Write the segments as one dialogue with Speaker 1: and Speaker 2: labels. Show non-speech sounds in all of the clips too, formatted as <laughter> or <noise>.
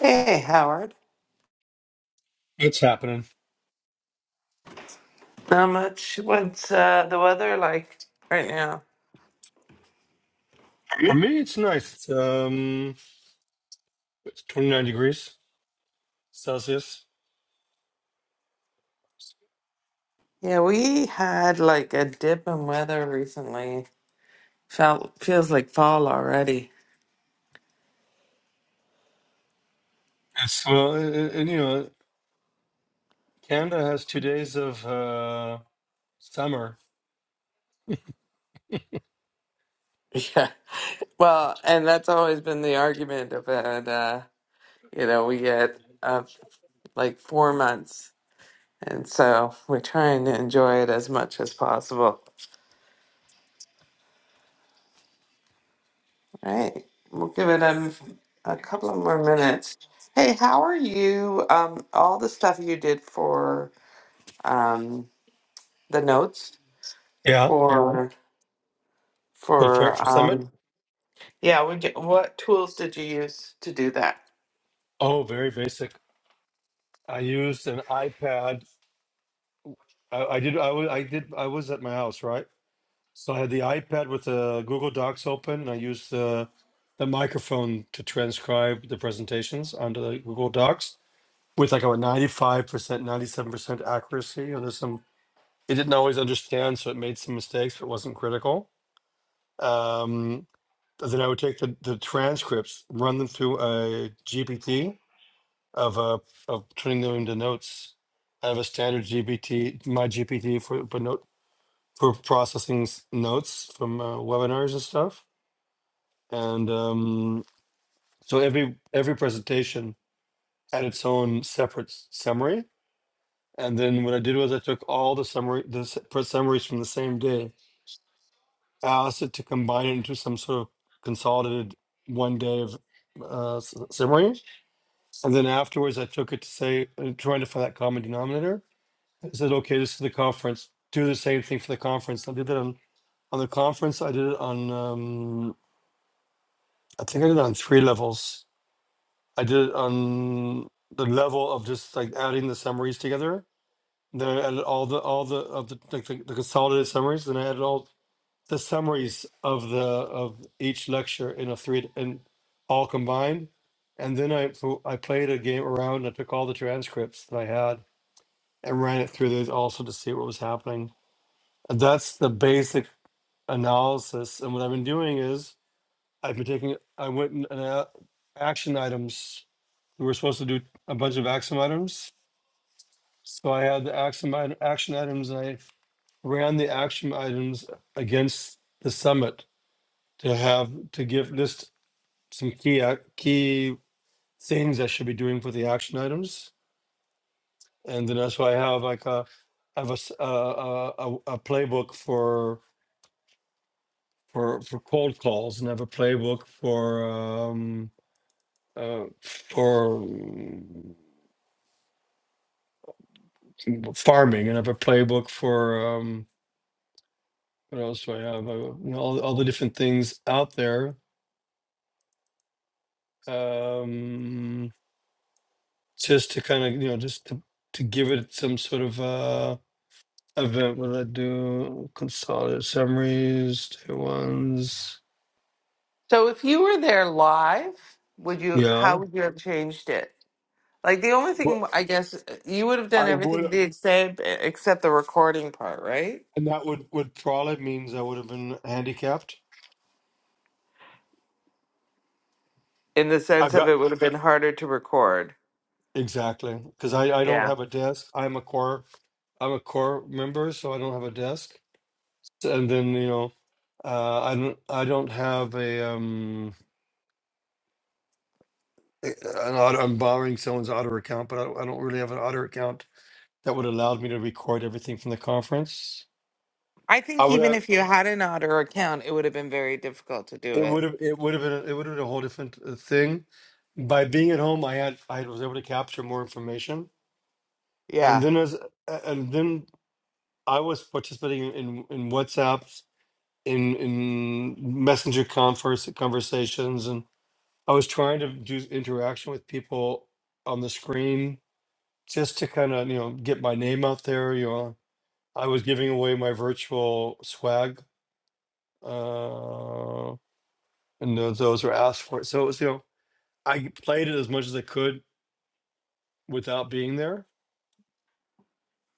Speaker 1: Hey, Howard.
Speaker 2: It's happening.
Speaker 1: How much? What's uh, the weather like right now?
Speaker 2: For me, it's nice. It's um, it's 29 degrees Celsius.
Speaker 1: Yeah, we had like a dip in weather recently. Felt feels like fall already. <laughs>
Speaker 2: It's well, and, and you know, Canada has two days of uh summer.
Speaker 1: Yeah. Well, and that's always been the argument about uh, you know, we get uh, like four months, and so we're trying to enjoy it as much as possible. All right, we'll give it a, a couple of more minutes. Hey, how are you? Um, all the stuff you did for. um, the notes
Speaker 2: Yeah,
Speaker 1: for
Speaker 2: for for, for
Speaker 1: for
Speaker 2: summit.
Speaker 1: um, yeah. We get, what tools did you use to do that?
Speaker 2: Oh, very basic. I used an iPad. I, I did. I was. I did. I was at my house, right? So I had the iPad with the Google Docs open, and I used the the microphone to transcribe the presentations onto the Google Docs with like a 95%, 97% accuracy. And there's some It didn't always understand, so it made some mistakes, but wasn't critical. Um, then I would take the, the transcripts, run them through a GPT of uh, of turning them into notes. I have a standard GPT, my GPT for but note for processing s- notes from uh, webinars and stuff. And um, so every every presentation had its own separate s- summary. And then what I did was I took all the summary the s- pre- summaries from the same day I asked it to combine it into some sort of consolidated one day of uh, s- ceremony. And then afterwards, I took it to say, uh, trying to find that common denominator. I said, okay, this is the conference. Do the same thing for the conference. I did it on, on the conference. I did it on, um, I think I did it on three levels. I did it on the level of just like adding the summaries together. Then I added all the all the of the like the, the consolidated summaries. Then I added all the summaries of the of each lecture in a three and all combined. And then I fo- I played a game around. I took all the transcripts that I had and ran it through those also to see what was happening. And that's the basic analysis. And what I've been doing is I've been taking I went and and, uh, action items. We were supposed to do a bunch of action items, so I had the action item, action items. And I ran the action items against the summit to have to give list some key ac- key things I should be doing for the action items, and then that's why I have like a I have a s- a, a- a- a playbook for for for cold calls, and I have a playbook for um, uh, for mm, farming, and I have a playbook for um, what else do I have? Uh, you know, all all the different things out there, um, just to kind of you know just to to give it some sort of uh, event will I do? Consolidated summaries, tier ones.
Speaker 1: So if you were there live, would you? How
Speaker 2: Yeah.
Speaker 1: would you have changed it? Like the only
Speaker 2: But
Speaker 1: thing I guess uh, you would have done
Speaker 2: I would,
Speaker 1: everything the same e, except the recording part, right?
Speaker 2: and that would would probably means I would have been handicapped.
Speaker 1: In the
Speaker 2: I've
Speaker 1: sense of
Speaker 2: got
Speaker 1: it would have been harder to record.
Speaker 2: exactly because I I don't
Speaker 1: Yeah.
Speaker 2: have a desk. I'm a core I'm a core member, so I don't have a desk. And then you know, uh, I don't I don't have a um. a- An auto, I'm borrowing someone's auto account, but I, I don't really have an auto account that would allowed me to record everything from the conference.
Speaker 1: I
Speaker 2: I
Speaker 1: think
Speaker 2: would have.
Speaker 1: even if you had an Otter account, it would have been very difficult to do
Speaker 2: it would
Speaker 1: it.
Speaker 2: have it would have been it would have been a whole different uh, thing. By being at home, I had I was able to capture more information, and
Speaker 1: Yeah.
Speaker 2: then as a- and then I was participating in in WhatsApps, in in messenger converse conversations, and I was trying to do interaction with people on the screen just to kind of you know get my name out there. You know, I was giving away my virtual swag, uh, and those, those were asked for. So it was you know. I played it as much as I could without being there,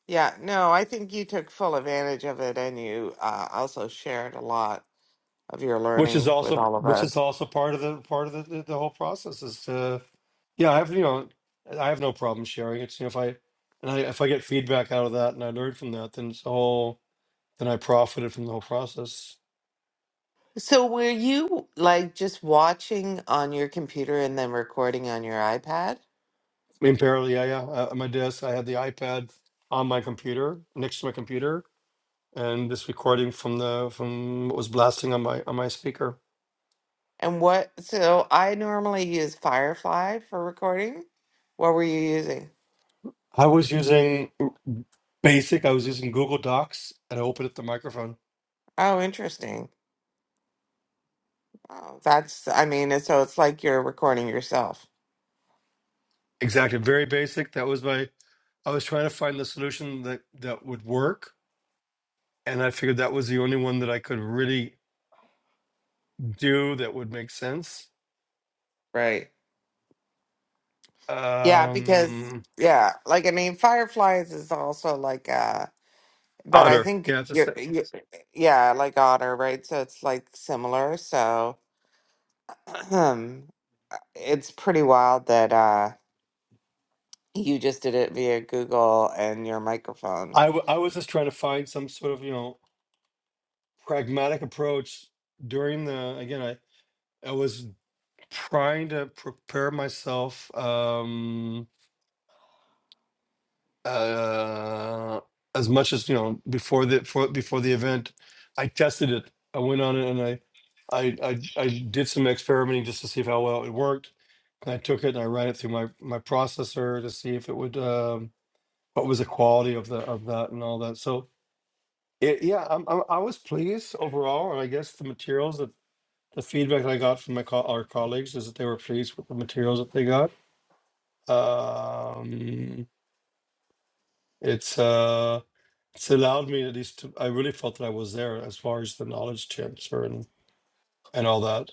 Speaker 1: Yeah, no, I think you took full advantage of it and you uh, also shared a lot of your
Speaker 2: which is
Speaker 1: learning with
Speaker 2: also
Speaker 1: all of
Speaker 2: which is
Speaker 1: us.
Speaker 2: also part of the part of the, the, the whole process. Is to yeah, I have you know I have no problem sharing it. You know, if I and I, if I get feedback out of that and I learn from that, then it's a whole then I profited from the whole process.
Speaker 1: So, were you like just watching on your computer and then recording on your iPad?
Speaker 2: I mean, apparently, yeah, yeah. uh, At my desk, I had the iPad on my computer next to my computer, and this recording from the from what was blasting on my on my speaker.
Speaker 1: And what, so I normally use Firefly for recording. What were you using?
Speaker 2: I was using Basic. I was using Google Docs, and I opened up the microphone.
Speaker 1: Oh, interesting. Oh, that's, I mean, and so it's like you're recording yourself.
Speaker 2: Exactly. Very basic. That was my I was trying to find the solution that that would work. And I figured that was the only one that I could really do that would make sense.
Speaker 1: Right. Yeah, because,
Speaker 2: Um
Speaker 1: yeah, like, I mean, Fireflies is also like, uh, But I
Speaker 2: Otter.
Speaker 1: think
Speaker 2: Yeah, that's
Speaker 1: you're,
Speaker 2: it.
Speaker 1: you yeah, like otter, right? So it's like similar. So <clears throat> um, it's pretty wild that uh you just did it via Google and your microphone.
Speaker 2: I w- I was just trying to find some sort of, you know, pragmatic approach during the again, I I was trying to prepare myself. Um uh, as much as you know before the for, before the event i tested it i went on it and I, I i i did some experimenting just to see if how well it worked and i took it and i ran it through my my processor to see if it would um what was the quality of the of that and all that so it, yeah I'm, I'm i was pleased overall and i guess the materials that the feedback that i got from my co- our colleagues is that they were pleased with the materials that they got um it's uh it's allowed me at least to, I really felt that I was there as far as the knowledge transfer and, and all that.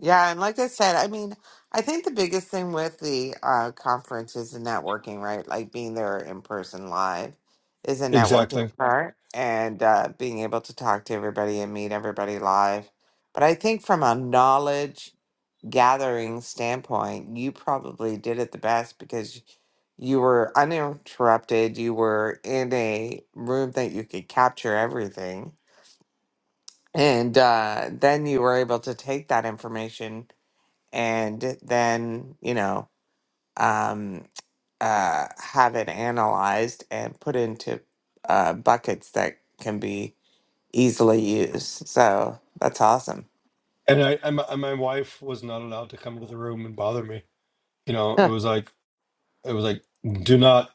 Speaker 1: Yeah, and like I said, I mean, I think the biggest thing with the uh conference is the networking, right? Like being there in person live is a
Speaker 2: Exactly.
Speaker 1: networking part and uh being able to talk to everybody and meet everybody live. But I think from a knowledge gathering standpoint, you probably did it the best because you were uninterrupted. You were in a room that you could capture everything. And uh, then you were able to take that information and then, you know, um, uh, have it analyzed and put into uh, buckets that can be easily used. So that's awesome.
Speaker 2: And I and my, and my wife was not allowed to come to the room and bother me. You know,
Speaker 1: <laughs>
Speaker 2: it
Speaker 1: yeah,
Speaker 2: was like it was like do not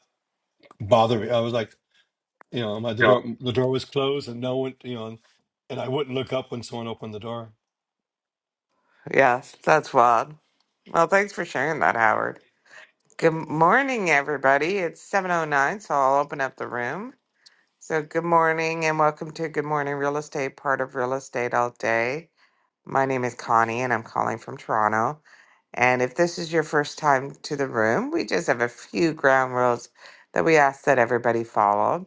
Speaker 2: bother me. I was like, you know, my the door the door was closed and no one, you know, and I wouldn't look up when someone opened the door.
Speaker 1: Yes, that's wild. Well, thanks for sharing that, Howard. Good morning, everybody. It's 7:09, so I'll open up the room. So, good morning and welcome to Good Morning Real Estate, part of Real Estate All Day. My name is Connie and I'm calling from Toronto. And if this is your first time to the room, we just have a few ground rules that we ask that everybody follow.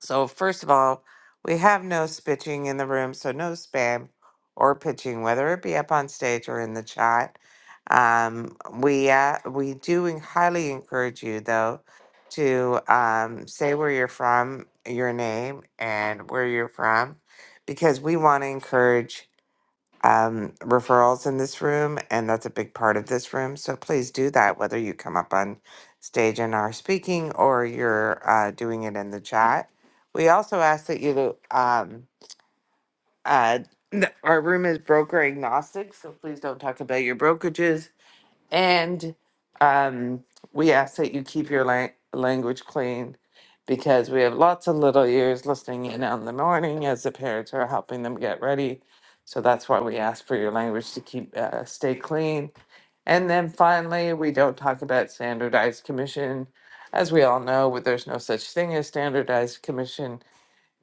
Speaker 1: So, first of all, we have no spitching in the room, so no spam or pitching, whether it be up on stage or in the chat. Um, we uh, we do en- highly encourage you though to um, say where you're from, your name, and where you're from, because we want to encourage um, referrals in this room, and that's a big part of this room. So please do that, whether you come up on stage and are speaking or you're uh, doing it in the chat. We also ask that you, um, uh, n- our room is broker agnostic, so please don't talk about your brokerages and um, we ask that you keep your lang- language clean because we have lots of little ears listening in on the morning as the parents are helping them get ready. So that's why we ask for your language to keep uh, stay clean. And then finally, we don't talk about standardized commission. As we all know, there's no such thing as standardized commission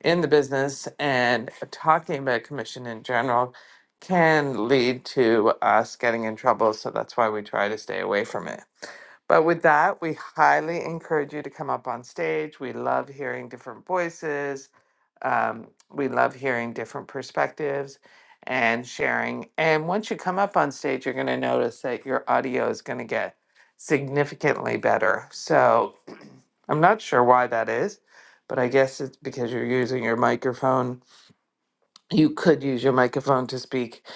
Speaker 1: in the business and talking about commission in general can lead to us getting in trouble. So that's why we try to stay away from it. But with that, we highly encourage you to come up on stage. We love hearing different voices. Um, we love hearing different perspectives and sharing. And once you come up on stage, you're going to notice that your audio is going to get significantly better. So I'm not sure why that is, but I guess it's because you're using your microphone. You could use your microphone to speak.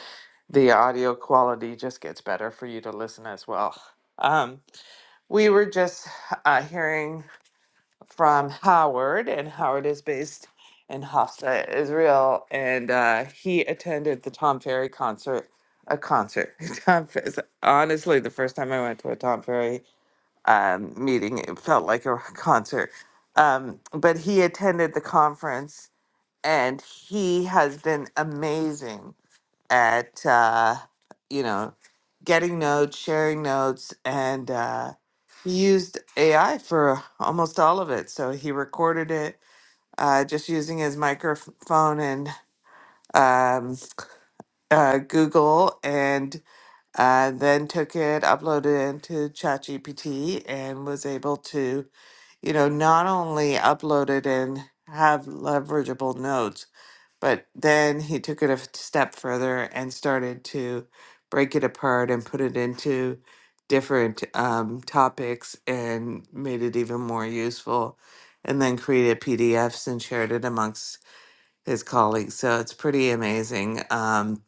Speaker 1: The audio quality just gets better for you to listen as well. Um, we were just uh, hearing from Howard, and Howard is based in Hafsa, Israel, and uh, he attended the Tom Ferry concert. A concert. <laughs> Tom, Fe- honestly, the first time I went to a Tom Ferry um, meeting. It felt like a <laughs> concert. Um, but he attended the conference and he has been amazing at, uh, you know, getting notes, sharing notes, and uh, he used AI for almost all of it. So he recorded it uh, just using his microphone and um, uh, Google and uh, then took it, uploaded it into ChatGPT, and was able to you know, not only uploaded and have leverageable nodes, but then he took it a f- step further and started to break it apart and put it into different um, topics and made it even more useful. And then created PDFs and shared it amongst his colleagues. So it's pretty amazing um,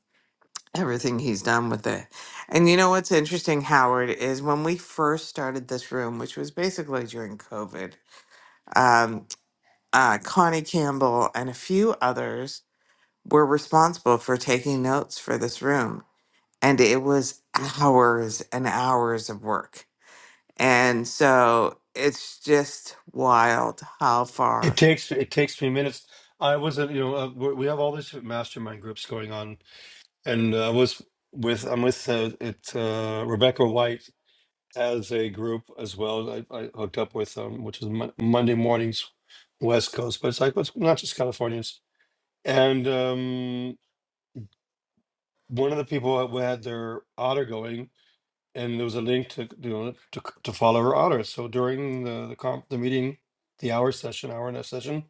Speaker 1: everything he's done with it. And you know what's interesting, Howard, is when we first started this room, which was basically during COVID. um, uh, Connie Campbell, and a few others were responsible for taking notes for this room. And it was hours and hours of work. And so it's just wild how
Speaker 2: It
Speaker 1: far.
Speaker 2: takes it takes me minutes. I wasn't, you know, uh, we we have all these mastermind groups going on, and uh, I was with I'm with uh, it's uh, Rebecca White as a group as well. I, I hooked up with um, which is Mon- Monday mornings, West Coast, but it's like it's not just Californians. And um, one of the people who had their otter going, and there was a link to you know to, to follow her otter. So during the the comp the meeting, the hour session, hour and a session,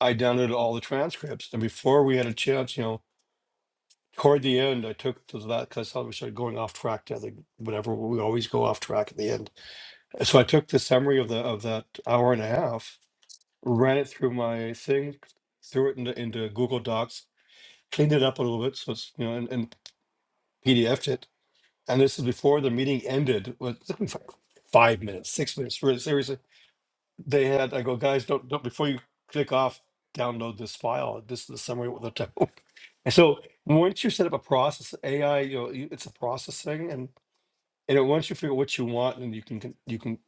Speaker 2: I downloaded all the transcripts. And before we had a chance, you know. Toward the end, I took to that because I thought we started going off track to other, whatever. We always go off track at the end So I took the summary of the of that hour and a half, ran it through my thing, threw it into, into Google Docs, cleaned it up a little bit, so it's you know, and, and PDFed it. And this is before the meeting ended. Well, It took me fi- five minutes, six minutes. Really seriously, they had. I go, guys, don't don't before you click off, download this file. This is the summary of the town. <laughs> And so once you set up a process, AI, you know, you- it's a process thing, and and once you figure out what you want, and you can can- you can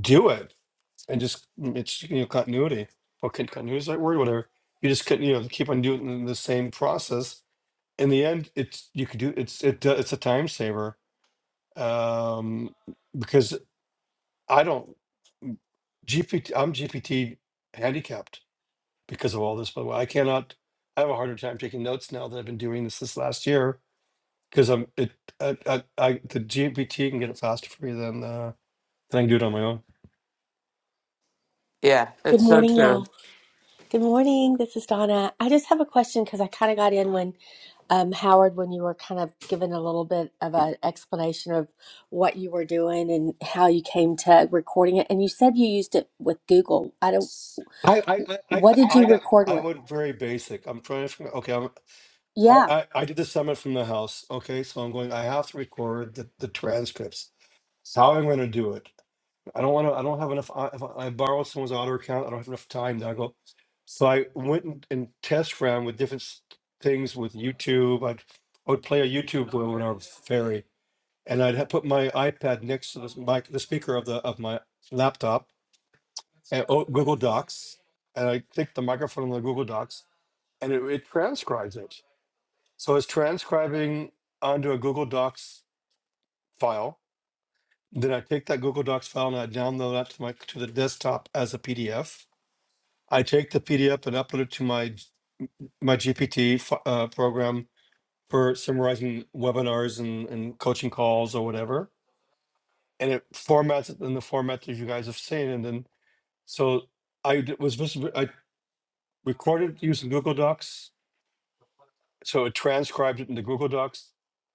Speaker 2: do it and just mm, it's you know continuity or continuity is the right word whatever you just could you know keep on doing the same process in the end it's you could do it's it do- it's a time saver um because i don't gpt i'm gpt handicapped because of all this by the way i cannot i have a harder time taking notes now that i've been doing this this last year because i'm it I, I, I the gpt can get it faster for me than uh than i can do it on my own
Speaker 1: Yeah,
Speaker 3: Good
Speaker 1: it's so
Speaker 3: morning,
Speaker 1: true.
Speaker 3: y'all. Good morning. This is Donna. I just have a question because I kind of got in when um, Howard, when you were kind of giving a little bit of an explanation of what you were doing and how you came to recording it, and you said you used it with Google. I don't.
Speaker 2: I, I I I
Speaker 3: What
Speaker 2: got
Speaker 3: did
Speaker 2: I
Speaker 3: you
Speaker 2: got
Speaker 3: record
Speaker 2: I
Speaker 3: with?
Speaker 2: went very basic. I'm trying to figure. Okay, I,
Speaker 3: Yeah.
Speaker 2: I, I did the summit from the house. Okay, so I'm going. I have to record the, the transcripts. How I'm going to do it? I don't want to. I don't have enough. I, if I borrow someone's auto account. I don't have enough time. Then I go. So I went and, and test ran with different s- things with YouTube. I'd I would play a YouTube webinar ferry, and I'd have put my iPad next to the mic, the speaker of the of my laptop, and oh, Google Docs, and I click the microphone on the Google Docs, and it, it transcribes it. So it's transcribing onto a Google Docs file. Then I take that Google Docs file and I download that to my to the desktop as a PDF. I take the PDF and upload it to my my GPT uh, program for summarizing webinars and, and coaching calls or whatever. And it formats it in the format that you guys have seen. And then so I d- was vis- I recorded using Google Docs. So it transcribed it into Google Docs,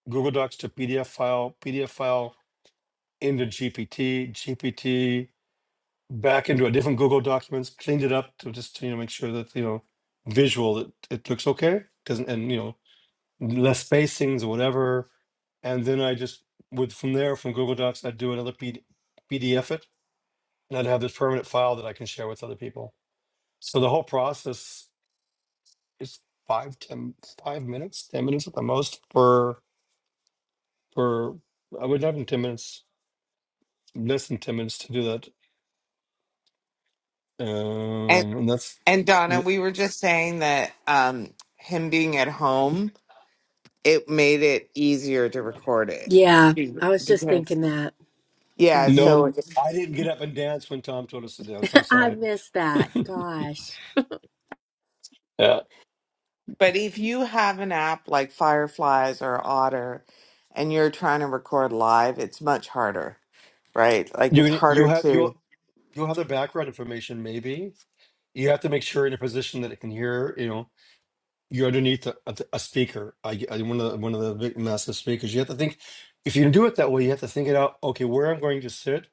Speaker 2: Google Docs to PDF file, PDF file into GPT, GPT back into a different Google documents, cleaned it up to just you know make sure that you know visual it, it looks okay, doesn't and you know less spacings or whatever. And then I just would from there from Google Docs I'd do another P- D, PDF it, and I'd have this permanent file that I can share with other people. So the whole process is five ten five minutes, ten minutes at the most for for I would have in ten minutes, less than ten minutes to do that.
Speaker 1: And,
Speaker 2: Um, and that's
Speaker 1: and Donna, we were just saying that um, him being at home, it made it easier to record it.
Speaker 3: Yeah.
Speaker 1: Mhm.
Speaker 3: I was just
Speaker 1: Because,
Speaker 3: thinking that.
Speaker 1: yeah,
Speaker 3: hmm
Speaker 2: No,
Speaker 1: so
Speaker 2: I didn't get up and dance when Tom told us to dance. I'm
Speaker 3: <laughs> I
Speaker 2: sorry.
Speaker 3: missed that. Gosh.
Speaker 2: Yeah.
Speaker 1: But if you have an app like Fireflies or Otter and you're trying to record live, it's much harder, right? Like it's
Speaker 2: You you
Speaker 1: harder
Speaker 2: have you
Speaker 1: to.
Speaker 2: you have the background information. Maybe you have to make sure in a position that it can hear. You know, you're underneath a, a, a speaker. I, I one of the, one of the big massive speakers. You have to think. If you do it that way, you have to think it out. Okay, where I'm going to sit.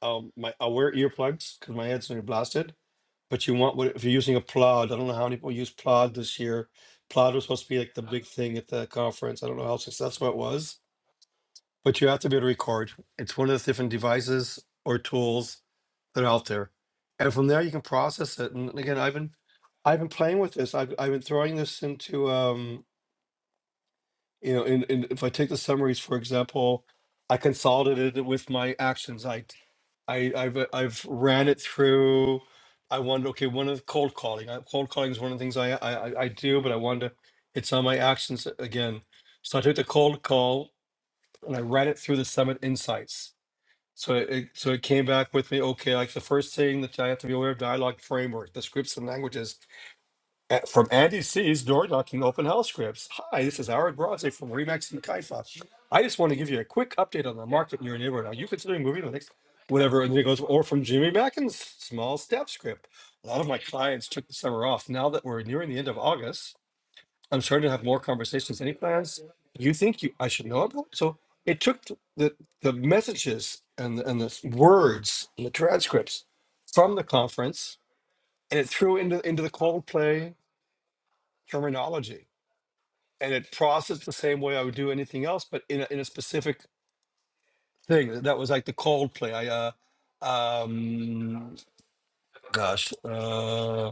Speaker 2: Um, my I'll wear earplugs because my head's going to be blasted. But you want what if you're using a plod? I don't know how many people use plod this year. Plod was supposed to be like the big thing at the conference. I don't know how successful it was but you have to be able to record. It's one of the different devices or tools that are out there, and from there you can process it. And again, I've been, I've been playing with this. I've I've been throwing this into, um, you know, in, in if I take the summaries for example, I consolidated it with my actions. I, I I've uh, I've ran it through. I wanted okay, one of the cold calling. I, cold calling is one of the things I I I I do, but I wanted to. It's on my actions again. So I took the cold call and I ran it through the summit insights so it so it came back with me. Okay, like the first thing that I have to be aware of dialogue framework, the scripts and languages A- from Andy C's door knocking open house scripts. Hi, this is Howard Bronze from Remax and Kaifa. I just want to give you a quick update on the market in your neighborhood. Are you considering moving to the next whatever? And then it goes or from Jimmy Mackin's small step script. A lot of my clients took the summer off. Now that we're nearing the end of August. I'm sure to have more conversations. Any plans you think you I should know about? So it took th- the the messages and the, and the s- words and the transcripts from the conference, and it threw into into the Coldplay terminology, and it processed the same way I would do anything else, but in a, in a specific thing that was like the Coldplay. I uh, um, gosh, uh,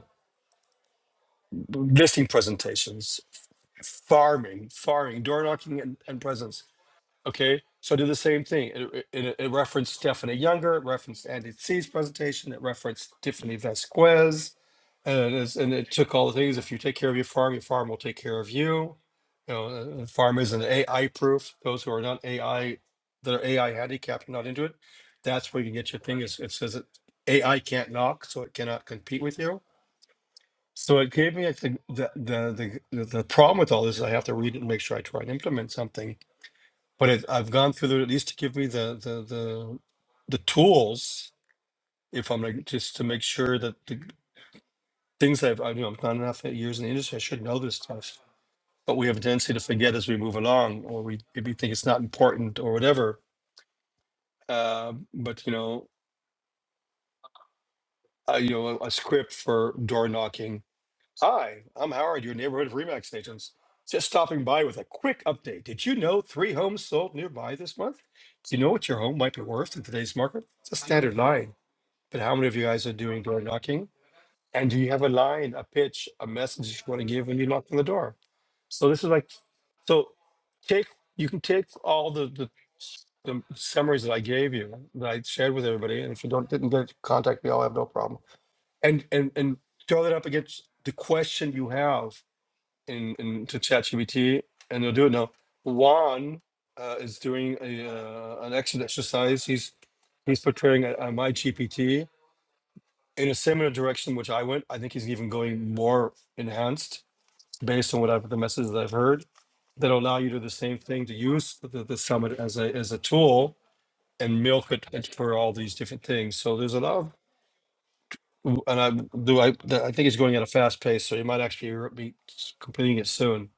Speaker 2: listing presentations, farming, farming, door knocking, and, and presents Okay, so I did the same thing. It, it, it- referenced Stephanie Younger, it referenced Andy C's presentation, it referenced Tiffany Vasquez, and it, is, and it took all the things. If you take care of your farm, your farm will take care of you. You know, uh, the farm isn't AI proof. Those who are not AI, that are AI handicapped, are not into it. That's where you get your thing. It's, it says that AI can't knock, so it cannot compete with you. So it gave me, I think, the, the the the the problem with all this is I have to read it and make sure I try and implement something but it, I've gone through the, at least to give me the the the, the tools if I'm like just to make sure that the things that I've I, you know I've done enough years in the industry I should know this stuff. But we have a tendency to forget as we move along, or we maybe think it's not important or whatever. Uh, but you know, I, you know, a, a script for door knocking. Hi, I'm Howard, your neighborhood Remax agents. Just stopping by with a quick update. Did you know three homes sold nearby this month? Do you know what your home might be worth in today's market? It's a standard line But how many of you guys are doing door knocking? And do you have a line, a pitch, a message you want to give when you knock on the door? So this is like, so take you can take all the the, the summaries that I gave you that I shared with everybody, and if you don't didn't get contact me, I'll have no problem. And and and throw that up against the question you have in in to ChatGPT, and they'll do it now. Juan uh, is doing a uh, an exit exercise. He's he's portraying a, a my GPT in a similar direction which I went. I think he's even going more enhanced based on what I've the messages that I've heard that allow you to do the same thing to use the, the summit as a as a tool and milk it it for all these different things. So there's a lot of and I do I I think it's going at a fast pace, so you might actually be completing it soon.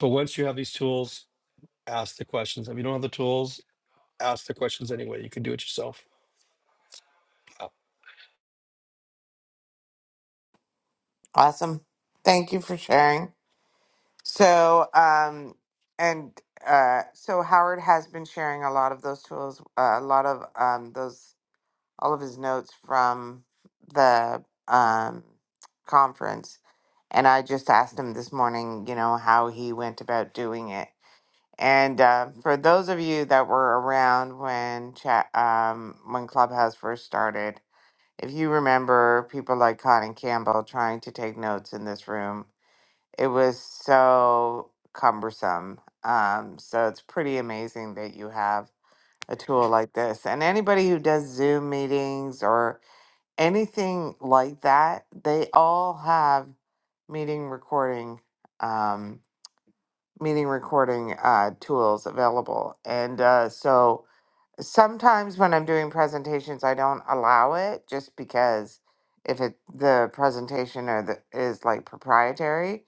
Speaker 2: But once you have these tools, ask the questions. If you don't have the tools, ask the questions anyway. You can do it yourself. Uh,
Speaker 1: Awesome. Thank you for sharing. So, um, and uh, so Howard has been sharing a lot of those tools, uh, a lot of um, those all of his notes from the um, conference. And I just asked him this morning, you know, how he went about doing it. And uh, for those of you that were around when chat, um, when Clubhouse first started, if you remember people like Colin Campbell trying to take notes in this room, it was so cumbersome. Um, so it's pretty amazing that you have a tool like this. And anybody who does Zoom meetings or anything like that, they all have meeting recording, um, meeting recording uh, tools available, and uh, so sometimes when I'm doing presentations, I don't allow it just because if it the presentation or the is like proprietary,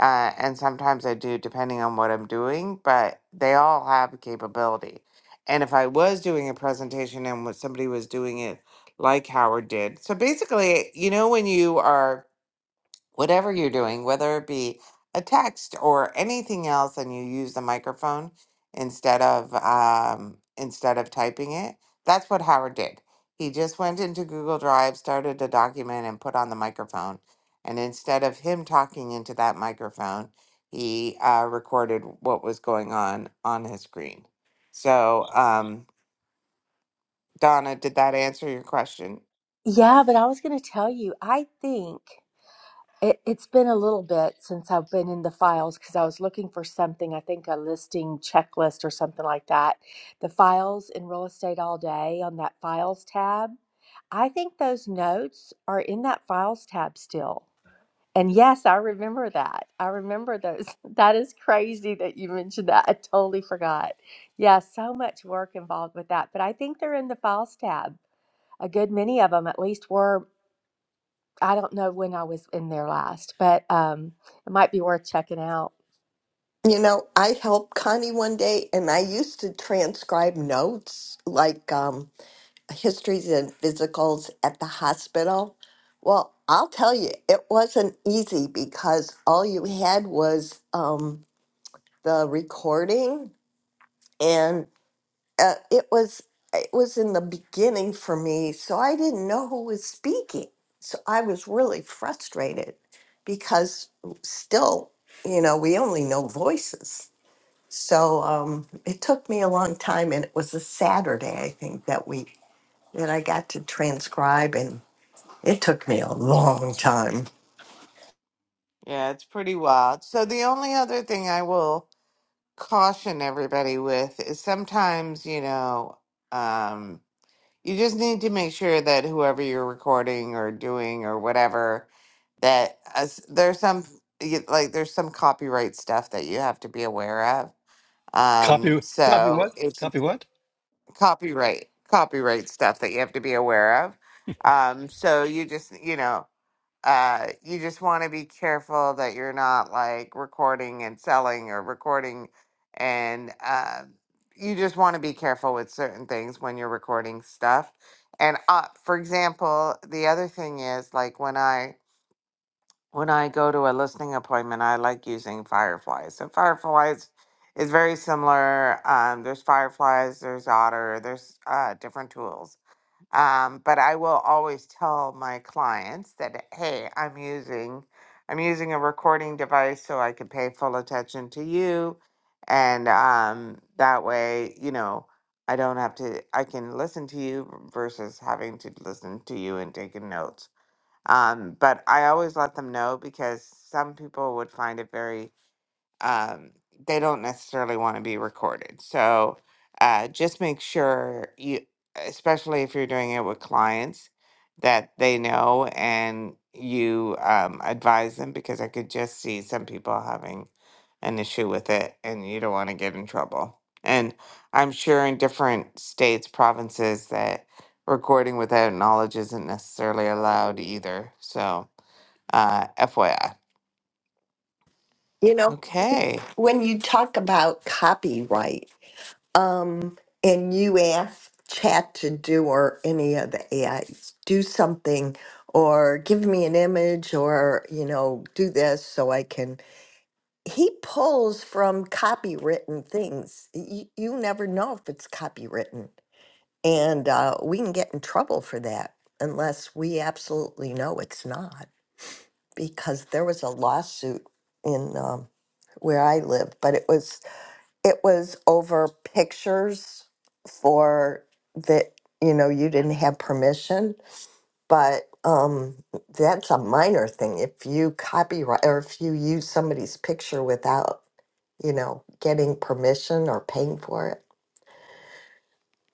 Speaker 1: uh, and sometimes I do depending on what I'm doing. But they all have a capability, and if I was doing a presentation and what somebody was doing it like Howard did, so basically, you know, when you are whatever you're doing, whether it be a text or anything else, and you use the microphone instead of um, instead of typing it. That's what Howard did. He just went into Google Drive, started a document, and put on the microphone. And instead of him talking into that microphone, he uh, recorded what was going on on his screen. So, um, Donna, did that answer your question?
Speaker 3: Yeah, but I was going to tell you. I think. It, it's been a little bit since I've been in the files because I was looking for something, I think a listing checklist or something like that. The files in real estate all day on that files tab. I think those notes are in that files tab still. And yes, I remember that. I remember those. <laughs> That is crazy that you mentioned that. I totally forgot. Yeah, so much work involved with that. But I think they're in the files tab. A good many of them at least were I don't know when I was in there last, but um, it might be worth checking out.
Speaker 4: You know, I helped Connie one day and I used to transcribe notes like um, histories and physicals at the hospital. Well, I'll tell you, it wasn't easy because all you had was um, the recording and uh, it was it was in the beginning for me, so I didn't know who was speaking. So I was really frustrated because still, you know, we only know voices. So um, it took me a long time, and it was a Saturday, I think, that week that I got to transcribe, and it took me a long time.
Speaker 1: Yeah, it's pretty wild. So the only other thing I will caution everybody with is sometimes, you know, um, you just need to make sure that whoever you're recording or doing or whatever, that as, there's some you- like there's some copyright stuff that you have to be aware of.
Speaker 2: Copy
Speaker 1: Um,
Speaker 2: copy
Speaker 1: so
Speaker 2: what?
Speaker 1: it's
Speaker 2: Copy what?
Speaker 1: copyright copyright stuff that you have to be aware of. Um, so you just you know uh, you just want to be careful that you're not like recording and selling or recording and uh, you just want to be careful with certain things when you're recording stuff and uh, for example the other thing is like when i when i go to a listening appointment i like using fireflies and fireflies is very similar um, there's fireflies there's otter there's uh, different tools um, but I will always tell my clients that, hey, I'm using I'm using a recording device so I can pay full attention to you, and um, that way, you know, I don't have to. I can listen to you versus having to listen to you and taking notes. Um, but I always let them know because some people would find it very um, they don't necessarily want to be recorded. So uh, just make sure you, especially if you're doing it with clients, that they know and you um, advise them because I could just see some people having an issue with it and you don't want to get in trouble. And I'm sure in different states, provinces, that recording without knowledge isn't necessarily allowed either. So, uh, FYI.
Speaker 4: You know,
Speaker 1: Okay.
Speaker 4: when you talk about copyright, um, and you ask Chat to do or any of the AIs, do something or give me an image or, you know, do this so I can. He pulls from copywritten things. You, you never know if it's copywritten And uh, we can get in trouble for that unless we absolutely know it's not, because there was a lawsuit in um, where I live, but it was it was over pictures for that you know you didn't have permission, but um, that's a minor thing. If you copyright or if you use somebody's picture without you know getting permission or paying for it,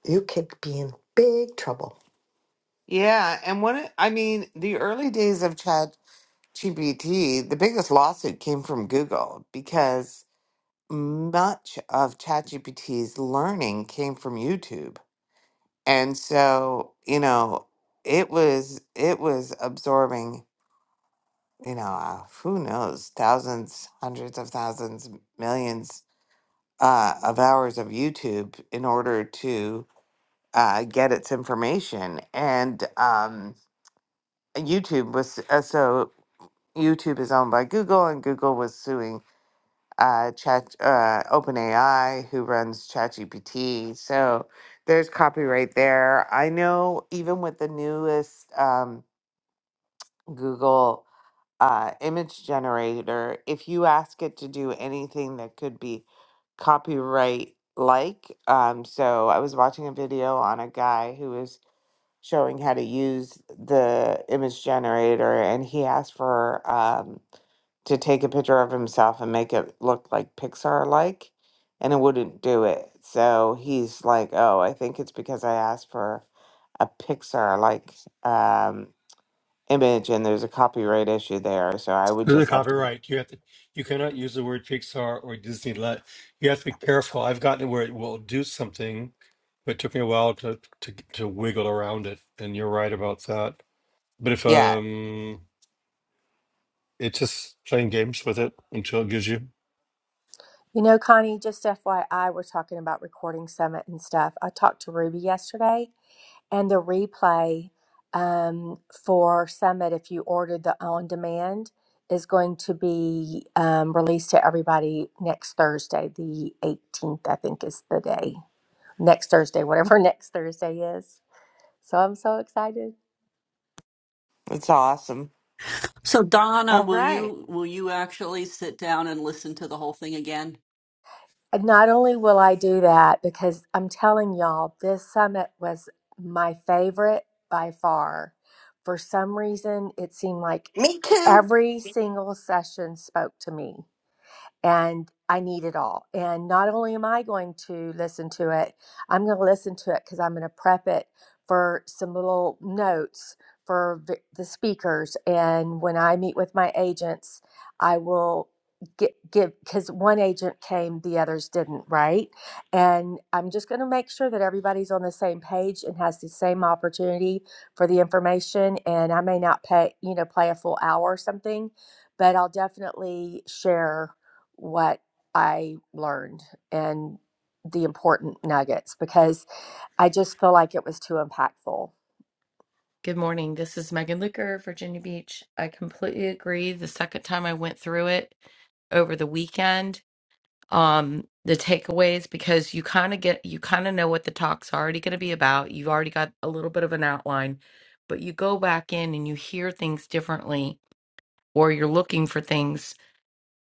Speaker 4: you could be in big trouble.
Speaker 1: Yeah, and when it, I mean, the early days of Chat GPT, the biggest lawsuit came from Google because much of ChatGPT's learning came from YouTube. And so, you know, it was it was absorbing, you know, uh, who knows, thousands, hundreds of thousands, millions uh, of hours of YouTube in order to uh, get its information. And um, YouTube was uh, so. YouTube is owned by Google, and Google was suing uh, Chat uh, OpenAI, who runs ChatGPT. So there's copyright there. I know even with the newest um, Google uh, image generator, if you ask it to do anything that could be copyright like, um, so I was watching a video on a guy who was showing how to use the image generator and he asked for um, to take a picture of himself and make it look like Pixar like and it wouldn't do it. So he's like, "Oh, I think it's because I asked for a Pixar like um image and there's a copyright issue there, so I would
Speaker 2: There's a
Speaker 1: just have to
Speaker 2: copyright. You have to. You cannot use the word Pixar or Disney. Let you have to be careful. I've gotten it where it will do something, but it took me a while to to to wiggle around it. And you're right about that. But if
Speaker 1: Yeah,
Speaker 2: um, it's just playing games with it until it gives you.
Speaker 3: You know, Connie, just FYI, we're talking about recording summit and stuff. I talked to Ruby yesterday, and the replay um, for summit, if you ordered the on demand, is going to be um, released to everybody next Thursday, the 18th, I think is the day. Next Thursday, whatever <laughs> next Thursday is. So I'm so excited.
Speaker 1: it's awesome.
Speaker 5: So Donna,
Speaker 1: All
Speaker 5: will
Speaker 1: right.
Speaker 5: you will you actually sit down and listen to the whole thing again?
Speaker 3: Not only will I do that, because I'm telling y'all, this summit was my favorite by far. For some reason, it seemed like
Speaker 4: Me too.
Speaker 3: every single session spoke to me and I need it all. And not only am I going to listen to it, I'm going to listen to it because I'm going to prep it for some little notes for v- the speakers. And when I meet with my agents, I will get, give because one agent came, the others didn't, right? And I'm just going to make sure that everybody's on the same page and has the same opportunity for the information. And I may not pay, you know, play a full hour or something, but I'll definitely share what I learned and the important nuggets because I just feel like it was too impactful.
Speaker 6: Good morning. This is Megan Luker, Virginia Beach. I completely agree. The second time I went through it over the weekend, um, the takeaways, because you kind of get, you kind of know what the talk's already going to be about. You've already got a little bit of an outline, but you go back in and you hear things differently, or you're looking for things.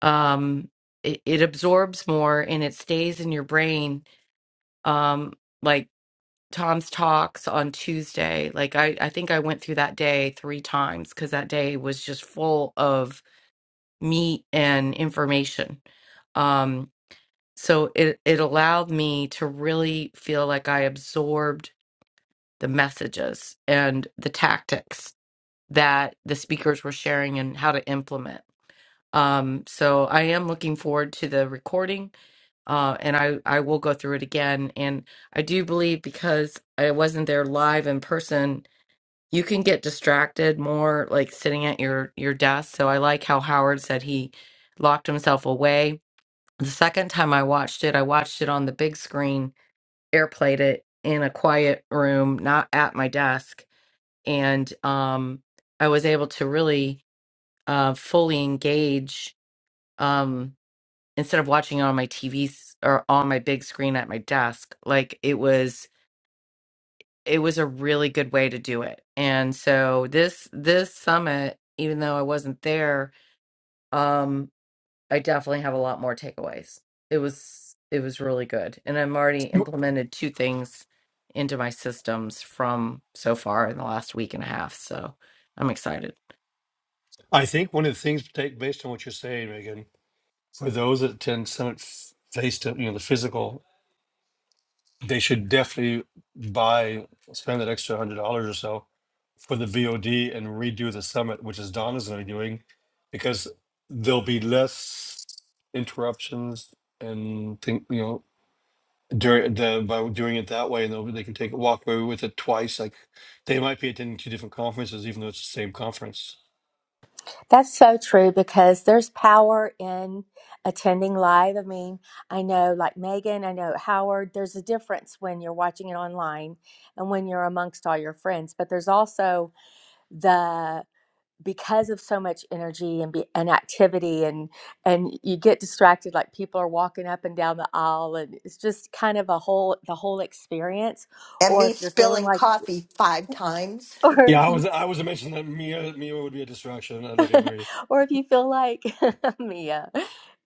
Speaker 6: Um, it, it absorbs more and it stays in your brain. Um, like Tom's talks on Tuesday. Like I, I think I went through that day three times because that day was just full of meat and information. Um, so it it allowed me to really feel like I absorbed the messages and the tactics that the speakers were sharing and how to implement. Um, so I am looking forward to the recording, uh, and I I will go through it again. And I do believe because I wasn't there live in person you can get distracted more like sitting at your your desk so i like how howard said he locked himself away the second time i watched it i watched it on the big screen airplayed it in a quiet room not at my desk and um i was able to really uh fully engage um instead of watching it on my tvs or on my big screen at my desk like it was it was a really good way to do it. And so this this summit, even though I wasn't there, um, I definitely have a lot more takeaways. It was it was really good, and I'm already implemented two things into my systems from so far in the last week and a half. So I'm excited.
Speaker 2: I think one of the things, take based on what you're saying, Megan, for those that attend Summit f- face to you know the physical they should definitely buy spend that extra hundred dollars or so for the VOD and redo the summit, which is Donna's going to be doing, because there'll be less interruptions and think you know during the by doing it that way, and they'll, they can take walk away with it twice. Like they might be attending two different conferences, even though it's the same conference.
Speaker 3: That's so true because there's power in attending live. I mean, I know like Megan, I know Howard, there's a difference when you're watching it online and when you're amongst all your friends, but there's also the because of so much energy and be, and activity and and you get distracted like people are walking up and down the aisle and it's just kind of a whole the whole experience
Speaker 4: and
Speaker 3: or
Speaker 4: me
Speaker 3: if you're feeling
Speaker 4: spilling
Speaker 3: like
Speaker 4: coffee five times.
Speaker 3: <laughs> or
Speaker 2: Yeah, I was I was mentioning that Mia Mia would be a distraction. I love you,
Speaker 3: <laughs>
Speaker 2: Marie.
Speaker 3: or if you feel like <laughs> Mia,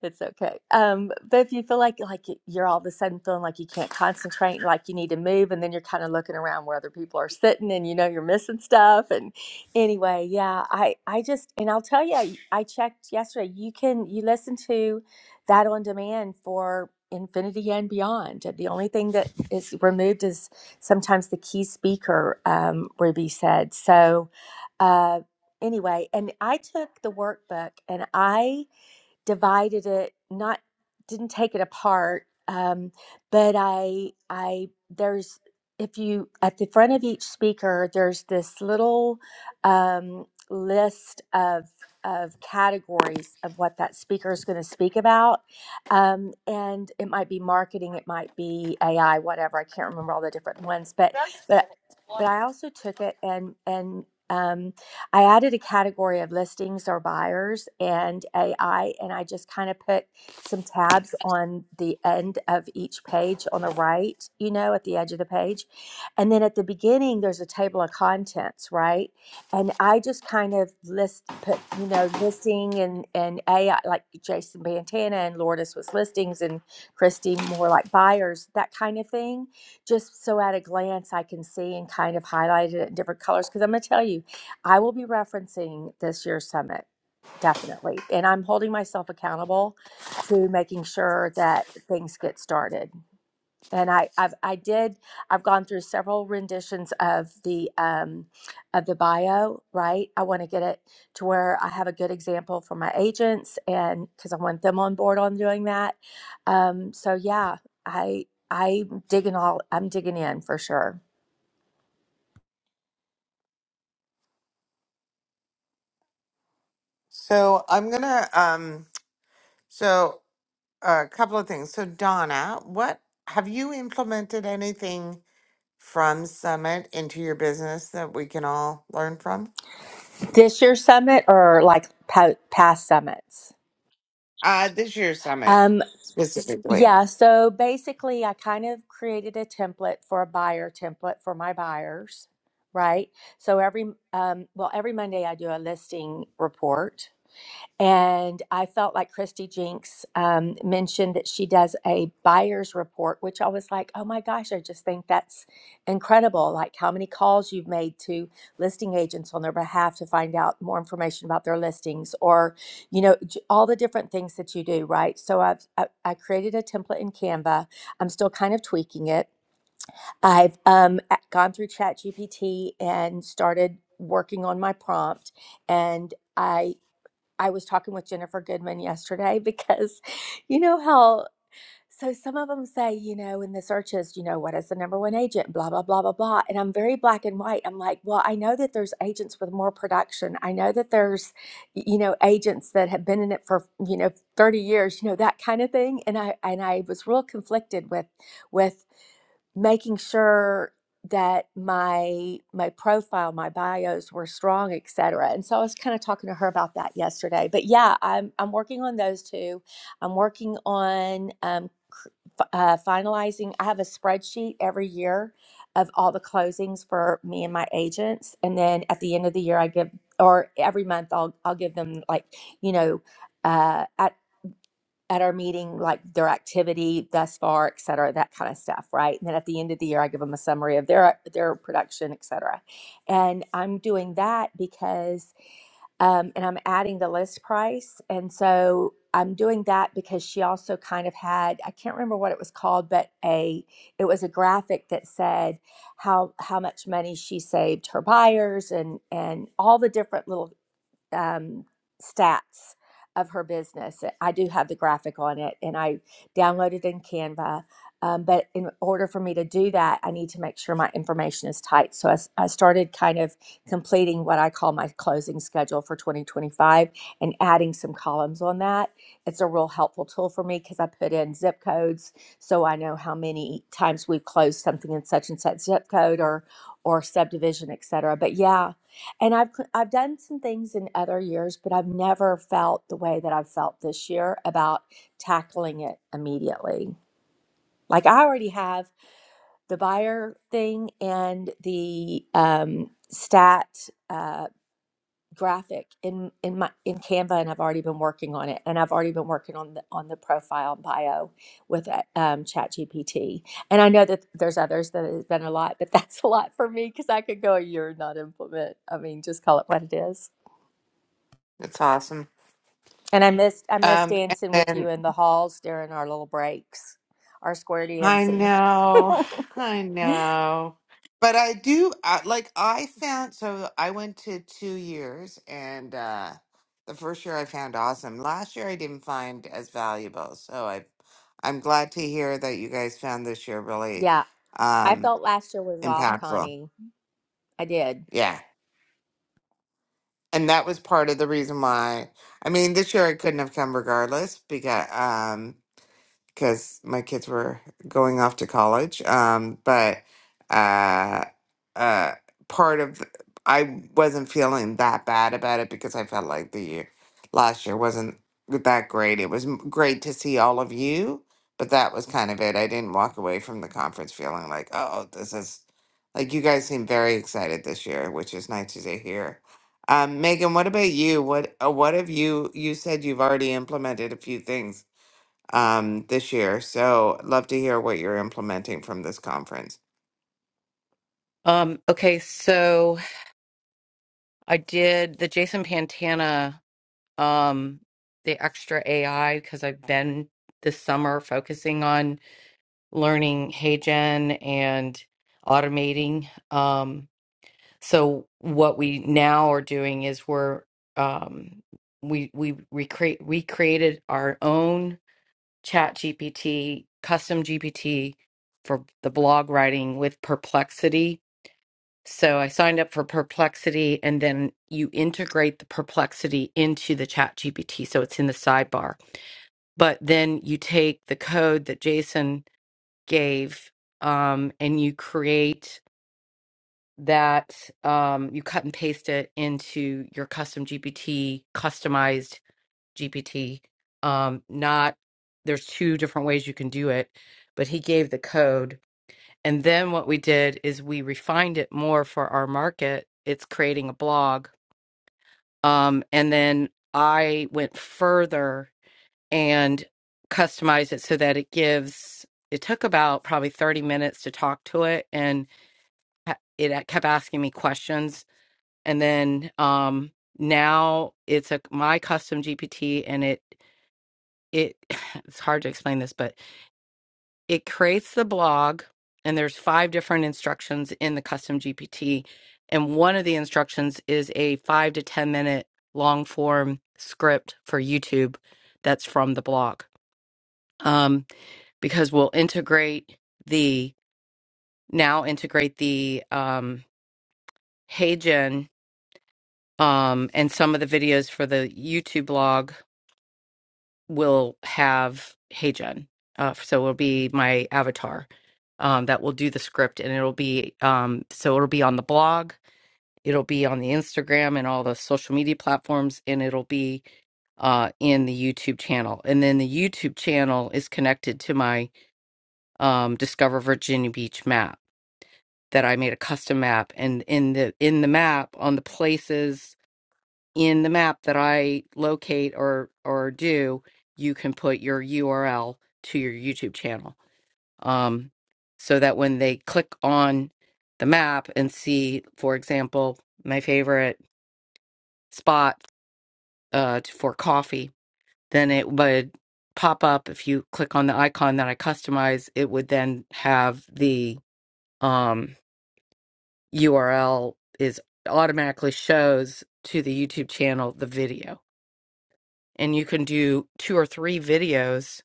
Speaker 3: it's okay. Um, but if you feel like like you're all of a sudden feeling like you can't concentrate, and like you need to move, and then you're kind of looking around where other people are sitting, and you know you're missing stuff. And anyway, yeah, I I just and I'll tell you, I I checked yesterday. You can you listen to that on demand for infinity and beyond. The only thing that is removed is sometimes the key speaker. Um, Ruby said so Uh, anyway, and I took the workbook and I divided it, not didn't take it apart, um, but I I there's if you at the front of each speaker there's this little um, list of of categories of what that speaker is going to speak about um, and it might be marketing it might be ai whatever i can't remember all the different ones but but but i also took it and and um, I added a category of listings or buyers and AI, and I just kind of put some tabs on the end of each page on the right, you know, at the edge of the page. And then at the beginning, there's a table of contents, right? And I just kind of list, put, you know, listing and, and AI, like Jason Bantana and Lourdes was listings and Christy more like buyers, that kind of thing. Just so at a glance, I can see and kind of highlighted it in different colors. Cause I'm going to tell you, I will be referencing this year's summit, definitely. And I'm holding myself accountable to making sure that things get started. And I, I've, I did. I've gone through several renditions of the um, of the bio. Right. I want to get it to where I have a good example for my agents, and because I want them on board on doing that. Um, so yeah, I I'm digging all. I'm digging in for sure.
Speaker 1: So I'm going to um so a couple of things. So Donna, what have you implemented anything from Summit into your business that we can all learn from?
Speaker 3: This year's summit or like po- past summits.
Speaker 1: Uh this year's Summit
Speaker 3: Um,
Speaker 1: specifically.
Speaker 3: yeah, so basically, I kind of created a template for a buyer template for my buyers, right? So every um, well, every Monday I do a listing report, and I felt like Christy Jinks um, mentioned that she does a buyer's report, which I was like, oh my gosh, I just think that's incredible. Like how many calls you've made to listing agents on their behalf to find out more information about their listings or, you know, j- all the different things that you do, right? So I've, I, I created a template in Canva. I'm still kind of tweaking it. I've um, a- gone through ChatGPT and started working on my prompt and I. I was talking with Jennifer Goodman yesterday <laughs> because you know how so some of them say, you know, in the searches, you know, what is the number one agent, blah, blah, blah, blah, blah. And I'm very black and white. I'm like, well, I know that there's agents with more production. I know that there's, you know, agents that have been in it for, you know, 30 years, you know, that kind of thing. And I and I was real conflicted with with making sure that my my profile my bios were strong et cetera. and so i was kind of talking to her about that yesterday but yeah i'm i'm working on those two i'm working on um cr- f- uh, finalizing i have a spreadsheet every year of all the closings for me and my agents and then at the end of the year i give or every month i'll i'll give them like you know uh, at our meeting, like their activity thus far, et cetera, that kind of stuff, right? And then at the end of the year, I give them a summary of their their production, et cetera. And I'm doing that because, um, and I'm adding the list price, and so I'm doing that because she also kind of had I can't remember what it was called, but a it was a graphic that said how how much money she saved her buyers and and all the different little um, stats of her business. uh, I do have the graphic on it, and I downloaded in Canva. Um, but in order for me to do that, I need to make sure my information is tight. So I I started kind of completing what I call my closing schedule for 2025 and adding some columns on that. It's a real helpful tool for me because I put in zip codes so I know how many times we've closed something in such and such zip code or or subdivision, et cetera. But yeah, and I've cl- I've done some things in other years, but I've never felt the way that I've felt this year about tackling it immediately. Like I already have the buyer thing and the um, stat uh, graphic in in my in Canva, and I've already been working on it, and I've already been working on the on the profile and bio with uh, um, ChatGPT. And I know that there's others that has been a lot, but <laughs> that's a lot for me because I could go a year and not implement. I mean, just call it what it is.
Speaker 1: That's awesome.
Speaker 3: And I missed I missed
Speaker 1: Um and
Speaker 3: dancing with
Speaker 1: then
Speaker 3: you in the halls during our little breaks, our square
Speaker 1: I
Speaker 3: dancing. <laughs>
Speaker 1: know, I know. But I do I, like I found so I went to two years and uh the first year I found awesome. Last year I didn't find as valuable. So I I'm glad to hear that you guys found this year really
Speaker 3: Yeah, I
Speaker 1: um
Speaker 3: felt last year was off,
Speaker 1: impactful.
Speaker 3: Connie. I did.
Speaker 1: Yeah. And that was part of the reason why I mean this year I couldn't have come regardless because um because my kids were going off to college. Um, but uh, uh, part of the, I wasn't feeling that bad about it because I felt like the year last year wasn't that great. It was m- great to see all of you, but that was kind of it. I didn't walk away from the conference feeling like, oh, this is like you guys seem very excited this year, which is nice to hear. Um, Megan, what about you? What uh, what have you? You said you've already implemented a few things um, this year. So love to hear what you're implementing from this conference.
Speaker 6: Um, okay, so I did the Jason Pantana, um, the extra AI because I've been this summer focusing on learning HeyGen and automating. Um, so what we now are doing is we're um, we we recreate we created our own Chat GPT, custom GPT for the blog writing with Perplexity. So I signed up for Perplexity, and then you integrate the Perplexity into the Chat GPT, so it's in the sidebar. But then you take the code that Jason gave um, and you create that um, you cut and paste it into your custom gpt customized gpt um, not there's two different ways you can do it but he gave the code and then what we did is we refined it more for our market it's creating a blog um, and then i went further and customized it so that it gives it took about probably 30 minutes to talk to it and it uh, kept asking me questions and then um now it's a my custom gpt and it it <sighs> it's hard to explain this but it creates the blog and there's five different instructions in the custom gpt and one of the instructions is a 5 to 10 minute long form script for youtube that's from the blog um because we'll integrate the now integrate the um HeyGen Um, and some of the videos for the YouTube blog will have HeyGen. Uh, so it'll be my avatar um, that will do the script, and it'll be um, so it'll be on the blog, it'll be on the Instagram and all the social media platforms, and it'll be uh, in the YouTube channel. And then the YouTube channel is connected to my um, Discover Virginia Beach map that I made a custom map, and in the in the map on the places in the map that I locate or or do, you can put your URL to your YouTube channel. Um, so that when they click on the map and see, for example, my favorite spot uh, t- for coffee, then it would pop up if you click on the icon that I customize. It would then have the um, URL is automatically shows to the YouTube channel the video and you can do two or three videos.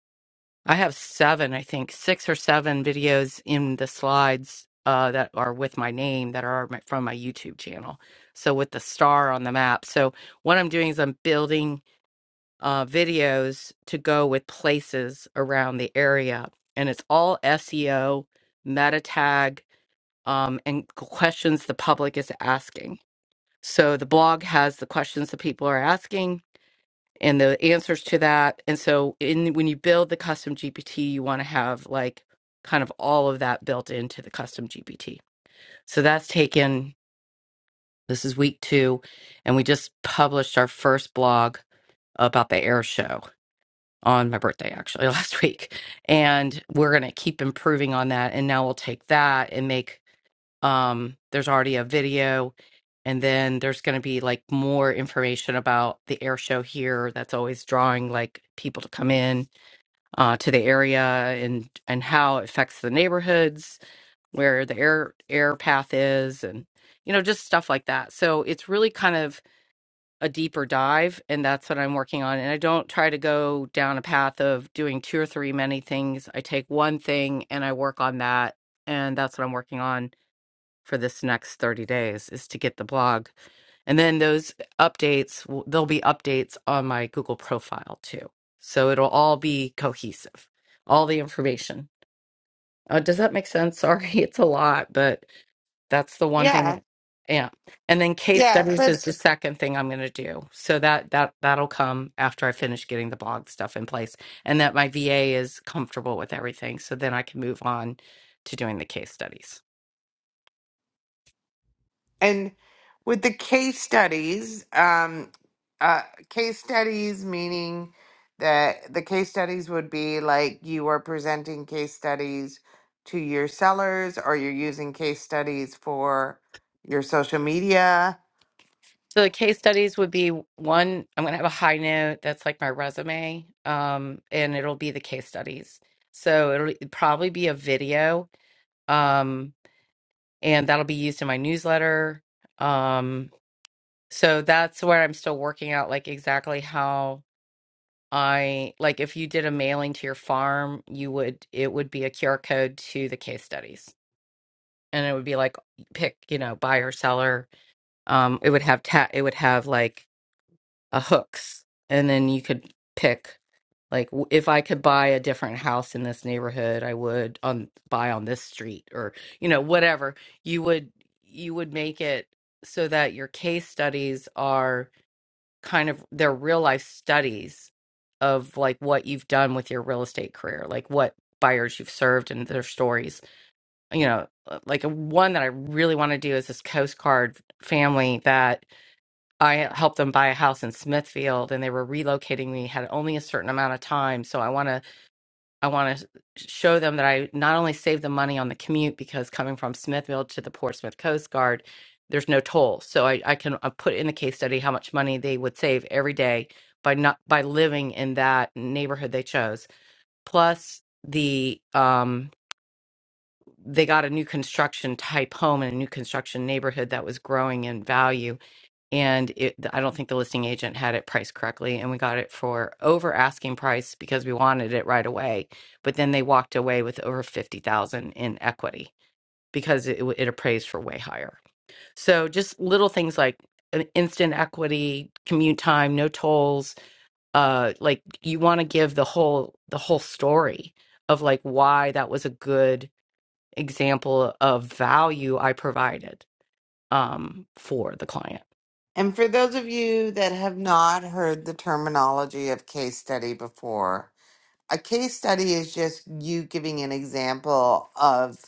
Speaker 6: I have seven, I think, six or seven videos in the slides uh, that are with my name that are my, from my YouTube channel. So with the star on the map. So what I'm doing is I'm building uh, videos to go with places around the area, and it's all SEO, meta tag, um, and questions the public is asking. So the blog has the questions that people are asking and the answers to that. And so in when you build the custom GPT, you want to have like kind of all of that built into the custom GPT. So that's taken this is week 2 and we just published our first blog about the air show on my birthday actually <laughs> last week and we're going to keep improving on that and now we'll take that and make um there's already a video and then there's going to be like more information about the air show here that's always drawing like people to come in uh, to the area and and how it affects the neighborhoods where the air air path is and you know just stuff like that so it's really kind of a deeper dive and that's what i'm working on and i don't try to go down a path of doing two or three many things i take one thing and i work on that and that's what i'm working on for this next 30 days is to get the blog and then those updates w- there'll be updates on my google profile too so it'll all be cohesive all the information uh, does that make sense <laughs> sorry it's a lot but that's the one
Speaker 1: Yeah,
Speaker 6: thing. Yeah. And then case
Speaker 1: yeah,
Speaker 6: studies is
Speaker 1: but
Speaker 6: the second thing I'm going to do. So that that that'll come after I finish getting the blog stuff in place and that my VA is comfortable with everything so then I can move on to doing the case studies.
Speaker 1: and with the case studies, um, uh, case studies meaning that the case studies would be like you are presenting case studies to your sellers, or you're using case studies for your social media.
Speaker 6: So the case studies would be one, I'm going to have a high note that's like my resume, um, and it'll be the case studies. So it'll probably be a video, um, and that'll be used in my newsletter. Um, so that's where I'm still working out, like exactly how I like if you did a mailing to your farm, you would it would be a QR code to the case studies, and it would be like pick, you know, buyer, seller. Um, it would have ta- it would have like a hooks and then you could pick like w- if i could buy a different house in this neighborhood i would on buy on this street or you know whatever you would you would make it so that your case studies are kind of they're real life studies of like what you've done with your real estate career like what buyers you've served and their stories you know uh, like uh, one that i really want to do is this coast guard family that I helped them buy a house in Smithfield and they were relocating me had only a certain amount of time so I want to I want to show them that I not only save them money on the commute because coming from Smithfield to the Portsmouth Coast Guard there's no toll so I I can uh, put in the case study how much money they would save every day by not by living in that neighborhood they chose plus the um they got a new construction type home in a new construction neighborhood that was growing in value and it, I don't think the listing agent had it priced correctly, and we got it for over asking price because we wanted it right away. But then they walked away with over fifty thousand in equity because it, it appraised for way higher. So just little things like an instant equity, commute time, no tolls. Uh, like you want to give the whole the whole story of like why that was a good example of value I provided um for the client.
Speaker 1: And for those of you that have not heard the terminology of case study before, a case study is just you giving an example of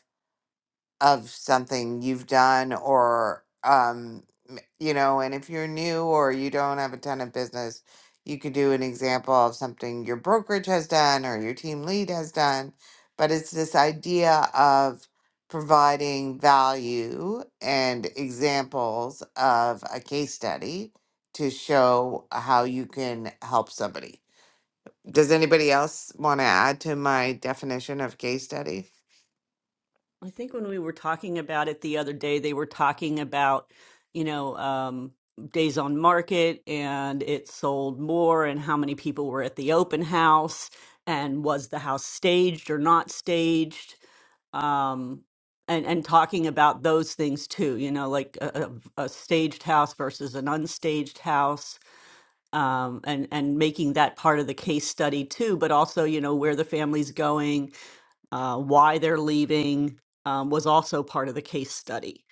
Speaker 1: of something you've done or um m- you know and if you're new or you don't have a ton of business you could do an example of something your brokerage has done or your team lead has done but it's this idea of providing value and examples of a case study to show how you can help somebody does anybody else want to add to my definition of case study?
Speaker 5: I think when we were talking about it the other day, they were talking about, you know, um, days on market and it sold more and how many people were at the open house and was the house staged or not staged um and and talking about those things too you know like a, a, a staged house versus an unstaged house um, and and making that part of the case study too, but also you know where the family's going, uh, why they're leaving um, was also part of the case study.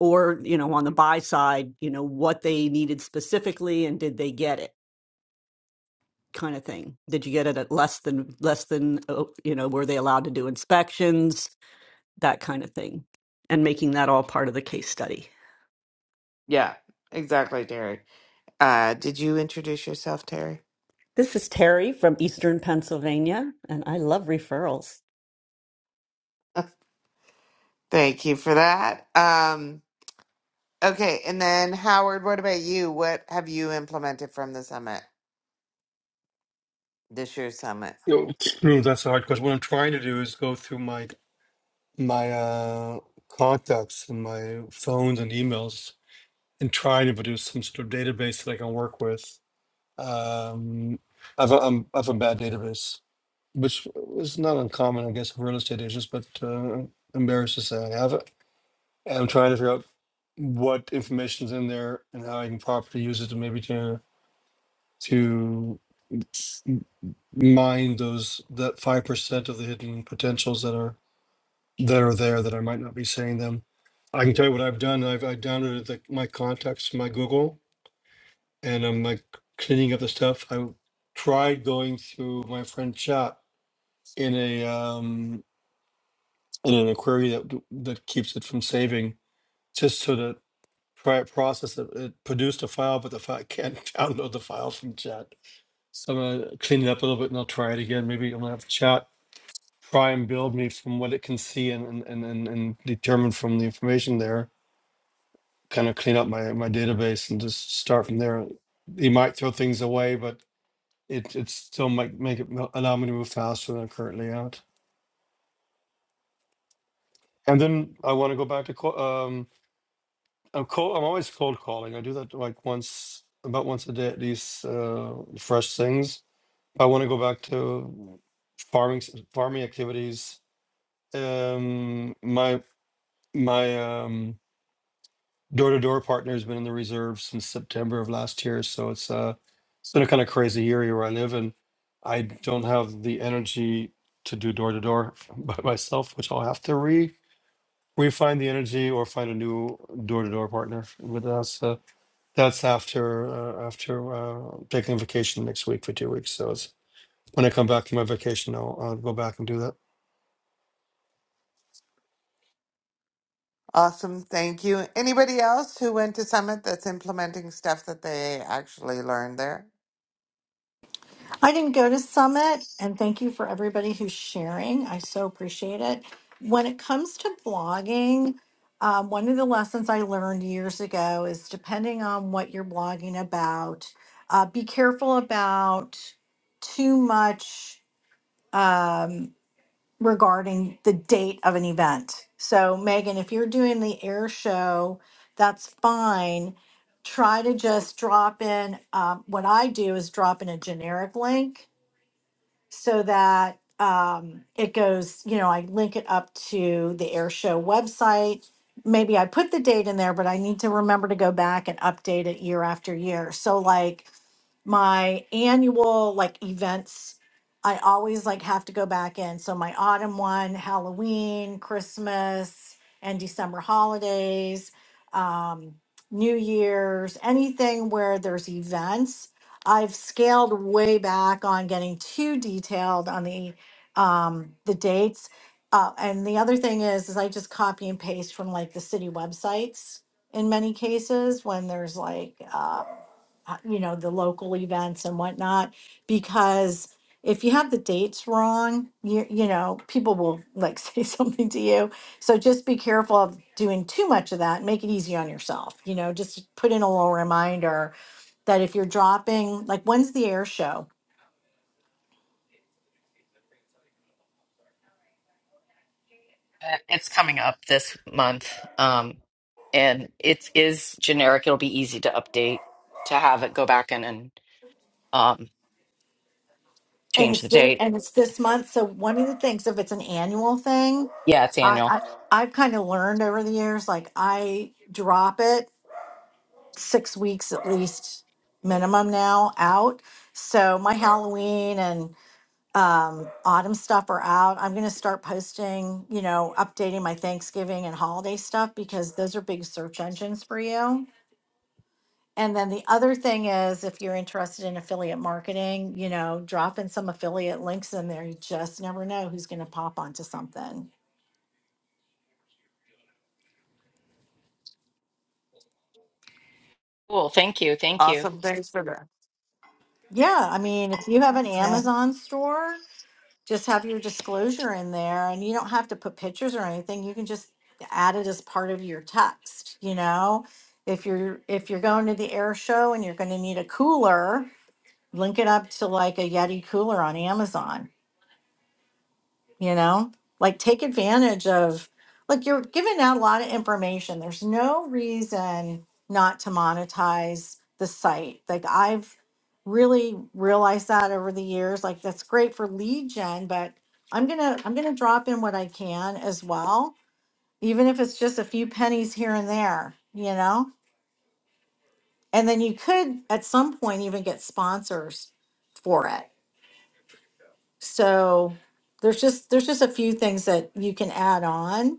Speaker 5: Or you know on the buy side, you know what they needed specifically and did they get it kind of thing. Did you get it at less than less than oh, you know were they allowed to do inspections that kind of thing, and making that all part of the case study.
Speaker 1: Yeah, exactly, Terry. Uh, did you introduce yourself, Terry?
Speaker 5: This is Terry from Eastern Pennsylvania, and I love referrals.
Speaker 1: <laughs> Thank you for that. Um, okay, and then Howard, what about you? What have you implemented from the summit, this year's summit?
Speaker 2: You know, <sniffs> that's a hard question. What I'm trying to do is go through my my uh, contacts and my phones and emails and trying to produce some sort of database that I can work with. Um, I have a, am I have a bad database, which was not uncommon, I guess, for real estate agents, but uh, embarrassed to say I have it. And I'm trying to figure out what information's in there and how I can properly use it to maybe to to mine those that five percent of the hidden potentials that are. that are there that I might not be saying them. I can tell you what I've done. I've I downloaded the, my contacts, my Google, and I'm like cleaning up the stuff. I tried going through my friend chat in a um in an query that that keeps it from saving, just so that try it process it. It produced a file, but the file I can't <laughs> download the file from chat. So I'm gonna clean it up a little bit and I'll try it again. Maybe I'm gonna have chat try and build me from what it can see and and and, and and determine from the information there kind of clean up my my database and just start from there. You might throw things away, but it it still might make it mo- allow me to move faster than I am currently at. And then I want to go back to co- um I'm cold, I'm always cold calling. I do that like once about once a day at least uh fresh things. I want to go back to farming s- farming activities. Um my my um Door-to-door partner's been in the reserve since September of last year, so it's uh it's been a kind of crazy area where I live, and I don't have the energy to do door-to-door <laughs> by myself, which I'll have to re refine the energy or find a new door-to-door partner. But that's uh, that's after uh, after uh, taking vacation next week for two weeks. So it's when I come back from my vacation, I'll, I'll go back and do that.
Speaker 1: Awesome, thank you. Anybody else who went to summit that's implementing stuff that they actually learned there?
Speaker 7: I didn't go to Summit, and thank you for everybody who's sharing. I so appreciate it. When it comes to blogging, um, one of the lessons I learned years ago is depending on what you're blogging about, uh, be careful about too much um, regarding the date of an event. So, Megan, if you're doing the air show, that's fine. Try to just drop in. Um, what I do is drop in a generic link so that um, it goes, you know, I link it up to the air show website. Maybe I put the date in there, but I need to remember to go back and update it year after year. So, like, my annual like events i always like have to go back in so my autumn one halloween christmas and december holidays um, new year's anything where there's events i've scaled way back on getting too detailed on the um, the dates uh, and the other thing is is i just copy and paste from like the city websites in many cases when there's like uh, uh, you know, the local events and whatnot, because if you have the dates wrong, you you know, people will like <laughs> say something to you. So just be careful of doing too much of that. Make it easy on yourself. You know, just put in a little reminder that if you're dropping, like when's the air show?
Speaker 6: Uh, It's coming up this month. Um, and it is generic. It'll be easy to update to have it go back in and um,
Speaker 7: And
Speaker 6: change the
Speaker 7: it's this,
Speaker 6: date.
Speaker 7: and it's this month. So one of the things, if it's an annual thing,
Speaker 6: Yeah, it's
Speaker 7: I,
Speaker 6: annual.
Speaker 7: I I've kind of learned over the years, like I drop it six weeks at least minimum now out. So my Halloween and um, autumn stuff are out. I'm going to start posting, you know, updating my Thanksgiving and holiday stuff because those are big search engines for you. And then the other thing is, if you're interested in affiliate marketing, you know, drop in some affiliate links in there. You just never know who's going to pop onto something.
Speaker 6: Cool. Thank you. Thank you.
Speaker 1: Awesome, thanks for
Speaker 7: Yeah. I mean, if you have an
Speaker 1: that.
Speaker 7: Amazon store, just have your disclosure in there and you don't have to put pictures or anything you can just add it as part of your text you know if you're if you're going to the air show and you're going to need a cooler link it up to like a yeti cooler on amazon you know like take advantage of like you're giving out a lot of information there's no reason not to monetize the site like i've really realized that over the years like that's great for lead gen but i'm gonna i'm gonna drop in what i can as well even if it's just a few pennies here and there you know and then you could at some point even get sponsors for it so there's just there's just a few things that you can add on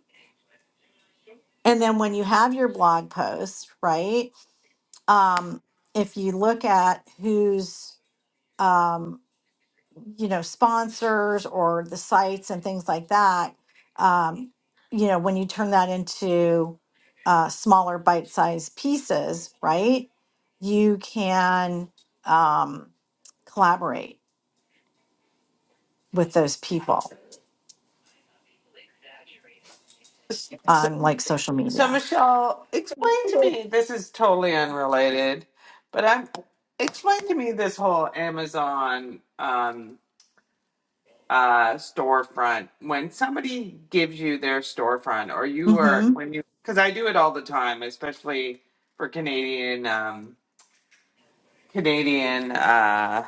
Speaker 7: And then when you have your blog post, right? Um, if you look at who's, um, you know, sponsors or the sites and things like that, um, you know, when you turn that into uh, smaller bite sized pieces, right? You can um, collaborate with those people
Speaker 1: Yeah.
Speaker 7: on like social
Speaker 1: So,
Speaker 7: media.
Speaker 1: Michelle, explain to me this is totally unrelated, but I'm explain to me this whole Amazon um, uh, storefront. When somebody gives you their storefront, or you are
Speaker 7: Mm-hmm.
Speaker 1: when you because I do it all the time, especially for Canadian um, Canadian. Uh,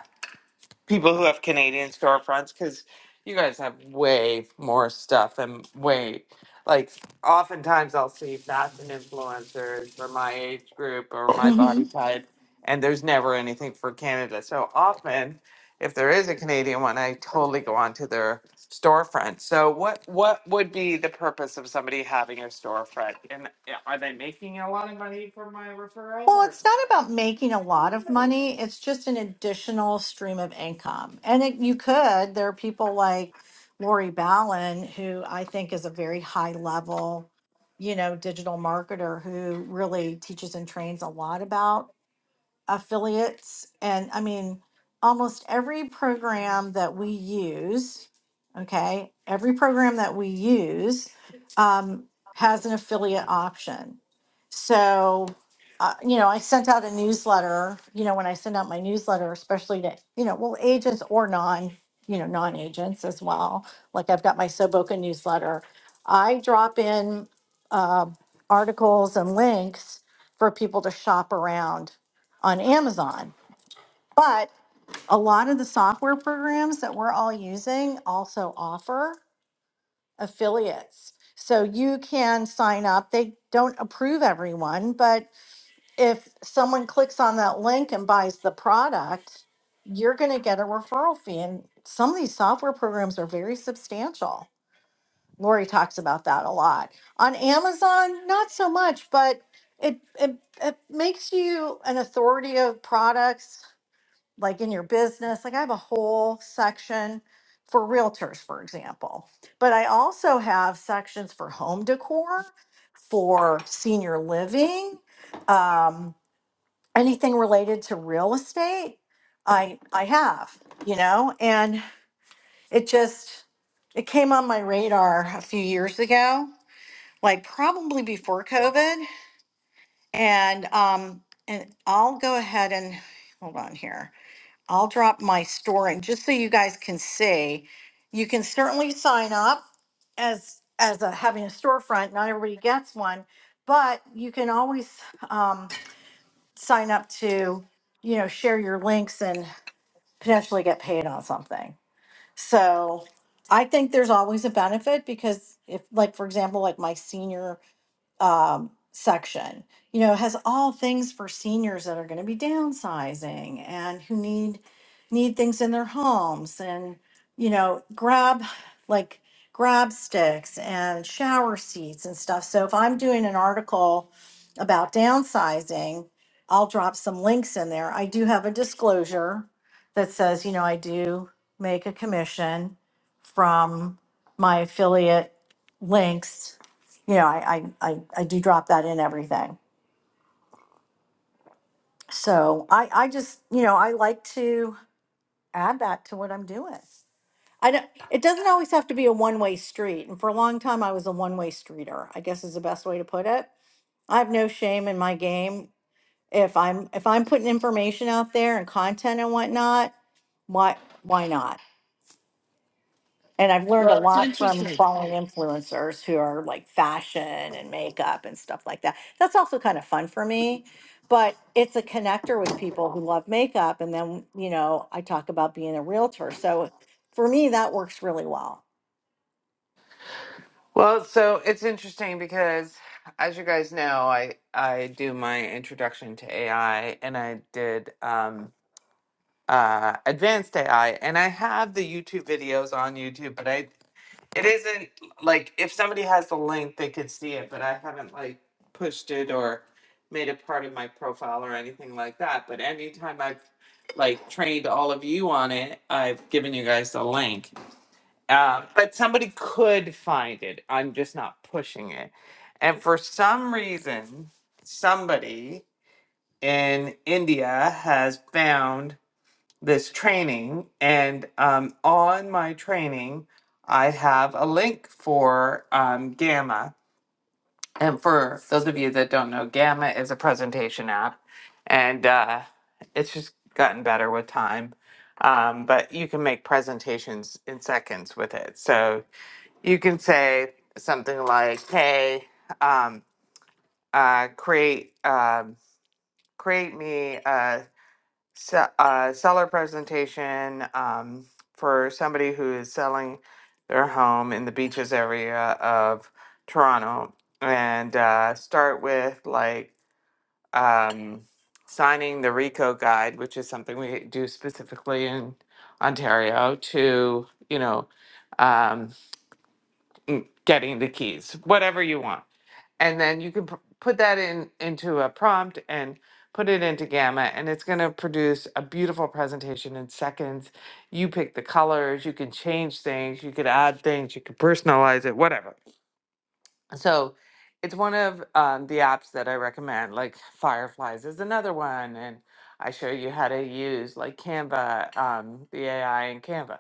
Speaker 1: people who have Canadian storefronts because you guys have way more stuff and way like oftentimes I'll see if that's an influencer for my age group or my body type and there's never anything for Canada. So often if there is a Canadian one, I totally go onto their storefront. So what what would be the purpose of somebody having a storefront? And uh, are they making a lot of money for my referral
Speaker 7: Well,
Speaker 1: or
Speaker 7: it's not about making a lot of money. It's just an additional stream of income. And it, you could, there are people like Lori Ballin, who I think is a very high level, you know, digital marketer who really teaches and trains a lot about affiliates and I mean almost every program that we use, okay, every program that we use um, has an affiliate option. So, uh, you know, I sent out a newsletter, you know, when I send out my newsletter, especially to, you know, well, agents or non, you know, non agents as well. Like I've got my Soboka newsletter. I drop in uh, articles and links for people to shop around on Amazon. But a lot of the software programs that we're all using also offer affiliates. So you can sign up. They don't approve everyone, but if someone clicks on that link and buys the product, you're going to get a referral fee. And some of these software programs are very substantial. Lori talks about that a lot. On Amazon, not so much, but it, it, it makes you an authority of products like in your business. Like I have a whole section for realtors, for example, but I also have sections for home decor, for senior living, um, anything related to real estate. I I have, you know, and it just it came on my radar a few years ago, like probably before COVID, and um, and I'll go ahead and hold on here. I'll drop my store in just so you guys can see. You can certainly sign up as as a, having a storefront. Not everybody gets one, but you can always um, sign up to you know share your links and potentially get paid on something. So I think there's always a benefit because if like for example like my senior um, section, you know, has all things for seniors that are going to be downsizing and who need need things in their homes and you know grab like grab sticks and shower seats and stuff. So if I'm doing an article about downsizing, I'll drop some links in there. I do have a disclosure that says, you know, I do make a commission from my affiliate links you know, I, I, I, I do drop that in everything. So I, I just, you know, I like to add that to what I'm doing. I don't, it doesn't always have to be a one way street. And for a long time, I was a one way streeter, I guess is the best way to put it. I have no shame in my game. If I'm, if I'm putting information out there and content and whatnot, why, why not? And I've learned a
Speaker 1: Well, it's
Speaker 7: lot from
Speaker 1: interesting.
Speaker 7: following influencers who are like fashion and makeup and stuff like that. That's also kind of fun for me, but it's a connector with people who love makeup. And then, you know, I talk about being a realtor. So for me, that works really well.
Speaker 1: Well, so it's interesting because, as you guys know, I I do my introduction to AI, and I did um, uh, advanced AI, and I have the YouTube videos on YouTube, but I it isn't like if somebody has the link, they could see it, but I haven't like pushed it or made it part of my profile or anything like that. But anytime I've like trained all of you on it, I've given you guys the link. Uh, but somebody could find it. I'm just not pushing it. And for some reason, somebody in India has found this training. And um, on my training, I have a link for um, Gamma. And for those of you that don't know, Gamma is a presentation app. And uh, it's just gotten better with time. Um, but you can make presentations in seconds with it. So you can say something like, "Hey, um, uh, create um, create me a, se- a seller presentation um, for somebody who is selling their home in the beaches area of Toronto, and uh, start with like." Um, signing the RICO guide, which is something we do specifically in Ontario to, you know, Um, mm, getting the keys, whatever you want. And then you can p- put that in into a prompt and put it into Gamma, and it's going to produce a beautiful presentation in seconds. You pick the colors, you can change things, you could add things, you could personalize it, whatever. So it's one of um, the apps that I recommend. Like Fireflies is another one, and I show you how to use like Canva, um, the AI in Canva.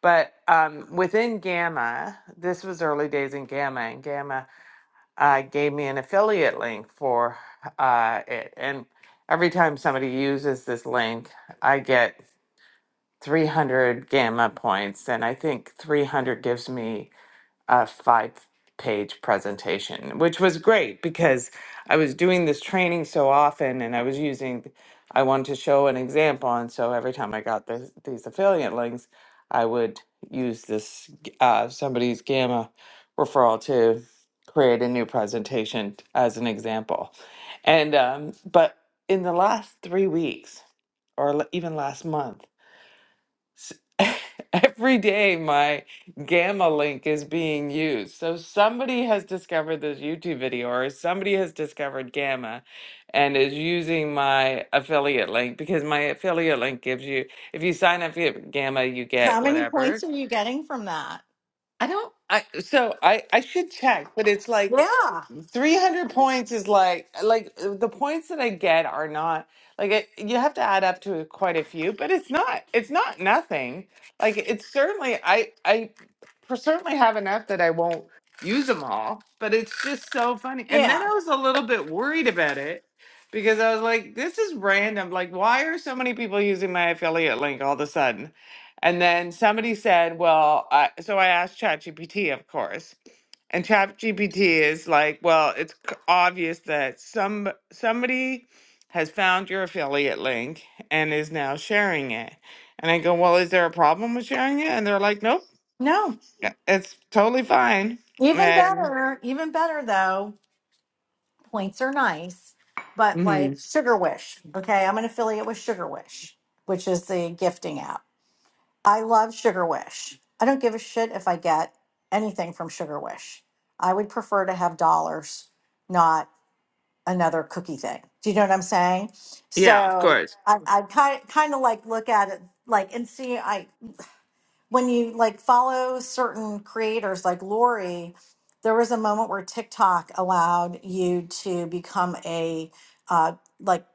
Speaker 1: But um, within Gamma, this was early days in Gamma, and Gamma uh, gave me an affiliate link for uh, it. And every time somebody uses this link, I get 300 Gamma points, and I think 300 gives me a five page presentation, which was great because I was doing this training so often and I was using, I wanted to show an example. And so every time I got this, these affiliate links, I would use this uh, somebody's gamma referral to create a new presentation as an example. And, um, but in the last three weeks, or l- even last month, S- <laughs> Every day, my Gamma link is being used. So somebody has discovered this YouTube video, or somebody has discovered Gamma and is using my affiliate link because my affiliate link gives you, if you sign up for Gamma, you get
Speaker 7: How many
Speaker 1: whatever.
Speaker 7: points are you getting from that?
Speaker 1: I don't. I so I I should check, but it's like
Speaker 7: Yeah.
Speaker 1: 300 points is like like uh, the points that I get are not like it, you have to add up to quite a few, but it's not it's not nothing. Like it's certainly I I per- certainly have enough that I won't use them all, but it's just so funny. And then I
Speaker 7: Yeah.
Speaker 1: was a little bit worried about it because I was like this is random. Like why are so many people using my affiliate link all of a sudden? And then somebody said, well, I so I asked ChatGPT, of course, and ChatGPT is like, well, it's c- obvious that some somebody has found your affiliate link and is now sharing it. And I go, well, is there a problem with sharing it? And they're like, nope,
Speaker 7: No,
Speaker 1: yeah, it's totally fine.
Speaker 7: even
Speaker 1: And
Speaker 7: better, even better though. Points are nice, but like
Speaker 1: mhm.
Speaker 7: Sugar Wish. Okay, I'm an affiliate with Sugar Wish, which is the gifting app. I love Sugar Wish. I don't give a shit if I get anything from Sugar Wish. I would prefer to have dollars, not. another cookie thing. Do you know what I'm saying?
Speaker 1: yeah, of
Speaker 7: So
Speaker 1: course,
Speaker 7: I, I kind kind of like look at it like and see. I when you like follow certain creators like Lori, there was a moment where TikTok allowed you to become a uh, like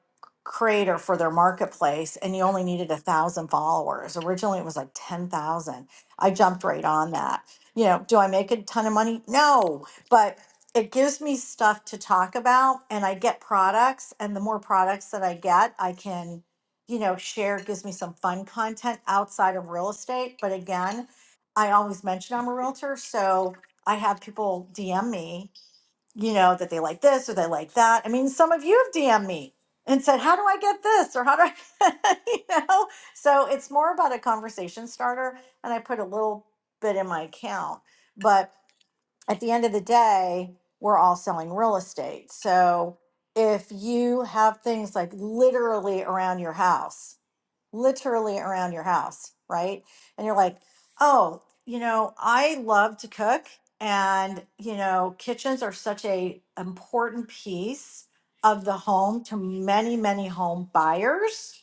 Speaker 7: creator for their marketplace, and you only needed a thousand followers. Originally, it was like ten thousand. I jumped right on that. You know, do I make a ton of money? No, but it gives me stuff to talk about, and I get products, and the more products that I get, I can you know, share gives me some fun content outside of real estate. But again, I always mention I'm a realtor. So I have people DM me, you know, that they like this or they like that. I mean, some of you have DM me and said, how do I get this? Or how do I, <laughs> you know? So it's more about a conversation starter. And I put a little bit in my account. But at the end of the day, we're all selling real estate. So if you have things like literally around your house, literally around your house, right? And you're like, oh, you know, I love to cook, and you know, kitchens are such a important piece of the home to many, many home buyers.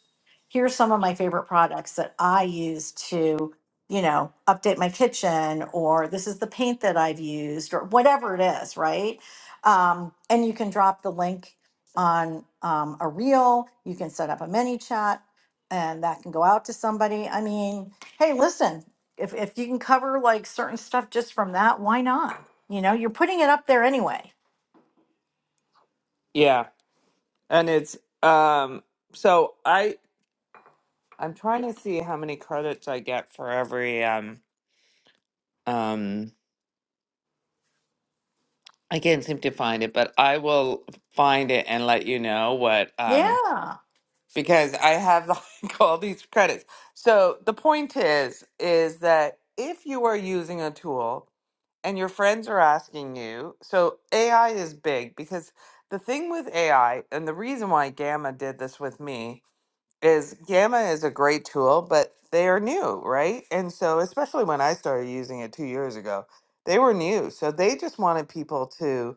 Speaker 7: Here's some of my favorite products that I use to, you know, update my kitchen, or this is the paint that I've used, or whatever it is, right? Um, and you can drop the link on um, a reel. You can set up a mini chat and that can go out to somebody. I mean, hey, listen, if if you can cover like certain stuff just from that, why not? You know, you're putting it up there anyway.
Speaker 1: yeah, and it's um. So I I'm trying to see how many credits I get for every um um I can't seem to find it, but I will find it and let you know what um
Speaker 7: Yeah,
Speaker 1: because I have <laughs> like all these credits. So the point is is that if you are using a tool and your friends are asking you, so AI is big because the thing with AI and the reason why Gamma did this with me is Gamma is a great tool, but they are new, right? And so especially when I started using it 2 years ago, they were new. So they just wanted people to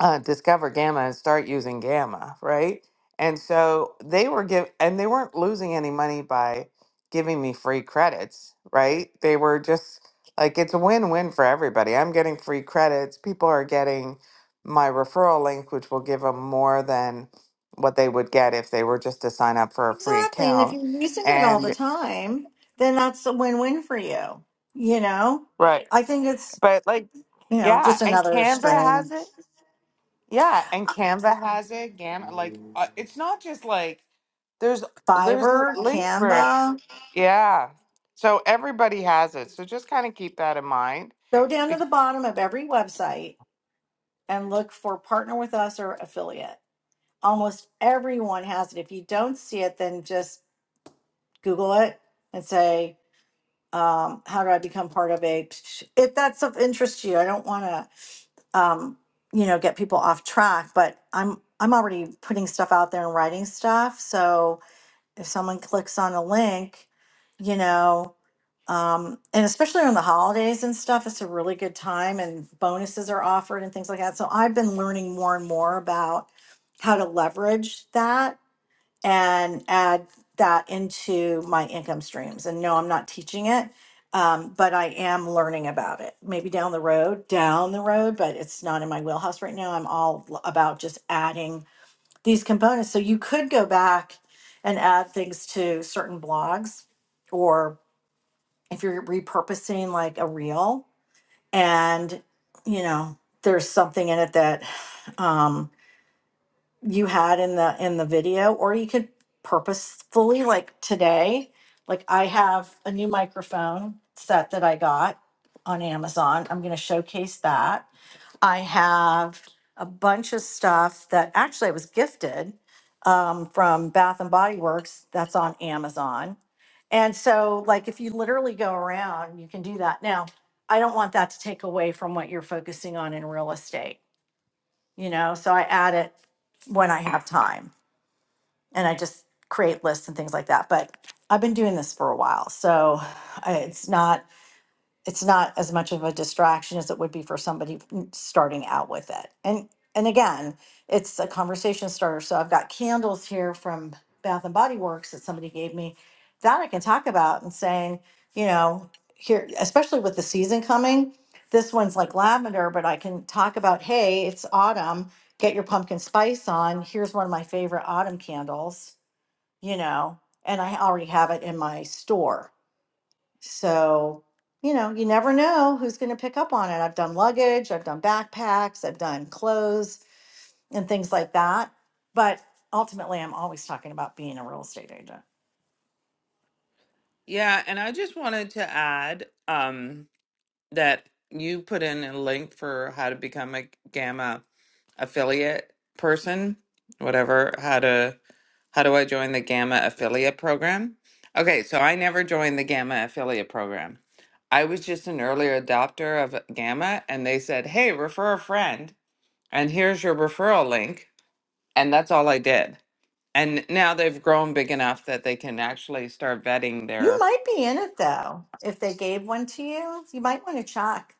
Speaker 1: uh, discover gamma and start using gamma, right? And so they were give and they weren't losing any money by giving me free credits, right? They were just like it's a win-win for everybody. I'm getting free credits. People are getting my referral link, which will give them more than what they would get if they were just to sign up for a free
Speaker 7: exactly. And if
Speaker 1: account.
Speaker 7: you're using it all
Speaker 1: And
Speaker 7: the
Speaker 1: Exactly.
Speaker 7: time, then that's a win-win for you. You know,
Speaker 1: right,
Speaker 7: I think it's
Speaker 1: but like
Speaker 7: you know
Speaker 1: yeah,
Speaker 7: just
Speaker 1: and
Speaker 7: another
Speaker 1: Canva has
Speaker 7: stream.
Speaker 1: it. Yeah, and Canva has it. Gam like uh, it's not just like there's there's l-
Speaker 7: Fiverr,
Speaker 1: links for it.
Speaker 7: Canva.
Speaker 1: Yeah. So everybody has it. So just kind of keep that in mind.
Speaker 7: Go down to
Speaker 1: Because
Speaker 7: the bottom of every website and look for partner with us or affiliate. Almost everyone has it. If you don't see it, then just Google it and say, um, how do I become part of a, if that's of interest to you, I don't want to, um, you know, get people off track, but I'm, I'm already putting stuff out there and writing stuff. So if someone clicks on a link, you know, um, and especially on the holidays and stuff, it's a really good time and bonuses are offered and things like that. So I've been learning more and more about how to leverage that and add that into my income streams. And no, I'm not teaching it, um, but I am learning about it. Maybe down the road, down the road, but it's not in my wheelhouse right now. I'm all l- about just adding these components. So you could go back and add things to certain blogs, or if you're repurposing like a reel and, you know, there's something in it that, um, you had in the in the video or you could purposefully like today like i have a new microphone set that i got on amazon i'm going to showcase that i have a bunch of stuff that actually i was gifted um, from bath and body works that's on amazon and so like if you literally go around you can do that now i don't want that to take away from what you're focusing on in real estate you know so i add it when i have time and i just create lists and things like that but i've been doing this for a while so I- it's not it's not as much of a distraction as it would be for somebody n- starting out with it. And and again, it's a conversation starter. So I've got candles here from Bath and Body Works that somebody gave me that I can talk about and saying, you know, here, especially with the season coming, this one's like lavender, but I can talk about, hey, it's autumn, get your pumpkin spice on. Here's one of my favorite autumn candles, you know, and I already have it in my store so, you know, you never know who's going to pick up on it. I've done luggage, I've done backpacks, I've done clothes and things like that. But ultimately, I'm always talking about being a real estate agent.
Speaker 1: yeah, and I just wanted to add, um, that you put in a link for how to become a Gamma affiliate person, whatever, how to how do I join the Gamma affiliate program? Okay, so I never joined the Gamma affiliate program. I was just an early adopter of Gamma and they said, "Hey, refer a friend and here's your referral link." And that's all I did. And now they've grown big enough that they can actually start vetting
Speaker 7: You
Speaker 1: their
Speaker 7: might be in it though. If they gave one to you, you might want to check.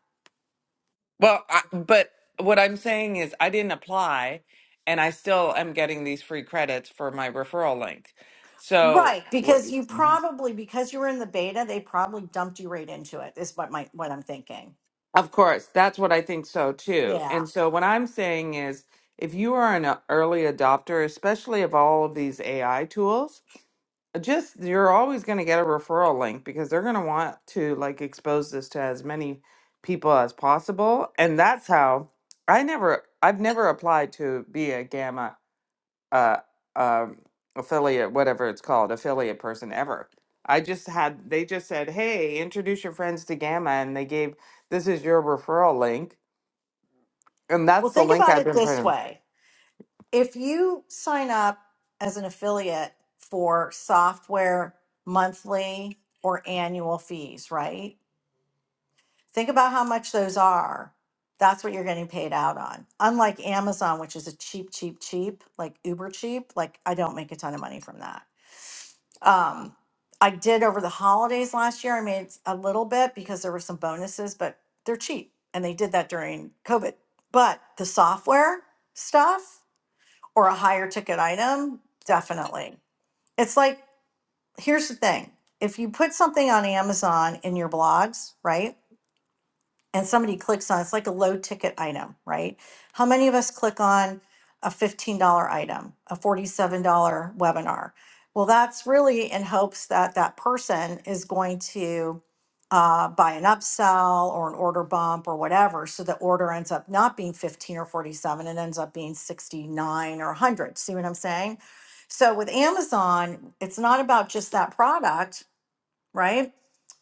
Speaker 1: Well, I, but what I'm saying is I didn't apply and I still am getting these free credits for my referral link. So,
Speaker 7: Right,
Speaker 1: Wha-
Speaker 7: because you probably because you were in the beta, they probably dumped you right into it. Is what my what I'm thinking.
Speaker 1: of course, that's what I think so too.
Speaker 7: Yeah.
Speaker 1: And so, what I'm saying is if you are an uh, early adopter, especially of all of these AI tools, just you're always going to get a referral link because they're going to want to like expose this to as many people as possible. And that's how I never, I've never applied to be a gamma uh, um, affiliate, whatever it's called, affiliate person ever. I just had, they just said, hey, introduce your friends to Gamma. And they gave, this is your referral link. And
Speaker 7: Well,
Speaker 1: that's the
Speaker 7: think
Speaker 1: link
Speaker 7: about
Speaker 1: I've
Speaker 7: it
Speaker 1: been
Speaker 7: this
Speaker 1: putting.
Speaker 7: way. if you sign up as an affiliate for software monthly or annual fees, right? Think about how much those are. That's what you're getting paid out on. Unlike Amazon, which is a cheap, cheap, cheap, like uber cheap, like I don't make a ton of money from that. Um, I did over the holidays last year. I made a little bit because there were some bonuses, but they're cheap. And they did that during COVID. But the software, stuff or a higher ticket item, definitely. It's like, here's the thing if you put something on Amazon in your blogs, right? and somebody clicks on it's like a low ticket item, right? How many of us click on a $15 item, a $47 webinar? Well, that's really in hopes that that person is going to uh, buy an upsell or an order bump or whatever. So the order ends up not being 15 or 47, it ends up being 69 or 100. See what I'm saying? So with Amazon, it's not about just that product right?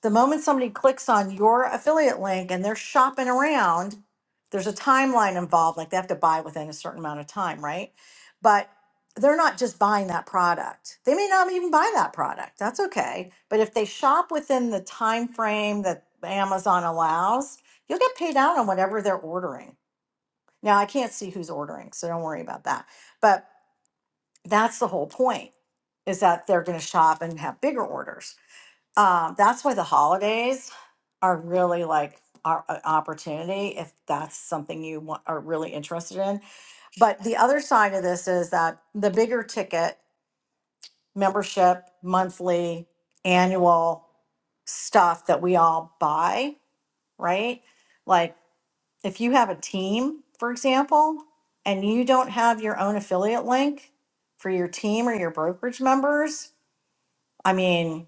Speaker 7: The moment somebody clicks on your affiliate link and they're shopping around, there's a timeline involved. Like they have to buy within a certain amount of time, right? But they're not just buying that product. They may not even buy that product. That's okay. But if they shop within the time frame that Amazon allows, you'll get paid out on whatever they're ordering. Now I can't see who's ordering, so don't worry about that. But that's the whole point is that they're going to shop and have bigger orders. Um, that's why the holidays are really like our an opportunity if that's something you want, are really interested in. But the other side of this is that the bigger ticket membership, monthly, annual stuff that we all buy, right? Like if you have a team, for example, and you don't have your own affiliate link for your team or your brokerage members, I mean,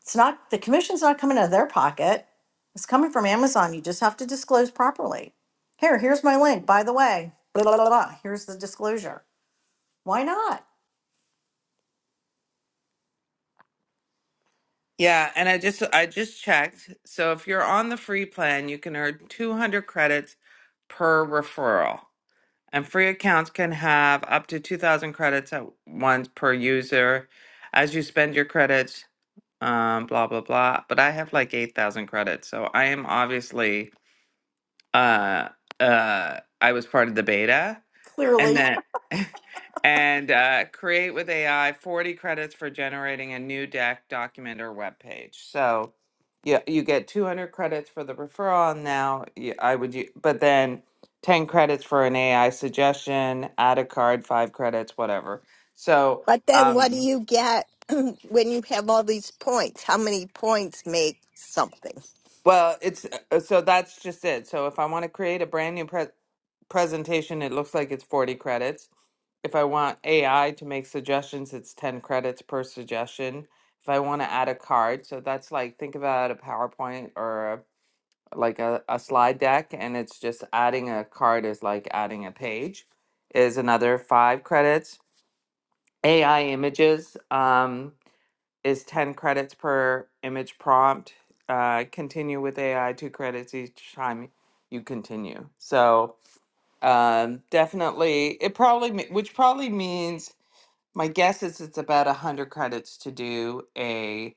Speaker 7: It's not, the commission's not coming out of their pocket. It's coming from Amazon. You just have to disclose properly. Here, here's my link, by the way. Blah, blah, blah, blah. Here's the disclosure. Why not?
Speaker 1: Yeah. And I just, I just checked. So if you're on the free plan, you can earn 200 credits per referral. And free accounts can have up to 2,000 credits at once per user. As you spend your credits, um blah blah blah but i have like 8000 credits so i am obviously uh uh i was part of the beta and
Speaker 7: Clearly.
Speaker 1: then and uh create with ai 40 credits for generating a new deck document or web page so yeah you get 200 credits for the referral and now y- i would u- but then 10 credits for an ai suggestion add a card 5 credits whatever so
Speaker 4: But then what do
Speaker 1: um
Speaker 4: you get <clears throat> when you have all these points? How many points make something?
Speaker 1: Well, it's uh, so that's just it. So if I want to create a brand new pre presentation, it looks like it's 40 credits. If I want AI to make suggestions, it's 10 credits per suggestion. If I want to add a card, so that's like think about a PowerPoint or a, like a, a slide deck, and it's just adding a card is like adding a page, is another five credits. AI images. Um, is 10 credits per image prompt. Uh, continue with AI, two credits each time you continue. So um, definitely, it probably, me- which probably means my guess is it's about a hundred credits to do a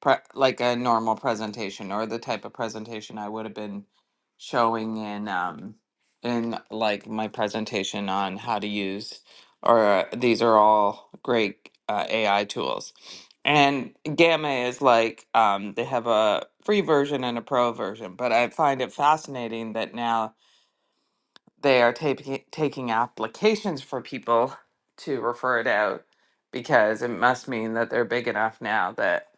Speaker 1: pre- like a normal presentation or the type of presentation I would have been showing in um in like my presentation on how to use or uh, these are all great uh, AI tools. And Gamma is like um, they have a free version and a pro version, but I find it fascinating that now they are taking taking applications for people to refer it out because it must mean that they're big enough now that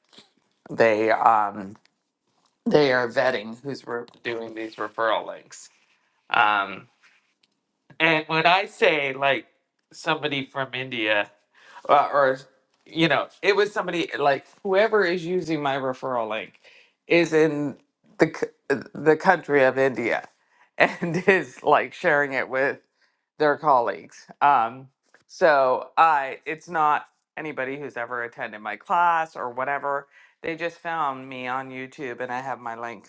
Speaker 1: they um they are vetting who's re- doing these referral links. Um, and when I say like somebody from India, uh, or you know, it was somebody like whoever is using my referral link is in the c- the country of India, and <laughs> is like sharing it with their colleagues. Um, so I, it's not anybody who's ever attended my class or whatever. They just found me on YouTube, and I have my link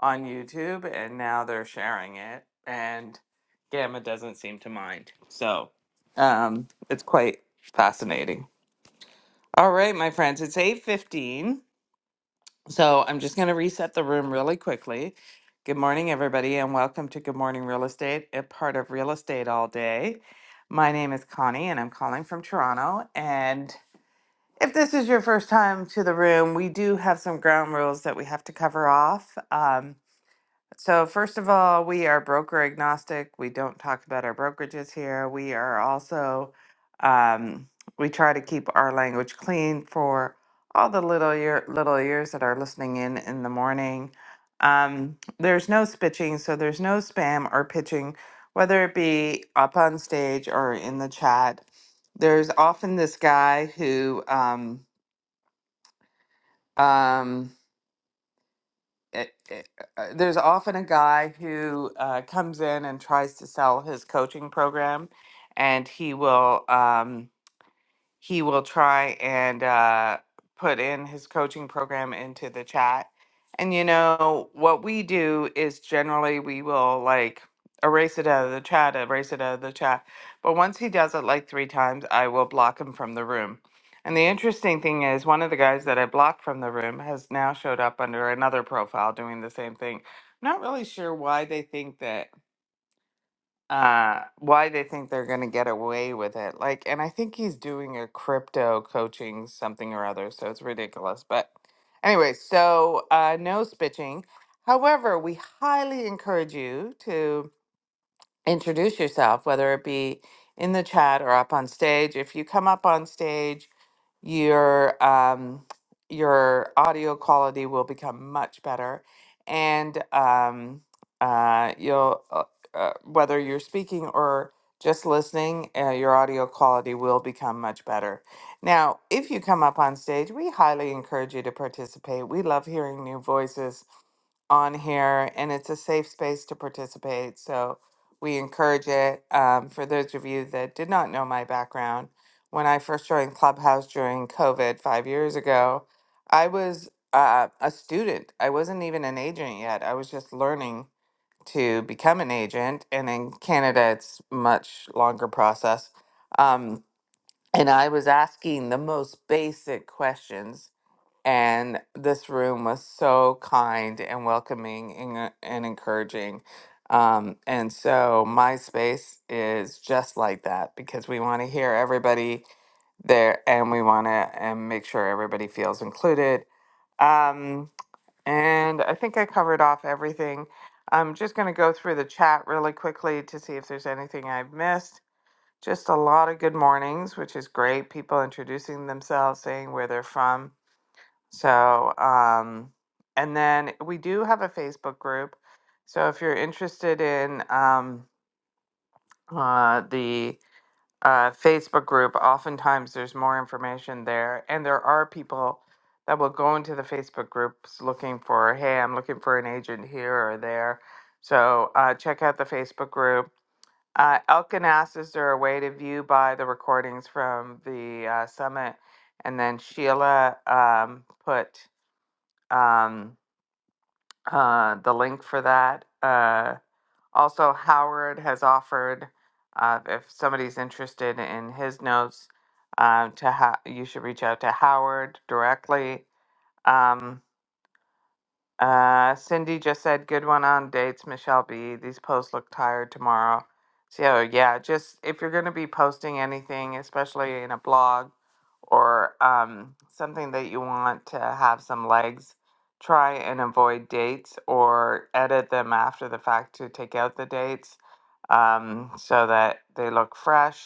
Speaker 1: on YouTube, and now they're sharing it, and Gamma doesn't seem to mind. So um, it's quite fascinating. All right, my friends, it's eight fifteen, so I'm just going to reset the room really quickly. Good morning, everybody, and welcome to Good Morning Real Estate, a part of Real Estate All Day. My name is Connie, and I'm calling from Toronto. And if this is your first time to the room, we do have some ground rules that we have to cover off. Um, so, first of all, we are broker agnostic. We don't talk about our brokerages here. We are also, um, we try to keep our language clean for all the little ear, little ears that are listening in in the morning. Um, there's no spitching, so there's no spam or pitching, whether it be up on stage or in the chat. There's often this guy who um, um, it, it, uh, there's often a guy who uh, comes in and tries to sell his coaching program, and he will. Um, he will try and uh, put in his coaching program into the chat. And you know, what we do is generally we will like erase it out of the chat, erase it out of the chat. But once he does it like three times, I will block him from the room. And the interesting thing is, one of the guys that I blocked from the room has now showed up under another profile doing the same thing. I'm not really sure why they think that uh why they think they're going to get away with it like and i think he's doing a crypto coaching something or other so it's ridiculous but anyway so uh no spitching however we highly encourage you to introduce yourself, whether it be in the chat or up on stage. If you come up on stage, your um, your audio quality will become much better, and um, uh, you'll uh, uh, whether you're speaking or just listening, uh, your audio quality will become much better. Now, if you come up on stage, we highly encourage you to participate. We love hearing new voices on here and it's a safe space to participate. So we encourage it. Um, for those of you that did not know my background, when I first joined Clubhouse during COVID five years ago, I was uh, a student. I wasn't even an agent yet. I was just learning to become an agent. And in Canada, it's much longer process. Um, and I was asking the most basic questions and this room was so kind and welcoming and, uh, and encouraging. Um, and so my space is just like that because we want to hear everybody there and we want to and make sure everybody feels included. Um, and I think I covered off everything. I'm just going to go through the chat really quickly to see if there's anything I've missed. Just a lot of good mornings, which is great. People introducing themselves, saying where they're from so, um, and then we do have a Facebook group. So if you're interested in um, uh, the uh, Facebook group, oftentimes there's more information there. And there are people that will go into the Facebook groups looking for, hey, I'm looking for an agent here or there. So uh, check out the Facebook group. Uh, Elkin asks, is there a way to view by the recordings from the uh, summit? And then Sheila um, put, um, uh, the link for that. Uh, also, Howard has offered, uh, if somebody's interested in his notes, um, to ha- you should reach out to Howard directly. Um, uh, Cindy just said, good one on dates, Michelle B. These posts look tired tomorrow. So, yeah, just if you're going to be posting anything, especially in a blog or um, something that you want to have some legs, try and avoid dates or edit them after the fact to take out the dates um, so that they look fresh.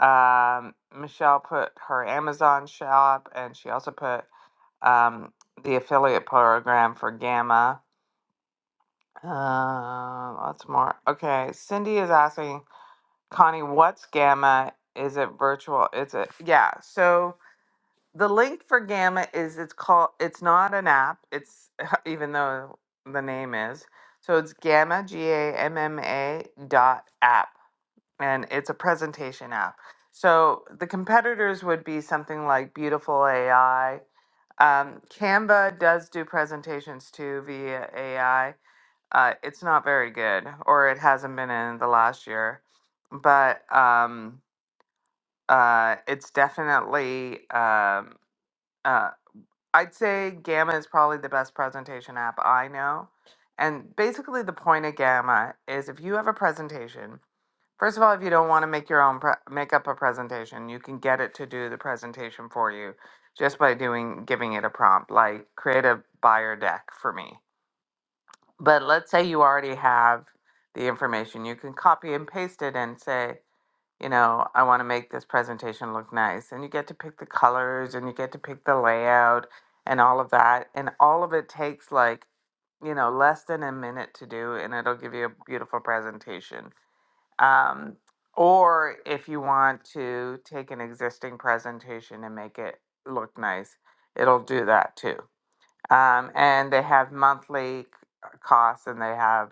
Speaker 1: Um, Michelle put her Amazon shop, and she also put um, the affiliate program for Gamma. Um, lots more. Okay, Cindy is asking Connie, what's Gamma? Is it virtual? Is it yeah? So the link for Gamma is it's called. It's not an app. It's <laughs> even though the name is. So it's Gamma G A M M A dot app and it's a presentation app. So the competitors would be something like Beautiful AI. Um, Canva does do presentations too via AI. Uh, it's not very good, or it hasn't been in the last year, but um, uh, it's definitely. Um, uh, I'd say Gamma is probably the best presentation app I know. And basically, the point of Gamma is if you have a presentation First of all, if you don't want to make your own pre- make up a presentation, you can get it to do the presentation for you just by doing giving it a prompt, like create a buyer deck for me. But let's say you already have the information, you can copy and paste it and say, you know, I want to make this presentation look nice, and you get to pick the colors and you get to pick the layout and all of that, and all of it takes like you know less than a minute to do, and it'll give you a beautiful presentation um, or if you want to take an existing presentation and make it look nice, it'll do that too. Um, and they have monthly c- costs and they have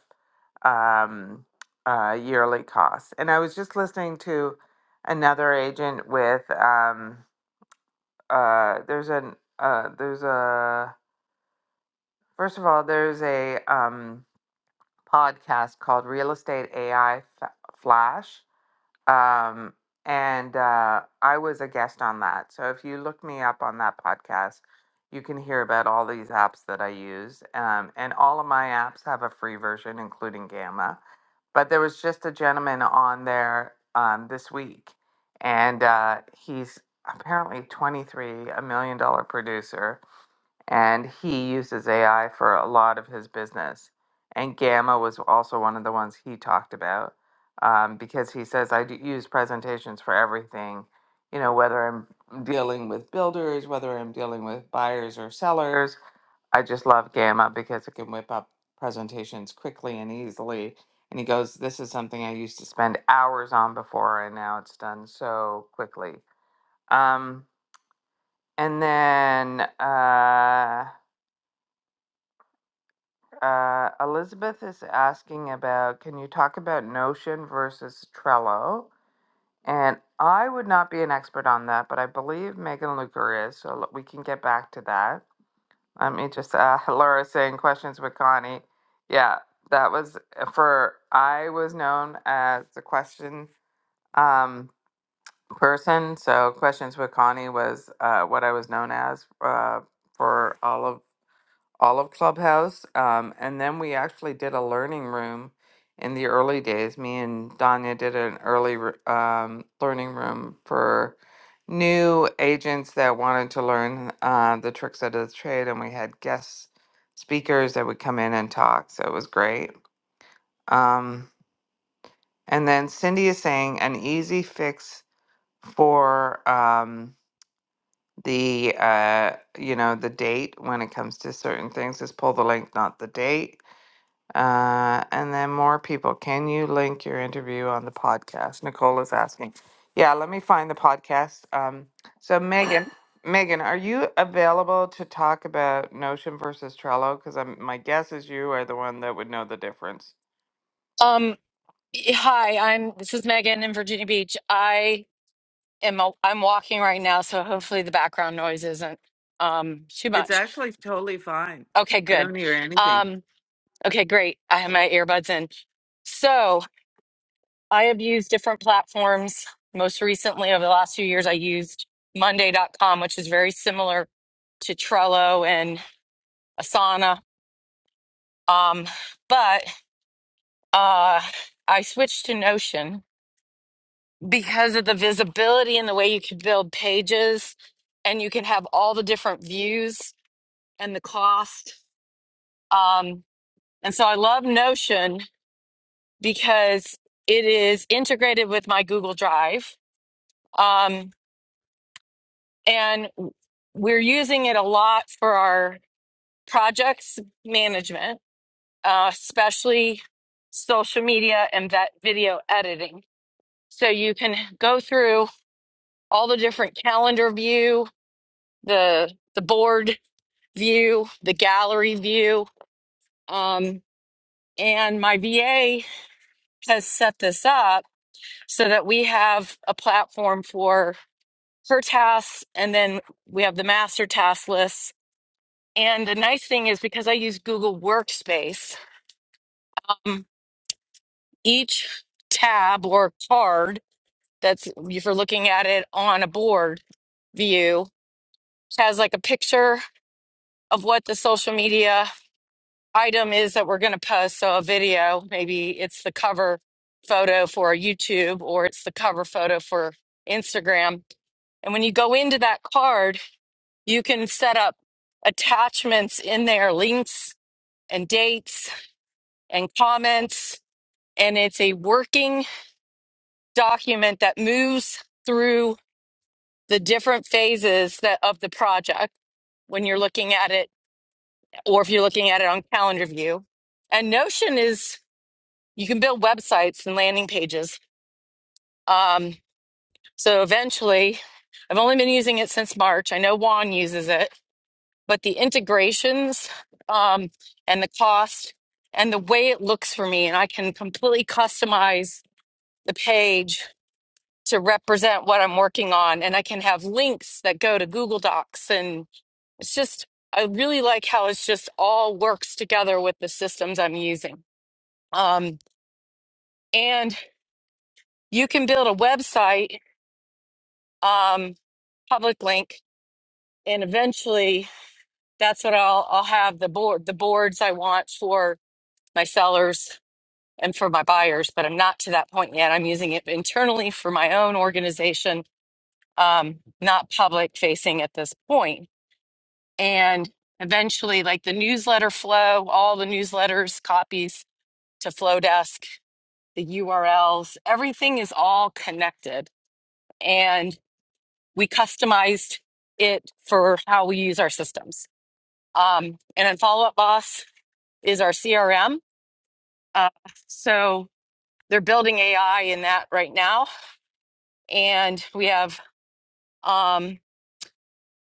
Speaker 1: um, uh, yearly costs. And I was just listening to another agent with um, uh, there's an uh, there's a first of all there's a um, podcast called Real Estate AI Flash Um, and uh, I was a guest on that. So if you look me up on that podcast, you can hear about all these apps that I use. Um, and all of my apps have a free version, including Gamma. But there was just a gentleman on there um, this week, and uh, he's apparently 23, a million dollar producer and he uses AI for a lot of his business. And Gamma was also one of the ones he talked about um, because he says, I do use presentations for everything, you know, whether I'm dealing with builders, whether I'm dealing with buyers or sellers. I just love Gamma because it can whip up presentations quickly and easily. And he goes, This is something I used to spend hours on before, and now it's done so quickly. Um, and then. Uh, Uh, Elizabeth is asking about can you talk about Notion versus Trello? And I would not be an expert on that, but I believe Megan Luker is, so l- we can get back to that. Let me just uh, <laughs> Laura saying questions with Connie. Yeah, that was uh, for I was known as the question um, person, so questions with Connie was uh, what I was known as uh, for all of all of Clubhouse. Um, and then we actually did a learning room in the early days. Me and Danya did an early r- um, learning room for new agents that wanted to learn uh, the tricks of the trade. And we had guest speakers that would come in and talk. So it was great. Um, and then Cindy is saying an easy fix for. Um, the uh you know the date when it comes to certain things is pull the link not the date Uh, and then more people. Can you link your interview on the podcast? Nicole is asking. Yeah, let me find the podcast. Um, so Megan, <laughs> Megan, are you available to talk about Notion versus Trello? Because I'm my guess is you are the one that would know the difference.
Speaker 6: Um, hi, I'm this is Megan in Virginia Beach. I am i am walking right now, so hopefully the background noise isn't um too
Speaker 1: It's
Speaker 6: much.
Speaker 1: actually totally fine.
Speaker 6: Okay,
Speaker 1: I
Speaker 6: good.
Speaker 1: don't hear anything.
Speaker 6: Um, okay, great. I have my earbuds in. So I have used different platforms. Most recently, over the last few years, I used Monday. dot com, which is very similar to Trello and Asana. Um, but uh, I switched to Notion because of the visibility and the way you can build pages and you can have all the different views and the cost. Um, and so I love Notion because it is integrated with my Google Drive. Um, and we're using it a lot for our projects management, uh, especially social media and that video editing. So you can go through all the different calendar view, the the board view, the gallery view, um, and my VA has set this up so that we have a platform for her tasks, and then we have the master task list And the nice thing is because I use Google Workspace, um, each tab or card that's if you're looking at it on a board view has like a picture of what the social media item is that we're going to post. So a video, maybe it's the cover photo for YouTube or it's the cover photo for Instagram. And when you go into that card, you can set up attachments in there, links and dates and comments and it's a working document that moves through the different phases that of the project when you're looking at it or if you're looking at it on calendar view and notion is you can build websites and landing pages um, so eventually i've only been using it since march i know juan uses it but the integrations um, and the cost and the way it looks for me and i can completely customize the page to represent what I'm working on. And I can have links that go to Google Docs. And it's just, I really like how it's just all works together with the systems I'm using. Um, and you can build a website, um, public link, and eventually that's what I'll, I'll have the board, the boards I want for my sellers and for my buyers, but I'm not to that point yet. I'm using it internally for my own organization, um, not public facing at this point and eventually like the newsletter flow all the newsletters copies to flowdesk the urls everything is all connected and we customized it for how we use our systems um, and then follow up boss is our crm uh, so they're building ai in that right now and we have um,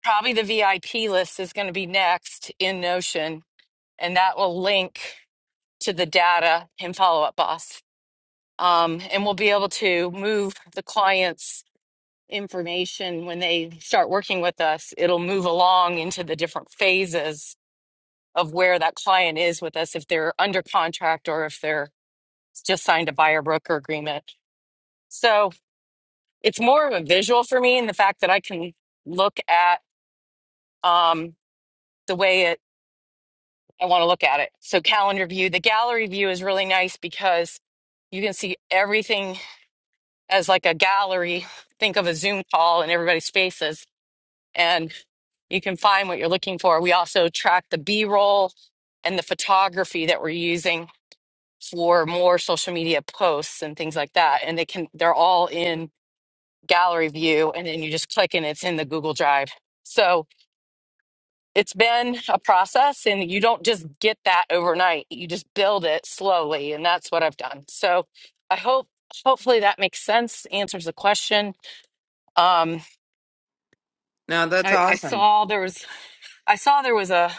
Speaker 6: probably the vip list is going to be next in notion and that will link to the data and follow up boss. Um, and we'll be able to move the client's information when they start working with us. It'll move along into the different phases of where that client is with us, if they're under contract or if they're just signed a buyer broker agreement. So it's more of a visual for me and the fact that I can look at um, the way it, I want to look at it. So calendar view, the gallery view is really nice because you can see everything as like a gallery. Think of a Zoom call and everybody's faces, and you can find what you're looking for. We also track the B roll and the photography that we're using for more social media posts and things like that. And they can, they're all in gallery view, and then you just click and it's in the Google Drive. So it's been a process, and you don't just get that overnight. You just build it slowly, and that's what I've done. So I hope, hopefully, that makes sense, answers the question. Um,
Speaker 1: No, that's
Speaker 6: I, I
Speaker 1: awesome.
Speaker 6: saw there was I saw there was a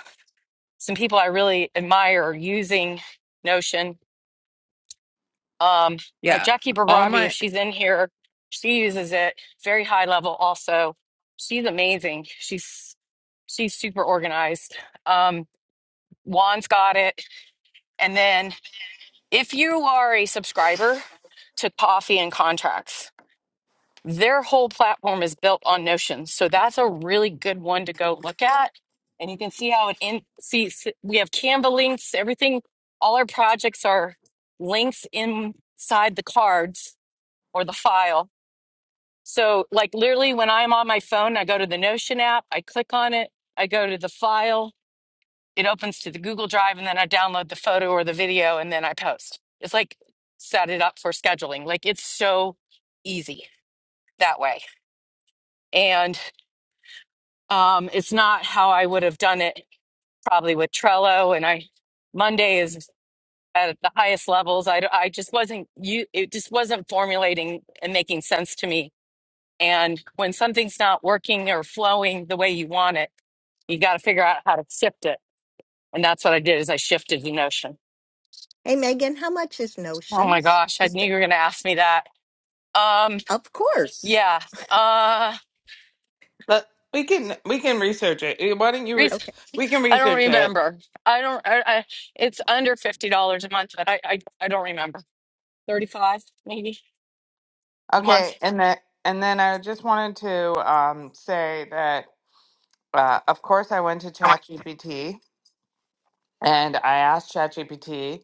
Speaker 6: some people I really admire using Notion. Um, uh,
Speaker 1: Yeah,
Speaker 6: Jackie
Speaker 1: all
Speaker 6: Barabi, if
Speaker 1: my.
Speaker 6: she's in here, she uses it very high level. Also, she's amazing. She's she's super organized. Um, Juan's got it. And then if you are a subscriber to Coffee and Contracts, their whole platform is built on Notion. So that's a really good one to go look at. And you can see how it in see s- we have Canva links, everything, all our projects are links inside the cards or the file. So like literally when I'm on my phone, I go to the Notion app, I click on it, I go to the file, it opens to the Google Drive, and then I download the photo or the video and then I post. It's like set it up for scheduling. Like it's so easy that way. And Um, it's not how I would have done it probably with Trello. And I, Monday is at the highest levels. I, I just wasn't, you, it just wasn't formulating and making sense to me. And when something's not working or flowing the way you want it, you got to figure out how to shift it. And that's what I did is I shifted the notion.
Speaker 4: Hey, Megan, how much is
Speaker 6: Oh my
Speaker 4: Notions?
Speaker 6: gosh. I
Speaker 4: Is
Speaker 6: knew
Speaker 4: the,
Speaker 6: you were going to ask me that. Um,
Speaker 4: Of course.
Speaker 6: yeah. Uh,
Speaker 1: But we can we can research it. Eh, Why don't you? Re-
Speaker 6: Reese,
Speaker 4: Okay.
Speaker 1: we can
Speaker 6: I don't
Speaker 1: research it.
Speaker 6: remember. I don't, I, I, it's under $50 a month, but I, I, I don't remember. 35 maybe a month.
Speaker 1: Okay, and that, and then I just wanted to um, say that, uh, of course, I went to
Speaker 8: I,
Speaker 1: ChatGPT and I asked ChatGPT,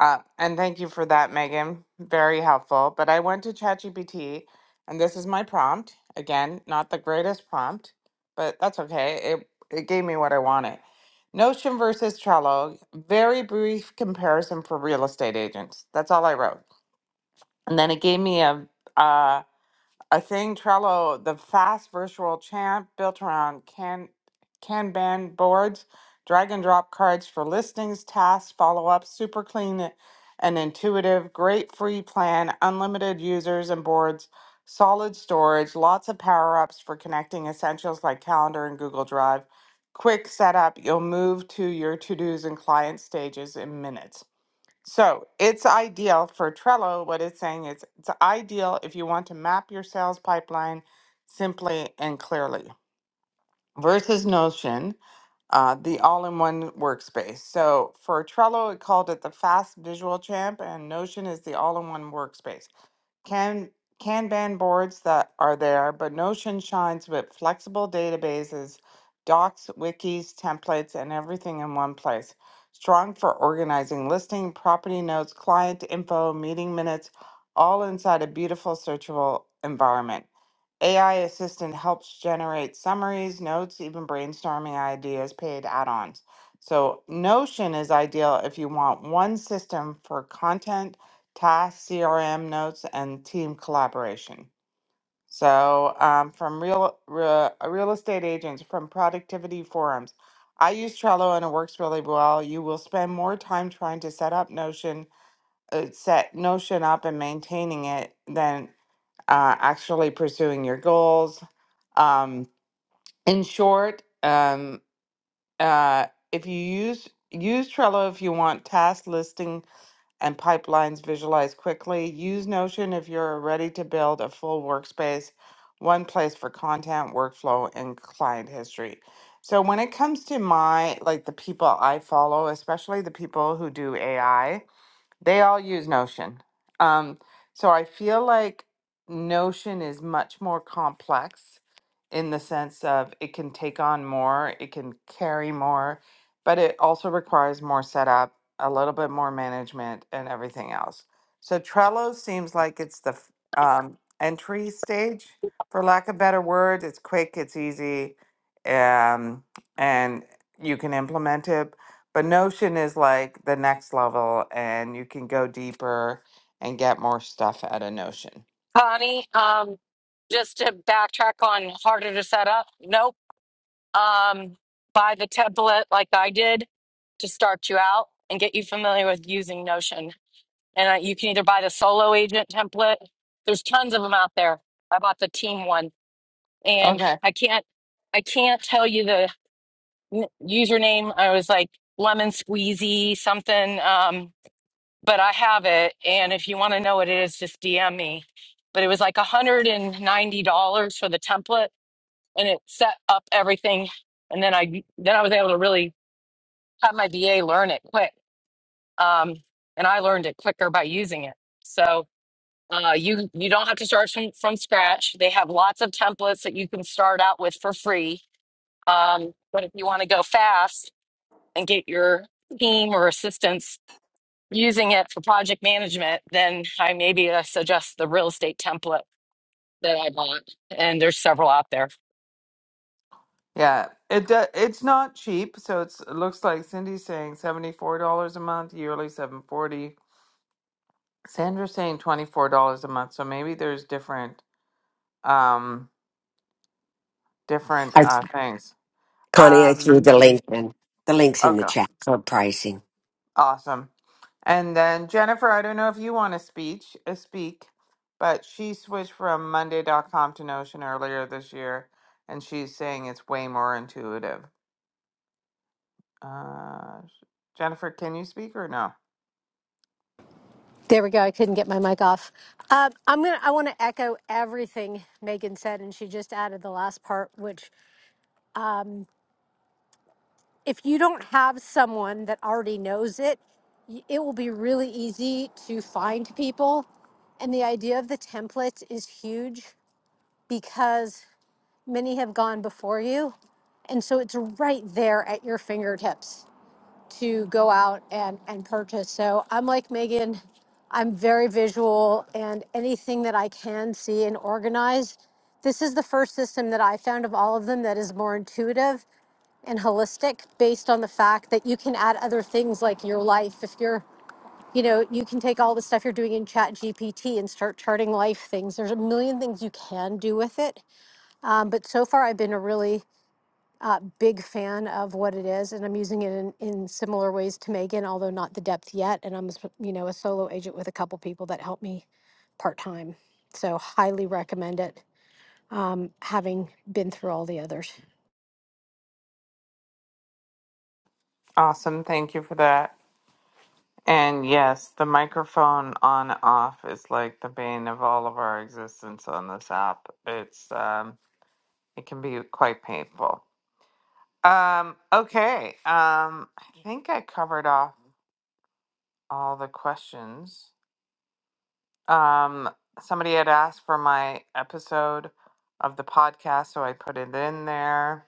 Speaker 1: uh, and thank you for that, Megan. Very helpful. But I went to ChatGPT, and this is my prompt. Again, not the greatest prompt, but that's okay. It it gave me what I wanted. Notion versus Trello. Very brief comparison for real estate agents. That's all I wrote, and then it gave me a. uh. I think Trello, the fast virtual champ built around can Kanban boards, drag and drop cards for listings, tasks, follow up, super clean and intuitive, great free plan, unlimited users and boards, solid storage, lots of power ups for connecting essentials like calendar and Google Drive. Quick setup, you'll move to your to dos and client stages in minutes. So it's ideal for Trello. What it's saying is it's ideal if you want to map your sales pipeline simply and clearly versus Notion, uh, the all in one workspace. So for Trello, it called it the fast visual champ, and Notion is the all in one workspace. Can Kanban boards that are there, but Notion shines with flexible databases, docs, wikis, templates, and everything in one place. Strong for organizing listing, property notes, client info, meeting minutes, all inside a beautiful searchable environment. AI assistant helps generate summaries, notes, even brainstorming ideas, paid add-ons. So Notion is ideal if you want one system for content tasks, CRM notes, and team collaboration. So, um, from real, real real estate agents, from productivity forums, I use Trello and it works really well. You will spend more time trying to set up Notion, uh, set Notion up, and maintaining it than uh, actually pursuing your goals. Um, in short, um, uh, if you use use Trello if you want task listing and pipelines visualized quickly. Use Notion if you're ready to build a full workspace, one place for content, workflow, and client history. So when it comes to my like the people I follow, especially the people who do AI, they all use Notion. Um, so I feel like Notion is much more complex in the sense of it can take on more, it can carry more, but it also requires more setup, a little bit more management, and everything else. So Trello seems like it's the f- um, entry stage, for lack of better word. It's quick, it's easy, um, and you can implement it, but Notion is like the next level, and you can go deeper and get more stuff out of Notion.
Speaker 6: Connie, um, just to backtrack on harder to set up, nope. Um, buy the template like I did to start you out and get you familiar with using Notion. And uh, you can either buy the solo agent template. There's tons of them out there. I bought the team one, and
Speaker 1: Okay.
Speaker 6: I can't, I can't tell you the n- username. I was like lemon squeezy something. Um, but I have it. And if you want to know what it is, just DM me. But it was like $190 for the template and it set up everything. And then I then I was able to really have my BA learn it quick. Um, and I learned it quicker by using it. So uh, you you don't have to start from, from scratch. They have lots of templates that you can start out with for free. Um, but if you want to go fast and get your team or assistance using it for project management, then I maybe uh, suggest the real estate template that I bought. And there's several out there.
Speaker 1: Yeah, it do, it's not cheap, so it's, it looks like Cindy's saying $74 a month, yearly 740. Sandra's saying $24 a month, so maybe there's different Um, different uh, things.
Speaker 8: Connie, I threw
Speaker 1: Um,
Speaker 8: the link in. The link's in the
Speaker 1: okay,
Speaker 8: chat for pricing.
Speaker 1: awesome. And then Jennifer, I don't know if you want to speech uh, speak, but she switched from Monday.com to Notion earlier this year, and she's saying it's way more intuitive. Uh, Jennifer, can you speak or no?
Speaker 9: There we go. I couldn't get my mic off. Uh, I'm gonna. I want to echo everything Megan said, and she just added the last part, which if you don't have someone that already knows it, y- it will be really easy to find people. And the idea of the templates is huge because many have gone before you, and so it's right there at your fingertips. to go out and, and purchase. So I'm like Megan, I'm very visual and anything that I can see and organize. This is the first system that I found of all of them that is more intuitive and holistic based on the fact that you can add other things like your life. If you're, you know, you can take all the stuff you're doing in Chat GPT and start charting life things. There's a million things you can do with it. Um, but so far, I've been a really a big fan of what it is, and I'm using it in, in similar ways to Megan, although not the depth yet. And I'm, a you know, a solo agent with a couple people that help me part time. So highly recommend it, having been through all the others.
Speaker 1: Awesome, thank you for that. And yes, the microphone on off is like the bane of all of our existence on this app. It's um, it can be quite painful. Um, okay. Um, I think I covered off all the questions. Um, somebody had asked for my episode of the podcast, so I put it in there.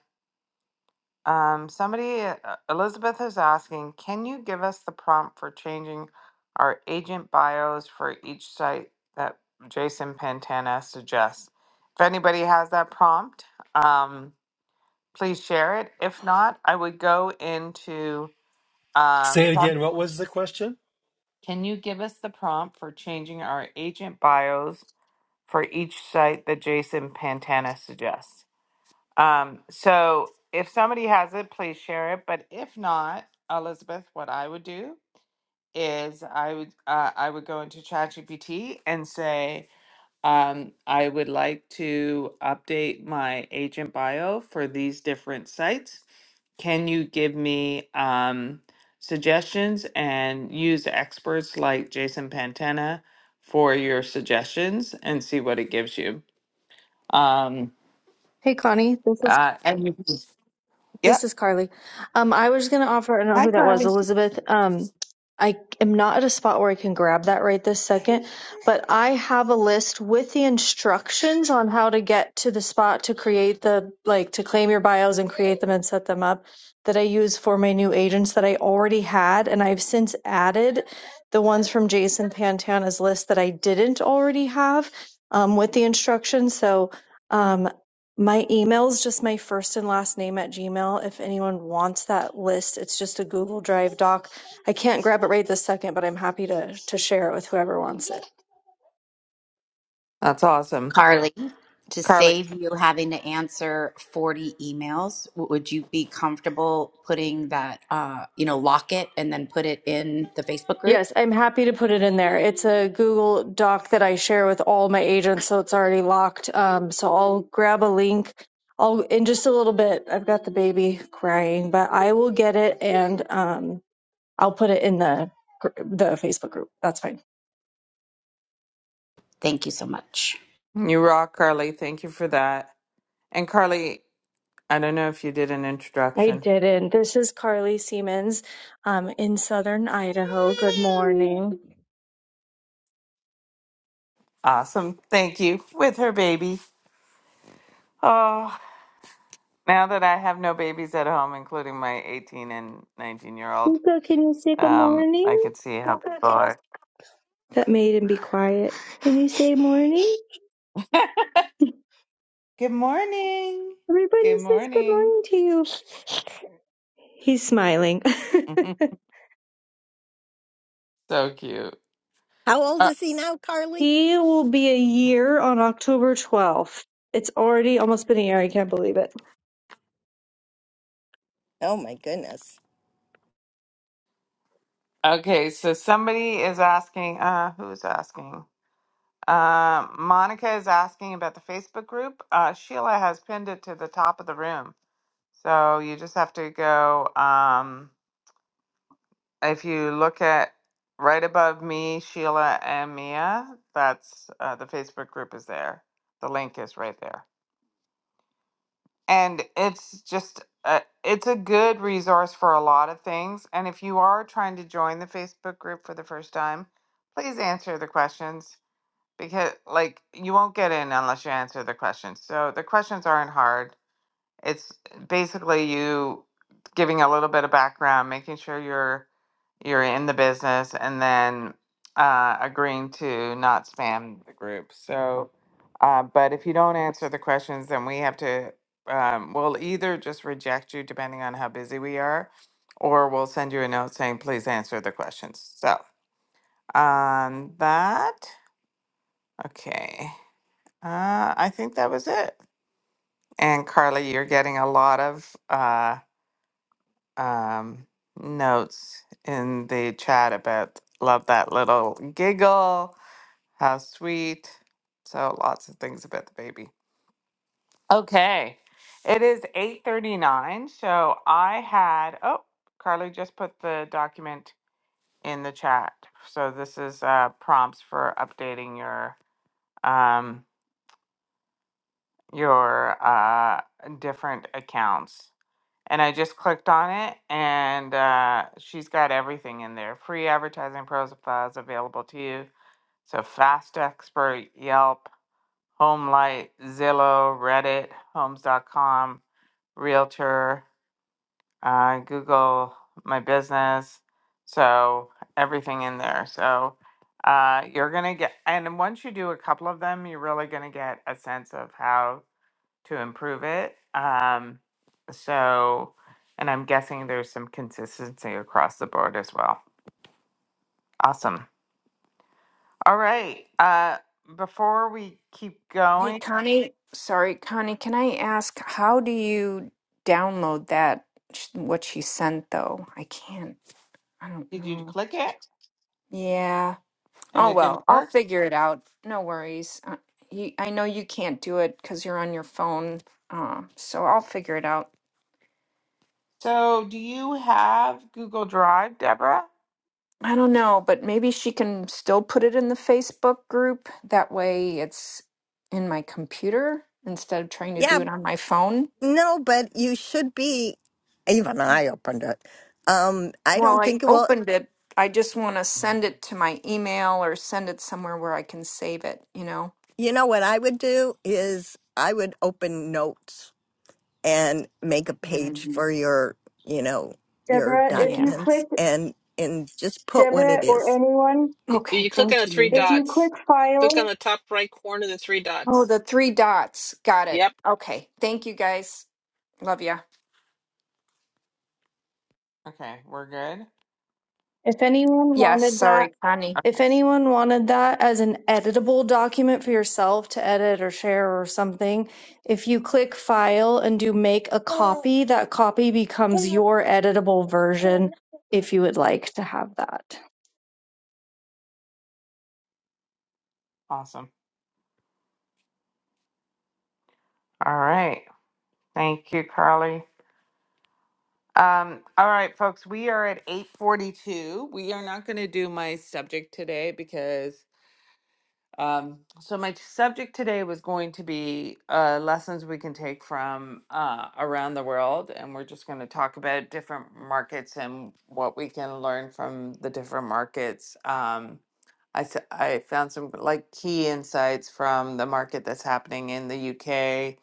Speaker 1: Um, somebody, uh, Elizabeth is asking, can you give us the prompt for changing our agent bios for each site that Jason Pantana suggests? If anybody has that prompt, um, please share it. If not, I would go into um,
Speaker 2: Say it again. What was the question?
Speaker 1: Can you give us the prompt for changing our agent bios for each site that Jason Pantana suggests? Um, so if somebody has it, please share it. But if not, Elizabeth, what I would do is I would uh, I would go into ChatGPT and say um, I would like to update my agent bio for these different sites can you give me um, suggestions and use experts like Jason Pantena for your suggestions and see what it gives you? Um,
Speaker 10: Hey Connie, this is
Speaker 1: uh, and you
Speaker 10: this
Speaker 1: yep.
Speaker 10: is Carly. Um, I was gonna offer. I don't know
Speaker 1: Hi,
Speaker 10: who that was,
Speaker 1: Carly.
Speaker 10: Elizabeth. Um, I am not at a spot where I can grab that right this second, but I have a list with the instructions on how to get to the spot to create the like to claim your bios and create them and set them up that I use for my new agents that I already had, and I've since added the ones from Jason Pantana's list that I didn't already have um, with the instructions. So. um. My email is just my first and last name at Gmail. If anyone wants that list, it's just a Google Drive doc. I can't grab it right this second, but I'm happy to to share it with whoever wants it.
Speaker 1: That's awesome.
Speaker 11: Carly, to
Speaker 1: Carly,
Speaker 11: save you having to answer 40 emails, w- would you be comfortable putting that, uh, you know, lock it and then put it in the Facebook group?
Speaker 10: Yes, I'm happy to put it in there. It's a Google Doc that I share with all my agents, so it's already locked. Um, so I'll grab a link. I'll in just a little bit. I've got the baby crying, but I will get it and um, I'll put it in the gr- the Facebook group. That's fine.
Speaker 11: Thank you so much.
Speaker 1: you rock, Carly. Thank you for that. And Carly, I don't know if you did an
Speaker 10: I
Speaker 1: introduction.
Speaker 10: didn't. This is Carly Siemens, um, in Southern Idaho. Good morning.
Speaker 1: Awesome. Thank you. With her baby. Oh, now that I have no babies at home, including my 18 and 19 year old.
Speaker 10: Luca, can you say good
Speaker 1: Um, I
Speaker 10: morning?
Speaker 1: can see how people are.
Speaker 10: That made him be quiet. Can you say morning?
Speaker 1: Good morning.
Speaker 10: Everybody
Speaker 1: Good
Speaker 10: says good
Speaker 1: morning.
Speaker 10: morning to you. He's smiling.
Speaker 1: <laughs> so cute.
Speaker 4: How old
Speaker 1: Uh,
Speaker 4: is he now,
Speaker 10: <laughs>
Speaker 4: Carly?
Speaker 10: he will be a year on October 12th. It's already almost been a year. I can't believe it.
Speaker 4: Oh, my goodness.
Speaker 1: okay, so somebody is asking. Uh, who's asking? Uh, Monica is asking about the Facebook group. Uh, Sheila has pinned it to the top of the room, so you just have to go. Um, if you look at right above me, Sheila and Mia, that's uh, the Facebook group is there. The link is right there. and it's just a, it's a good resource for a lot of things and if you are trying to join the facebook group for the first time please answer the questions because like you won't get in unless you answer the questions so the questions aren't hard it's basically you giving a little bit of background, making sure you're you're in the business, and then uh, agreeing to not spam the group. So, uh, but if you don't answer the questions, then we have to. Um, we'll either just reject you, depending on how busy we are, or we'll send you a note saying, "Please answer the questions." So on that, okay, uh, I think that was it. And Carly, you're getting a lot of uh, um, notes in the chat about love that little giggle, how sweet. So lots of things about the baby. Okay, it is eight thirty nine. So I had oh, Carly just put the document in the chat. So this is uh, prompts for updating your um, your uh, different accounts. and I just clicked on it, and uh, she's got everything in there. Free advertising profiles available to you. So Fast Expert, Yelp, HomeLight, Zillow, Reddit, Homes.com, Realtor, uh, Google My Business. So everything in there. So uh, you're gonna get, and once you do a couple of them, you're really gonna get a sense of how to improve it. Um, so, and I'm guessing there's some consistency across the board as well. Awesome. All right. Uh, before we keep
Speaker 12: Hey,
Speaker 1: going,
Speaker 12: Connie, sorry, Connie, can I ask, how do you download that, sh- what she sent though? I can't, I don't
Speaker 1: did you
Speaker 12: know.
Speaker 1: click it
Speaker 12: Yeah.
Speaker 1: and
Speaker 12: Oh,
Speaker 1: it didn't
Speaker 12: well, I'll
Speaker 1: work?
Speaker 12: figure it out. No worries. Uh, you, I know you can't do it because you're on your phone, uh, so I'll figure it out.
Speaker 1: So, do you have Google Drive, Deborah?
Speaker 12: I don't know, but maybe she can still put it in the Facebook group. That way it's in my computer instead of trying to
Speaker 4: Yeah,
Speaker 12: do it on my phone.
Speaker 4: no, but you should be. Even I opened it. Um, I
Speaker 12: Well,
Speaker 4: don't
Speaker 12: I
Speaker 4: think it will.
Speaker 12: opened it. I just want to send it to my email or send it somewhere where I can save it, you know?
Speaker 4: You know what I would do is I would open notes and make a page
Speaker 12: Mhm.
Speaker 4: for your, you know, your
Speaker 12: Yeah.
Speaker 4: documents and and just put what
Speaker 10: Deborah
Speaker 4: it
Speaker 10: or
Speaker 4: is.
Speaker 10: anyone,
Speaker 13: Y-
Speaker 12: Okay.
Speaker 13: You click on
Speaker 12: Thank
Speaker 13: the three
Speaker 12: you.
Speaker 10: if
Speaker 13: dots. Click on the top right corner of the three
Speaker 12: Oh,
Speaker 13: dots.
Speaker 12: the three dots. Got
Speaker 13: Yep.
Speaker 12: it. Okay. Thank you guys. Love ya.
Speaker 1: Okay, we're good.
Speaker 10: if anyone
Speaker 12: Yes.
Speaker 10: wanted that,
Speaker 12: Sorry, Connie.
Speaker 10: if
Speaker 1: Okay,
Speaker 10: anyone wanted that as an editable document for yourself to edit or share or something, if you click file and do make a copy, that copy becomes your editable version if you would like to have that.
Speaker 1: awesome. All right. Thank you, Carly. Um, all right, folks, we are at 8:42. We are not going to do my subject today because Um, so my subject today was going to be uh, lessons we can take from uh, around the world, and we're just going to talk about different markets and what we can learn from the different markets. Um, I s- I found some like key insights from the market that's happening in the UK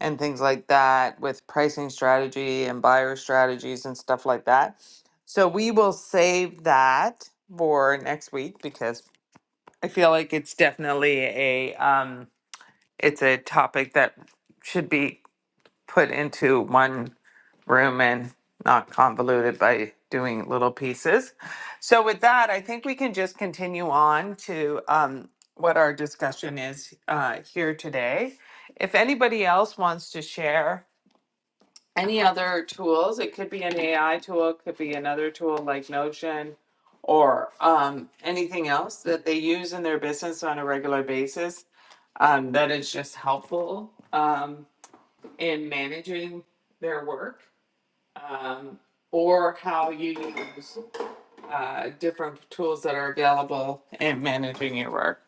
Speaker 1: and things like that with pricing strategy and buyer strategies and stuff like that. So we will save that for next week because I feel like it's definitely a um, it's a topic that should be put into one room and not convoluted by doing little pieces. So with that, I think we can just continue on to um, what our discussion is uh, here today. If anybody else wants to share any other tools. It could be an AI tool, it could be another tool like Notion or um, anything else that they use in their business on a regular basis um, that is just helpful um, in managing their work um, or how you use uh, different tools that are available in managing your work.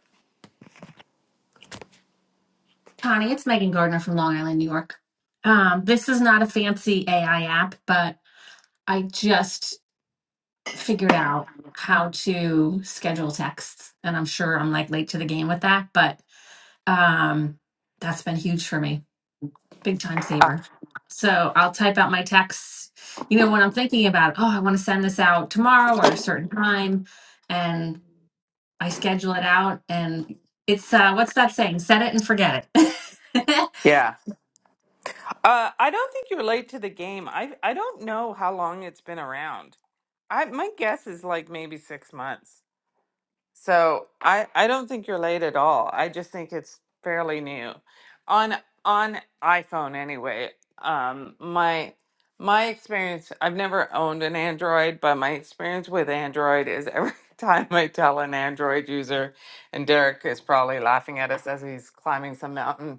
Speaker 14: Connie, it's Megan Gardner from Long Island, New York. Um, this is not a fancy AI app, but I just figured out how to schedule texts. And I'm sure I'm like late to the game with that, but um, that's been huge for me. Big time
Speaker 1: Uh,
Speaker 14: saver. So I'll type out my texts, you know, when I'm thinking about, oh, I want to send this out tomorrow or at a certain time. and. I schedule it out and it's uh what's that saying? Set it and forget it. <laughs>
Speaker 1: yeah. Uh, I don't think you relate to the game. I I don't know how long it's been around. I my guess is like maybe six months. So I I don't think you're late at all. I just think it's fairly new, on on iPhone anyway. Um, my my experience. I've never owned an Android, but my experience with Android is every <laughs> time I tell an Android user, and Derek is probably laughing at us as he's climbing some mountain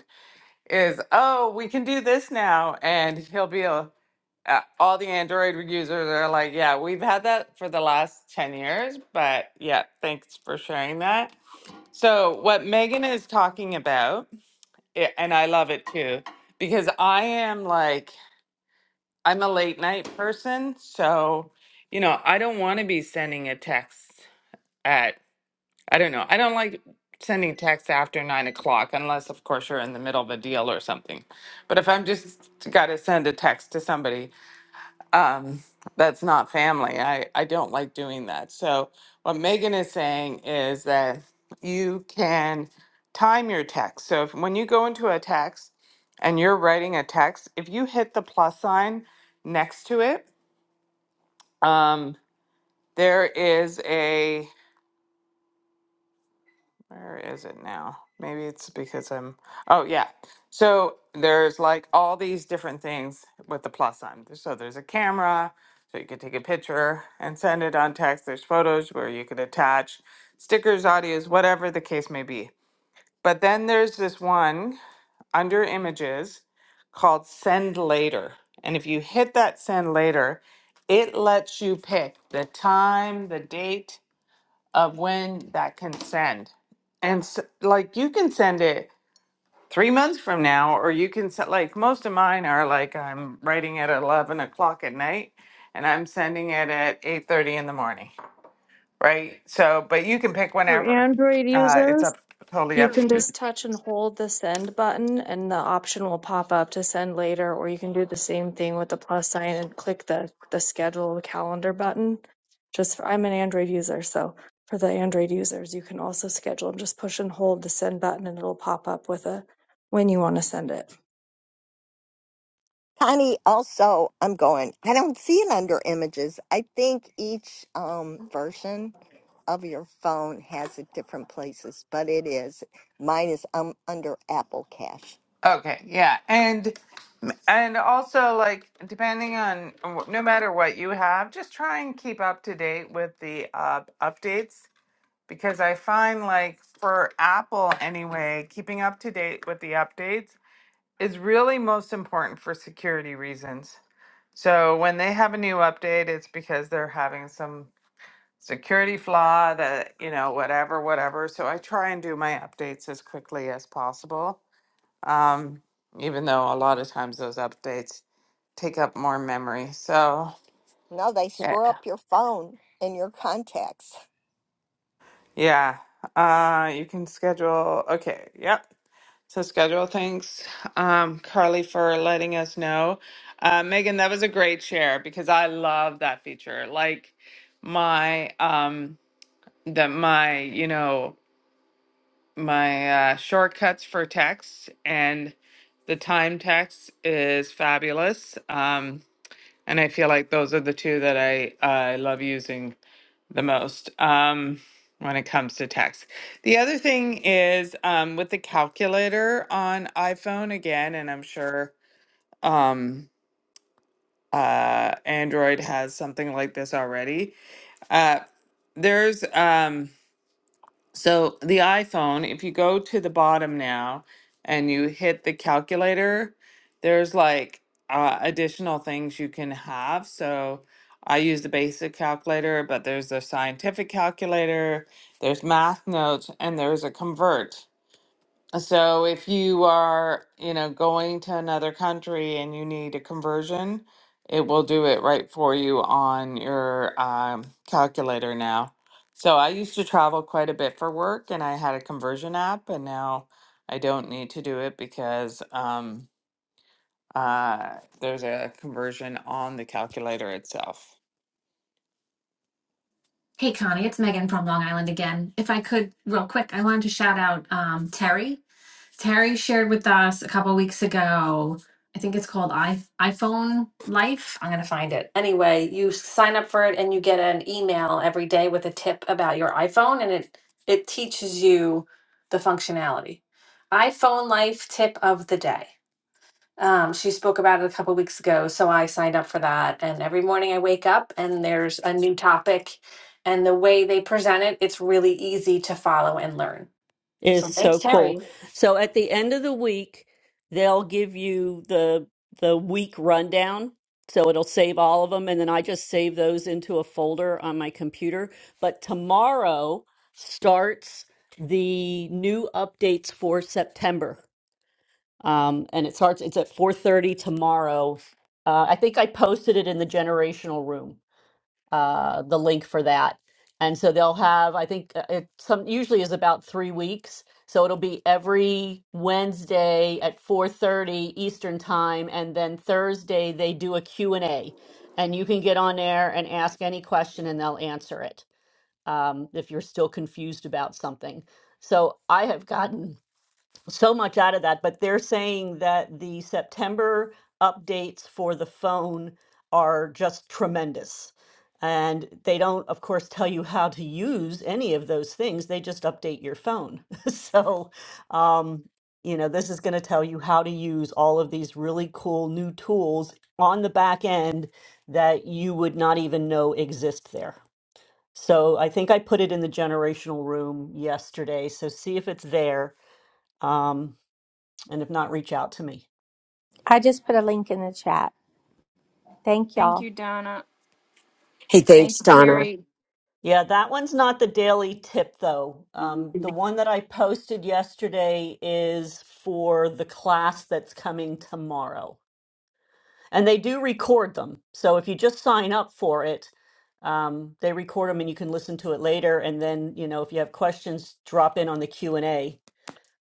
Speaker 1: is oh we can do this now and he'll be a, uh, all the android users are like yeah we've had that for the last 10 years but yeah thanks for sharing that so what megan is talking about i- and i love it too because i am like i'm a late night person so you know i don't want to be sending a text I don't know. I don't like sending texts after nine o'clock unless, of course, you're in the middle of a deal or something. But if I'm just got to send a text to somebody um, that's not family, I, I don't like doing that. So, what Megan is saying is that you can time your text. So, if, when you go into a text and you're writing a text, if you hit the plus sign next to it, um, there is a Where is it now? Maybe it's because I'm. Oh, yeah. So there's like all these different things with the plus sign. So there's a camera, so you could take a picture and send it on text. There's photos where you could attach stickers, audios, whatever the case may be. But then there's this one under images called send later. And if you hit that send later, it lets you pick the time, the date, of when that can send. And s like you can send it three months from now, or you can send like most of mine are like I'm writing at eleven o'clock at night, and I'm sending it at eight thirty in the morning, right? So, but you can pick
Speaker 10: For
Speaker 1: whenever.
Speaker 10: Android
Speaker 1: Uh, it's
Speaker 10: users,
Speaker 1: up totally
Speaker 10: You
Speaker 1: up
Speaker 10: can
Speaker 1: to you.
Speaker 10: just touch and hold the send button and the option will pop up to send later, or you can do the same thing with the plus sign and click the, the schedule calendar button. Just for, I'm an Android user, so for the Android users, you can also schedule and just push and hold the send button and it'll pop up with a when you want to send it.
Speaker 4: Connie, also, I'm going. I don't see it under images. I think each um, version of your phone has it different places, but it is. Mine is um, under Apple Cash.
Speaker 1: Okay, yeah, and and also like depending on no matter what you have, just try and keep up to date with the uh, updates because I find like for Apple anyway, keeping up to date with the updates is really most important for security reasons. So when they have a new update, it's because they're having some security flaw that, you know, whatever, whatever. So I try and do my updates as quickly as possible, um, even though a lot of times those updates take up more memory. So
Speaker 4: No, they
Speaker 1: yeah,
Speaker 4: screw up your phone and your contacts.
Speaker 1: yeah. Uh, you can schedule. Okay. Yep. So schedule. Thanks, um, Carly, for letting us know. Uh, Megan, that was a great share because I love that feature. Like my um, that my you know my uh, shortcuts for text and the time text is fabulous. Um, and I feel like those are the two that I I love using the most um, when it comes to text. The other thing is um, with the calculator on iPhone again, and I'm sure um, uh, Android has something like this already. Uh, there's um, so the iPhone, if you go to the bottom now and you hit the calculator, there's like uh, additional things you can have. So I use the basic calculator, but there's a scientific calculator, there's math notes, and there's a convert. So if you are, you know, going to another country and you need a conversion, it will do it right for you on your um, calculator now. So I used to travel quite a bit for work and I had a conversion app and now I don't need to do it because um, uh, there's a conversion on the calculator itself.
Speaker 14: hey Connie, it's Megan from Long Island again. If I could real quick, I wanted to shout out um Terry. Terry shared with us a couple weeks ago. I think it's called i iPhone Life. I'm gonna find it. Anyway, you sign up for it and you get an email every day with a tip about your iPhone, and it it teaches you the functionality. iPhone Life tip of the day. Um, she spoke about it a couple weeks ago, so I signed up for that. And every morning I wake up and there's a new topic, and the way they present it, it's really easy to follow and learn.
Speaker 5: is
Speaker 14: So
Speaker 5: so
Speaker 14: thanks,
Speaker 5: cool.
Speaker 14: Terry.
Speaker 5: So at the end of the week, they'll give you the the week rundown. So it'll save all of them and then I just save those into a folder on my computer. But tomorrow starts the new updates for September. Um, and it starts it's at 4:30 tomorrow. Uh, I think I posted it in the generational room uh, the link for that. And so they'll have, I think uh, it some usually is about three weeks. So it'll be every Wednesday at 4:30 Eastern time, and then Thursday they do a Q and a and you can get on there and ask any question, and they'll answer it um, if you're still confused about something. So I have gotten so much out of that, but they're saying that the September updates for the phone are just tremendous. And they don't, of course, tell you how to use any of those things. They just update your phone. <laughs> so, um, you know, this is going to tell you how to use all of these really cool new tools on the back end that you would not even know exist there. So I think I put it in the generational room yesterday. So see if it's there. Um, and if not, reach out to me.
Speaker 3: I just put a link in the chat. Thank
Speaker 12: Thank
Speaker 3: y'all.
Speaker 12: you, Donna.
Speaker 8: Hey,
Speaker 12: Thank
Speaker 8: thanks,
Speaker 12: you,
Speaker 8: Donna.
Speaker 12: Terry.
Speaker 5: Yeah, that one's not the daily tip though. Um, the one that I posted yesterday is for the class that's coming tomorrow. And they do record them. So if you just sign up for it, um, they record them and you can listen to it later. And then, you know, if you have questions, drop in on the Q&A.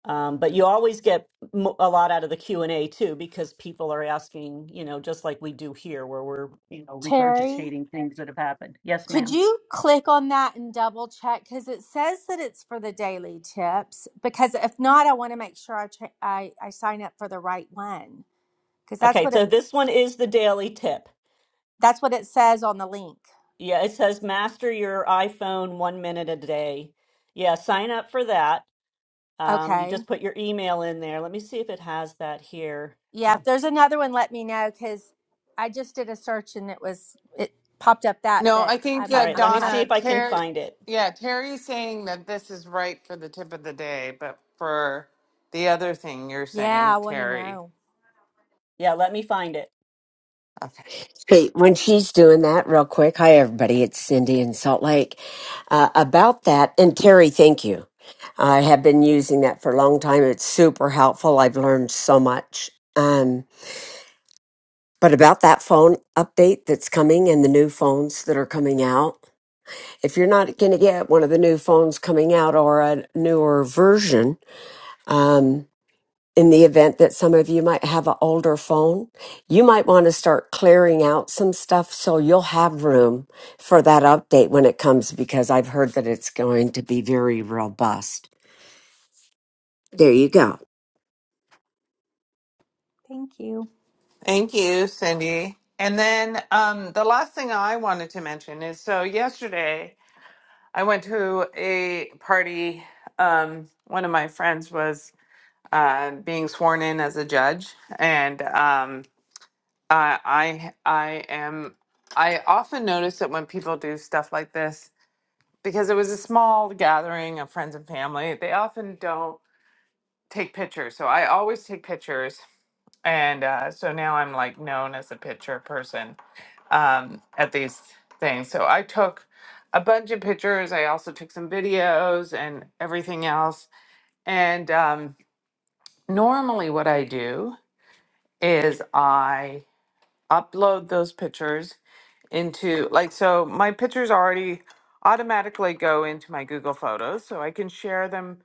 Speaker 5: Um, but you always get mo- a lot out of the Q&A too, because people are asking, you know, just like we do here where we're, you know,
Speaker 3: Terry,
Speaker 5: regurgitating things that have happened. Yes, ma'am.
Speaker 3: could you click on that and double check? Because it says that it's for the daily tips. Because if not, I want to make sure I, ch- I I sign up for the right one. Because that's
Speaker 5: Okay,
Speaker 3: what it
Speaker 5: so this one is the daily tip.
Speaker 3: that's what it says on the link.
Speaker 5: Yeah, it says master your iPhone one minute a day. Yeah, sign up for that. Um, you
Speaker 3: Okay.
Speaker 5: just put your email in there. Let me see if it has that here.
Speaker 3: Yeah, if there's another one, let me know because I just did a search and it was it popped up that,
Speaker 1: No,
Speaker 3: but
Speaker 1: I think
Speaker 3: I'm
Speaker 5: All
Speaker 1: that
Speaker 5: right,
Speaker 3: I'm
Speaker 5: let me
Speaker 3: happy.
Speaker 5: see if
Speaker 1: Donna
Speaker 5: I can
Speaker 1: Terry,
Speaker 5: find it.
Speaker 1: yeah, Terry's saying that this is right for the tip of the day, but for the other thing you're
Speaker 3: Yeah,
Speaker 1: saying,
Speaker 3: I want to
Speaker 1: Terry.
Speaker 3: know.
Speaker 5: Yeah, let me find it.
Speaker 1: Okay.
Speaker 8: Hey, when she's doing that, real quick. Hi, everybody. It's Cindy in Salt Lake. Uh, about that, and Terry, thank you. I have been using that for a long time. It's super helpful. I've learned so much. Um, but about that phone update that's coming and the new phones that are coming out, if you're not going to get one of the new phones coming out or a newer version, um, in the event that some of you might have an older phone, you might want to start clearing out some stuff so you'll have room for that update when it comes because I've heard that it's going to be very robust. There you go.
Speaker 3: Thank you,
Speaker 1: Thank you, Cindy. And then um, the last thing I wanted to mention is so yesterday I went to a party. Um, one of my friends was uh, being sworn in as a judge, and um, I, I I am I often notice that when people do stuff like this because it was a small gathering of friends and family. They often don't take pictures, so I always take pictures, and uh, so now I'm like known as a picture person um, at these things. So I took a bunch of pictures. I also took some videos and everything else. And um, normally, what I do is I upload those pictures into like so my pictures already automatically go into my Google Photos, so I can share them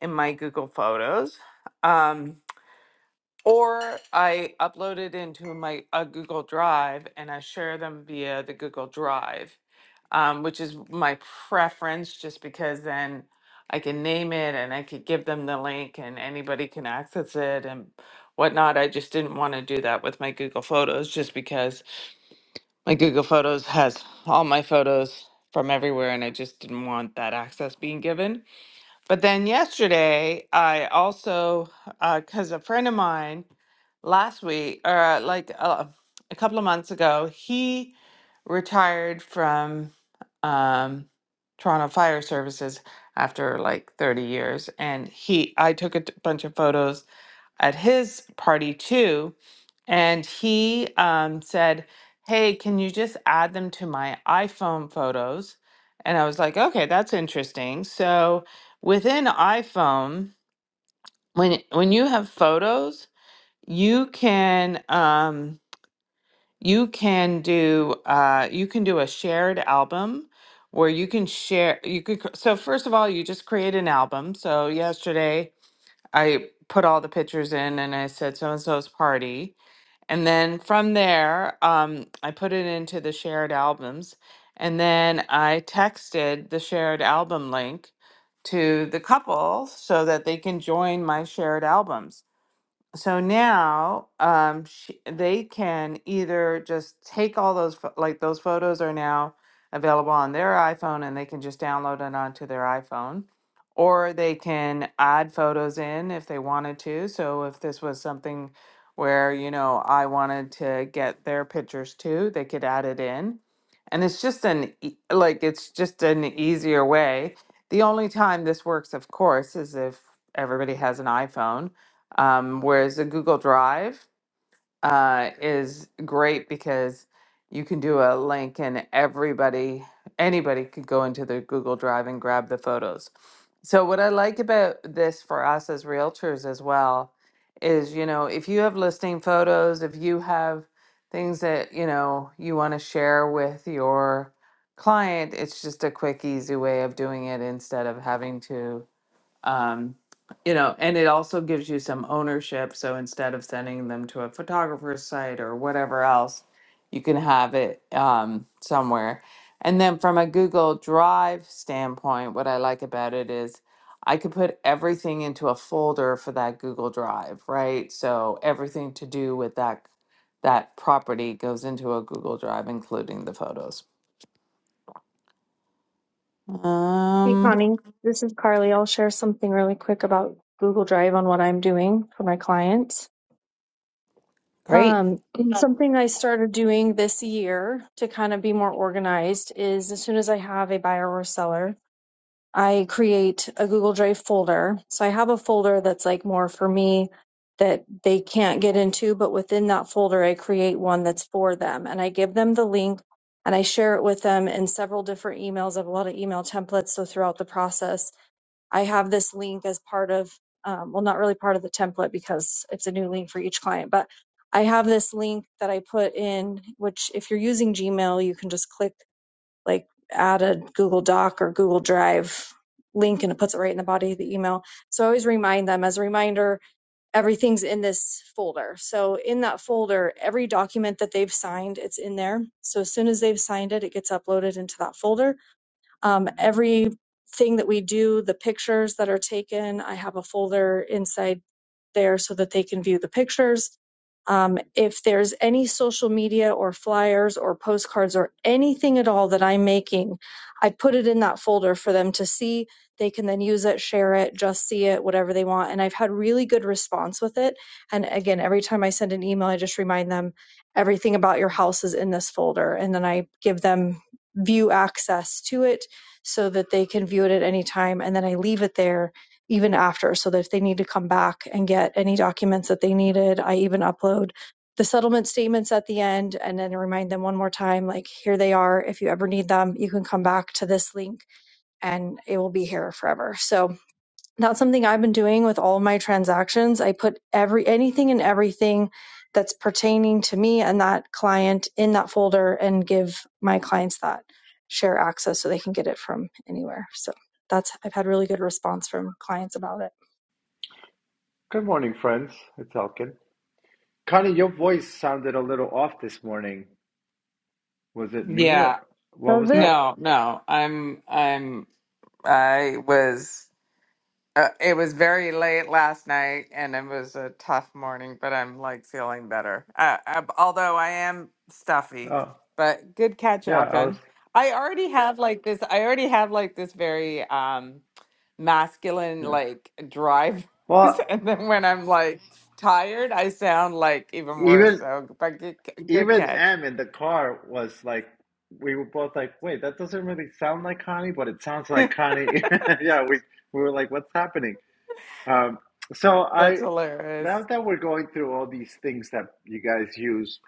Speaker 1: in my Google Photos. Um, or I upload it into my a Google Drive and I share them via the Google Drive, um, which is my preference just because then I can name it and I could give them the link and anybody can access it and whatnot. I just didn't want to do that with my Google Photos just because my Google Photos has all my photos from everywhere, and I just didn't want that access being given. But then yesterday, I also, because a friend of mine last week, or uh, like uh, a couple of months ago, he retired from um, Toronto Fire Services after like 30 years, and he, I took a t- bunch of photos at his party too. And he um, said, Hey, can you just add them to my iPhone photos? And I was like, Okay, that's interesting. So within iPhone, when when you have photos, you can um, you can do uh, you can do a shared album where you can share you could cr- so first of all you just create an album so yesterday i put all the pictures in and i said so and so's party and then from there, um, I put it into the shared albums. And then I texted the shared album link to the couple so that they can join my shared albums so now um she, they can either just take all those pho- like those photos are now available on their iPhone and they can just download it onto their iPhone or they can add photos in if they wanted to so if this was something where you know I wanted to get their pictures too they could add it in and it's just an e- like it's just an easier way the only time this works of course is if everybody has an iPhone um, whereas a Google Drive uh, is great because you can do a link and everybody, anybody could go into the Google Drive and grab the photos. So, what I like about this for us as realtors as well is, you know, if you have listing photos, if you have things that, you know, you want to share with your client, it's just a quick, easy way of doing it instead of having to um, you know, and it also gives you some ownership. So instead of sending them to a photographer's site or whatever else, you can have it um, somewhere. And then from a Google Drive standpoint, what I like about it is I could put everything into a folder for that Google Drive, right? So everything to do with that that property goes into a Google Drive, including the photos.
Speaker 10: Hey
Speaker 1: Um,
Speaker 10: Connie, this is Carly. I'll share something really quick about Google Drive on what I'm doing for my clients.
Speaker 1: Great.
Speaker 10: Um, and something I started doing this year to kind of be more organized is as soon as I have a buyer or seller, I create a Google Drive folder. So I have a folder that's like more for me that they can't get into, but within that folder, I create one that's for them and I give them the link and I share it with them in several different emails. I have a lot of email templates. So throughout the process, I have this link as part of, um, well, not really part of the template because it's a new link for each client, but I have this link that I put in, which if you're using Gmail, you can just click like add a Google Doc or Google Drive link and it puts it right in the body of the email. So I always remind them as a reminder, everything's in this folder. So in that folder, every document that they've signed, it's in there. So as soon as they've signed it, it gets uploaded into that folder um, everything that we do, the pictures that are taken, I have a folder inside there so that they can view the pictures. Um, if there's any social media or flyers or postcards or anything at all that I'm making, I put it in that folder for them to see. They can then use it, share it, just see it, whatever they want. And I've had really good response with it. And again, every time I send an email, I just remind them everything about your house is in this folder. And then I give them view access to it so that they can view it at any time. And then I leave it there even after, so that if they need to come back and get any documents that they needed, I even upload the settlement statements at the end and then remind them one more time like, here they are. If you ever need them, you can come back to this link and it will be here forever. So, that's something I've been doing with all of my transactions. I put every anything and everything that's pertaining to me and that client in that folder and give my clients that share access so they can get it from anywhere. So that's I've had really good response from clients about it.
Speaker 15: Good morning, friends. It's Elkin. Connie, your voice sounded a little off this morning. Was it me or
Speaker 1: yeah,
Speaker 15: what was
Speaker 10: Does it
Speaker 15: happening?
Speaker 1: no, no. I'm I'm I was, uh, it was very late last night and it was a tough morning, but I'm like feeling better. Uh, uh, although I am stuffy,
Speaker 15: Oh,
Speaker 1: but good catch,
Speaker 15: yeah, I was.
Speaker 1: Elkin. I already have like this, I already have like this very um, masculine
Speaker 15: Yeah.
Speaker 1: like drive. <laughs>
Speaker 15: Well,
Speaker 1: and then when I'm like tired, I sound like even worse.
Speaker 15: even
Speaker 1: So, but good, good
Speaker 15: even
Speaker 1: catch.
Speaker 15: Em in the car was like, we were both like, wait, that doesn't really sound like Connie, but it sounds like Connie. <laughs> yeah, we we were like, what's happening? Um, so
Speaker 1: That's
Speaker 15: I
Speaker 1: hilarious.
Speaker 15: now that we're going through all these things that you guys use,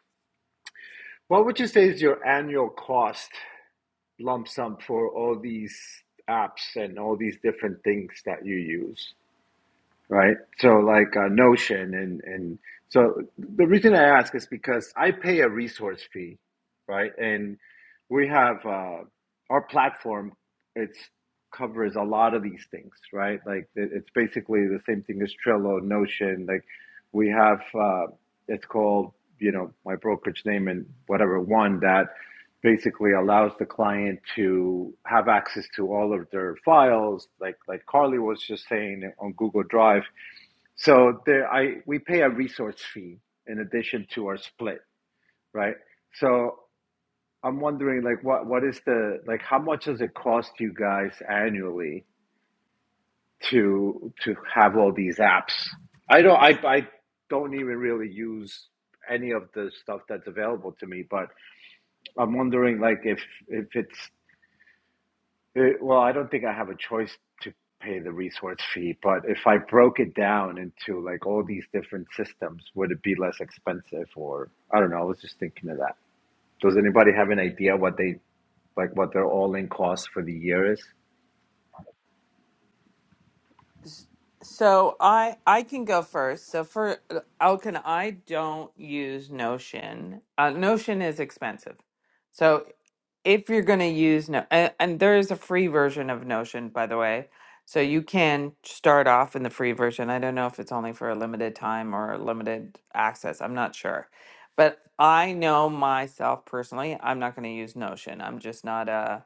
Speaker 15: what would you say is your annual cost lump sum for all these apps and all these different things that you use, right? So like uh, Notion and and so the reason I ask is because I pay a resource fee, right? And we have uh, our platform. It's covers a lot of these things, right? Like it's basically the same thing as Trello, Notion. Like we have uh, it's called you know my brokerage name and whatever one that basically allows the client to have access to all of their files, like like Carly was just saying on Google Drive. So there, I we pay a resource fee in addition to our split, right? So I'm wondering, like, what what is the like, how much does it cost you guys annually to to have all these apps? I don't, I I don't even really use any of the stuff that's available to me, but I'm wondering, like, if if it's It, well, I don't think I have a choice to pay the resource fee, but if I broke it down into like all these different systems, would it be less expensive? Or I don't know. I was just thinking of that. Does anybody have an idea what they like what their all-in cost for the year is? <laughs>
Speaker 1: S- So I I can go first. So for Elkin, I don't use Notion. Uh, Notion is expensive, so if you're going to use no and, and there is a free version of notion by the way so you can start off in the free version i don't know if it's only for a limited time or limited access i'm not sure but i know myself personally i'm not going to use notion i'm just not a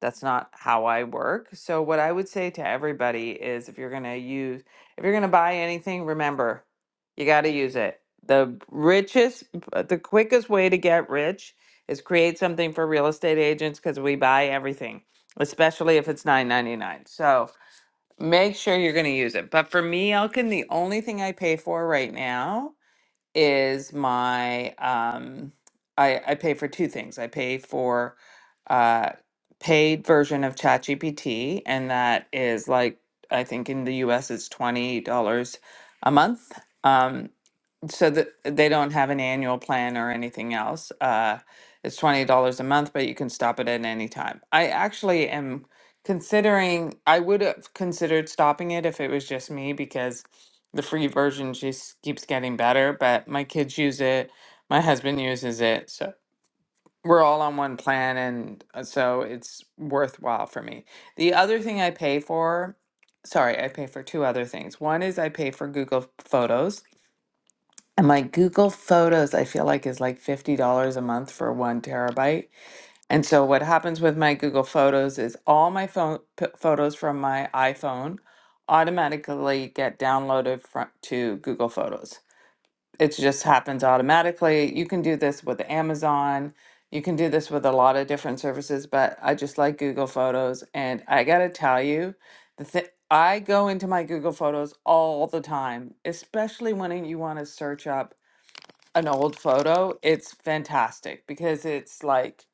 Speaker 1: that's not how i work so what i would say to everybody is if you're going to use if you're going to buy anything remember you got to use it the richest the quickest way to get rich is create something for real estate agents because we buy everything, especially if it's nine ninety nine. So make sure you're going to use it. But for me, Elkin, the only thing I pay for right now is my um, I, I pay for two things. I pay for uh, paid version of ChatGPT, and that is like I think in the U.S. it's twenty dollars a month. Um, so that they don't have an annual plan or anything else. Uh, it's twenty dollars a month, but you can stop it at any time. I actually am considering. I would have considered stopping it if it was just me because the free version just keeps getting better. But my kids use it. My husband uses it, so we're all on one plan, and uh, so it's worthwhile for me. The other thing I pay for. Sorry, I pay for two other things. One is I pay for Google Photos and my Google Photos, I feel like, is like $50 a month for one terabyte. And so what happens with my Google Photos is all my phone p- photos from my iPhone automatically get downloaded from, to Google Photos. It just happens automatically. You can do this with Amazon. You can do this with a lot of different services, but I just like Google Photos. And I gotta tell you, the thi- I go into my Google Photos all the time, especially when you want to search up an old photo, it's fantastic because it's like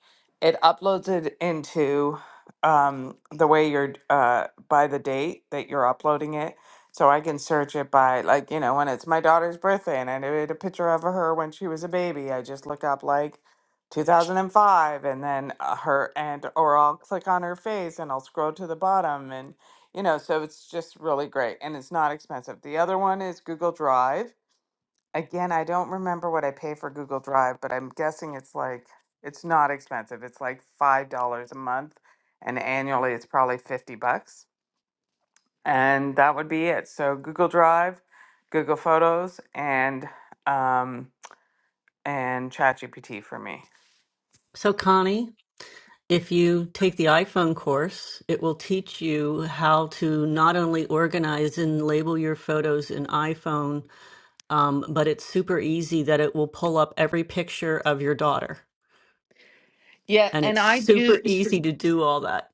Speaker 1: it uploads it into um, the way you're uh, by the date that you're uploading it. So I can search it by like you know when it's my daughter's birthday and I did a picture of her when she was a baby. I just look up like 2005 and then uh, her and or I'll click on her face and I'll scroll to the bottom and you know so it's just really great and it's not expensive. The other one is Google Drive Again, I don't remember what I pay for Google Drive, but I'm guessing it's like, it's not expensive. It's like $5 a month, and annually it's probably 50 bucks. And that would be it. So Google Drive, Google Photos, and um, and ChatGPT for me.
Speaker 5: So, Connie, if you take the iPhone course, it will teach you how to not only organize and label your photos in iPhone, um, but it's super easy that it will pull up every picture of your daughter.
Speaker 1: Yeah,
Speaker 5: and
Speaker 1: and
Speaker 5: it's
Speaker 1: I do.
Speaker 5: super easy to do all that.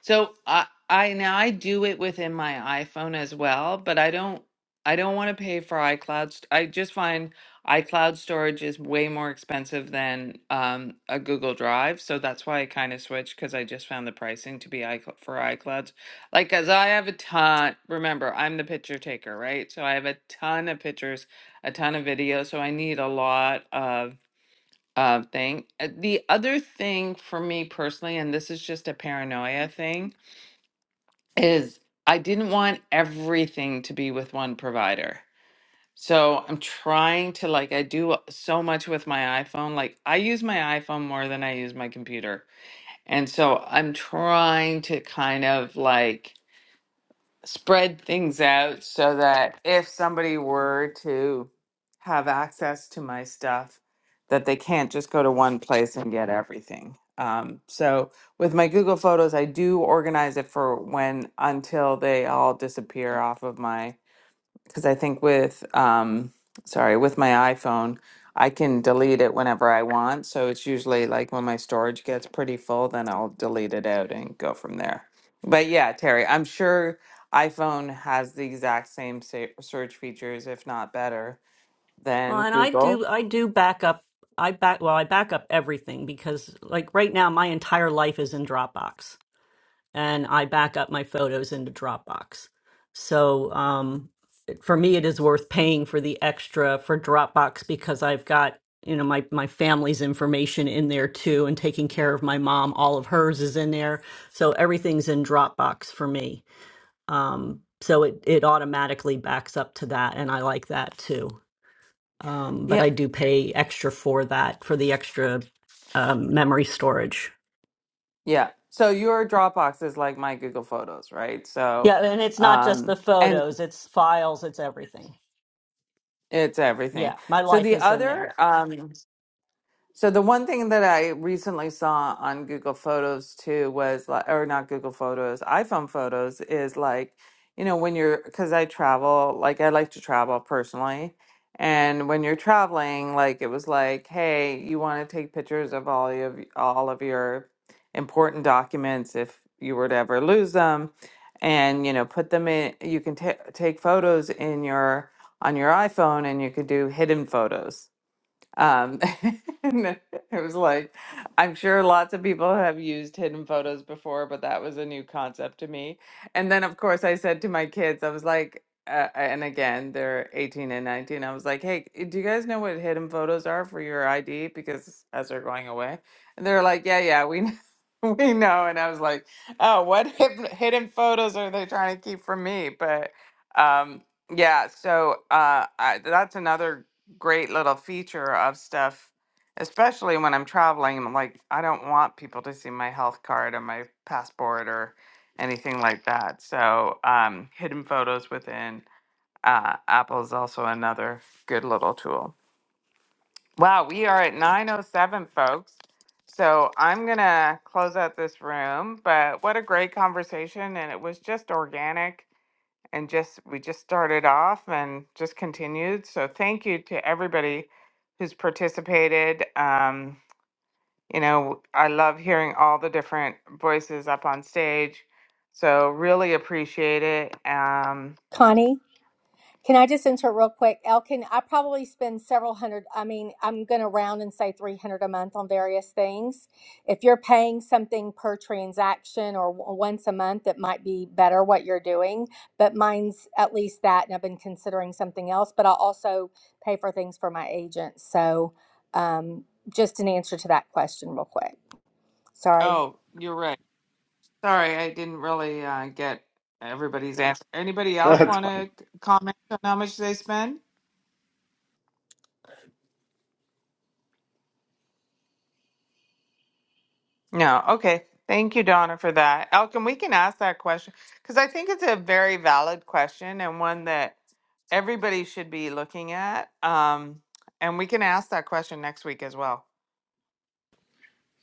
Speaker 1: So I I now I do it within my iPhone as well, but I don't I don't want to pay for iCloud. st- I just find iCloud storage is way more expensive than um, a Google Drive, so that's why I kind of switched because I just found the pricing to be iCloud for iClouds. Like, as I have a ton. Remember, I'm the picture taker, right? So I have a ton of pictures, a ton of videos, so I need a lot of uh, thing. Uh, The other thing for me personally, and this is just a paranoia thing is I didn't want everything to be with one provider. So I'm trying to like I do so much with my iPhone. Like I use my iPhone more than I use my computer. And so I'm trying to kind of like spread things out so that if somebody were to have access to my stuff, that they can't just go to one place and get everything. Um, so with my Google Photos, I do organize it for when until they all disappear off of my because I think with um sorry, with my iPhone, I can delete it whenever I want. So it's usually like when my storage gets pretty full, then I'll delete it out and go from there. But yeah, Terry, I'm sure iPhone has the exact same sa- search features, if not better,
Speaker 5: Well,
Speaker 1: than
Speaker 5: and I
Speaker 1: Google.
Speaker 5: do I do back up I back well I back up everything because like right now my entire life is in Dropbox and I back up my photos into Dropbox. So, um it- for me it is worth paying for the extra for Dropbox because I've got you know my my family's information in there too and taking care of my mom all of hers is in there so everything's in dropbox for me Um, so it it automatically backs up to that, and I like that too. Um, but
Speaker 1: Yeah,
Speaker 5: I do pay extra for that for the extra um, memory storage.
Speaker 1: yeah. So your Dropbox is like my Google Photos, right? So,
Speaker 5: Yeah, and it's not just
Speaker 1: um,
Speaker 5: the
Speaker 1: and
Speaker 5: photos; it's files, it's everything.
Speaker 1: it's
Speaker 5: Yeah,
Speaker 1: everything.
Speaker 5: my
Speaker 1: So
Speaker 5: life
Speaker 1: the
Speaker 5: is in there.
Speaker 1: other um, So the one thing that I recently saw on Google Photos too was like, or not Google Photos, iPhone Photos is like, you know, when you're, because I travel, like I like to travel personally. And when you're traveling, like it was like, hey, you want to take pictures of all of all of your important documents if you were to ever lose them, and you know, put them in. You can ta take photos in your on your iPhone, and you could do hidden photos. Um, <laughs> and it was like, I'm sure lots of people have used hidden photos before, but that was a new concept to me. And then, of course, I said to my kids, I was like, uh, and again, they're 18 and 19. I was like, hey, eh, do you guys know what hidden photos are for your ID? Because as they're going away, and they're like, yeah, yeah, we know. <laughs> We know, and I was like, "Oh, what hid- hidden photos are they trying to keep from me?" But um, yeah, so uh, I, that's another great little feature of stuff, especially when I'm traveling. I'm like, I don't want people to see my health card or my passport or anything like that. So, um, hidden photos within uh, Apple is also another good little tool. Wow, we are at 9.07, folks. So I'm going to close out this room, but what a great conversation. And it was just organic and just we just started off and just continued. So thank you to everybody who's participated. Um, you know, I love hearing all the different voices up on stage. So really appreciate it. Um,
Speaker 3: Connie. Can I just insert real quick? Elkin, I probably spend several hundred, I mean, I'm going to round and say 300 a month on various things. If you're paying something per transaction or w- once a month, it might be better what you're doing, but mine's at least that. And I've been considering something else, but I'll also pay for things for my agent. So um, just an answer to that question, real quick. Sorry.
Speaker 1: oh, you're right. Sorry, I didn't really uh, get everybody's answer. Anybody
Speaker 15: No,
Speaker 1: else
Speaker 15: that's
Speaker 1: want
Speaker 15: fine.
Speaker 1: to comment on how much they spend? No, okay. Thank you, Donna, for that. Elkin, we can ask that question because I think it's a very valid question and one that everybody should be looking at. Um, and we can ask that question next week as well,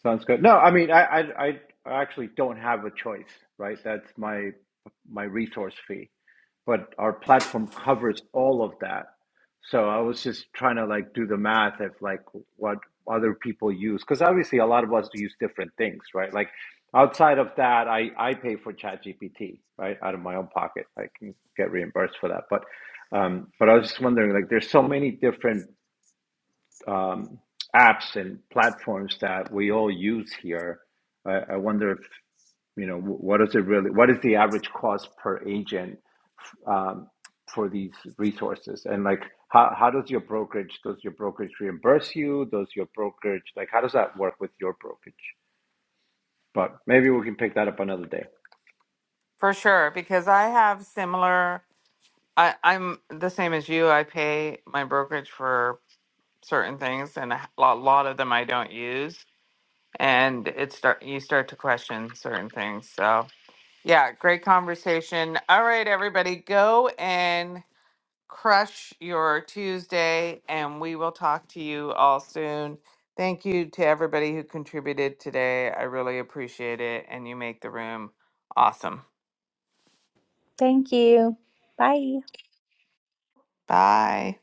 Speaker 15: Sounds good. No, I mean, I I I I actually don't have a choice, right? That's my my resource fee. but our platform covers all of that. So I was just trying to like do the math of like what other people use because obviously a lot of us use different things, right? Like outside of that, I I pay for ChatGPT, right, out of my own pocket. I can get reimbursed for that, but um, but I was just wondering like there's so many different um, apps and platforms that we all use here. I, I wonder if you know wh- what is it really? What is the average cost per agent um, for these resources? And like, how, how does your brokerage, does your brokerage reimburse you? Does your brokerage, like, how does that work with your brokerage? But maybe we can pick that up another day.
Speaker 1: for sure. Because I have similar. I, I'm the same as you. I pay my brokerage for certain things, and a h- lot, lot of them I don't use. And it start you start to question certain things. So yeah, great conversation. All right, everybody, go and crush your Tuesday, and we will talk to you all soon. Thank you to everybody who contributed today. I really appreciate it, and you make the room awesome.
Speaker 3: Thank you. Bye.
Speaker 1: Bye.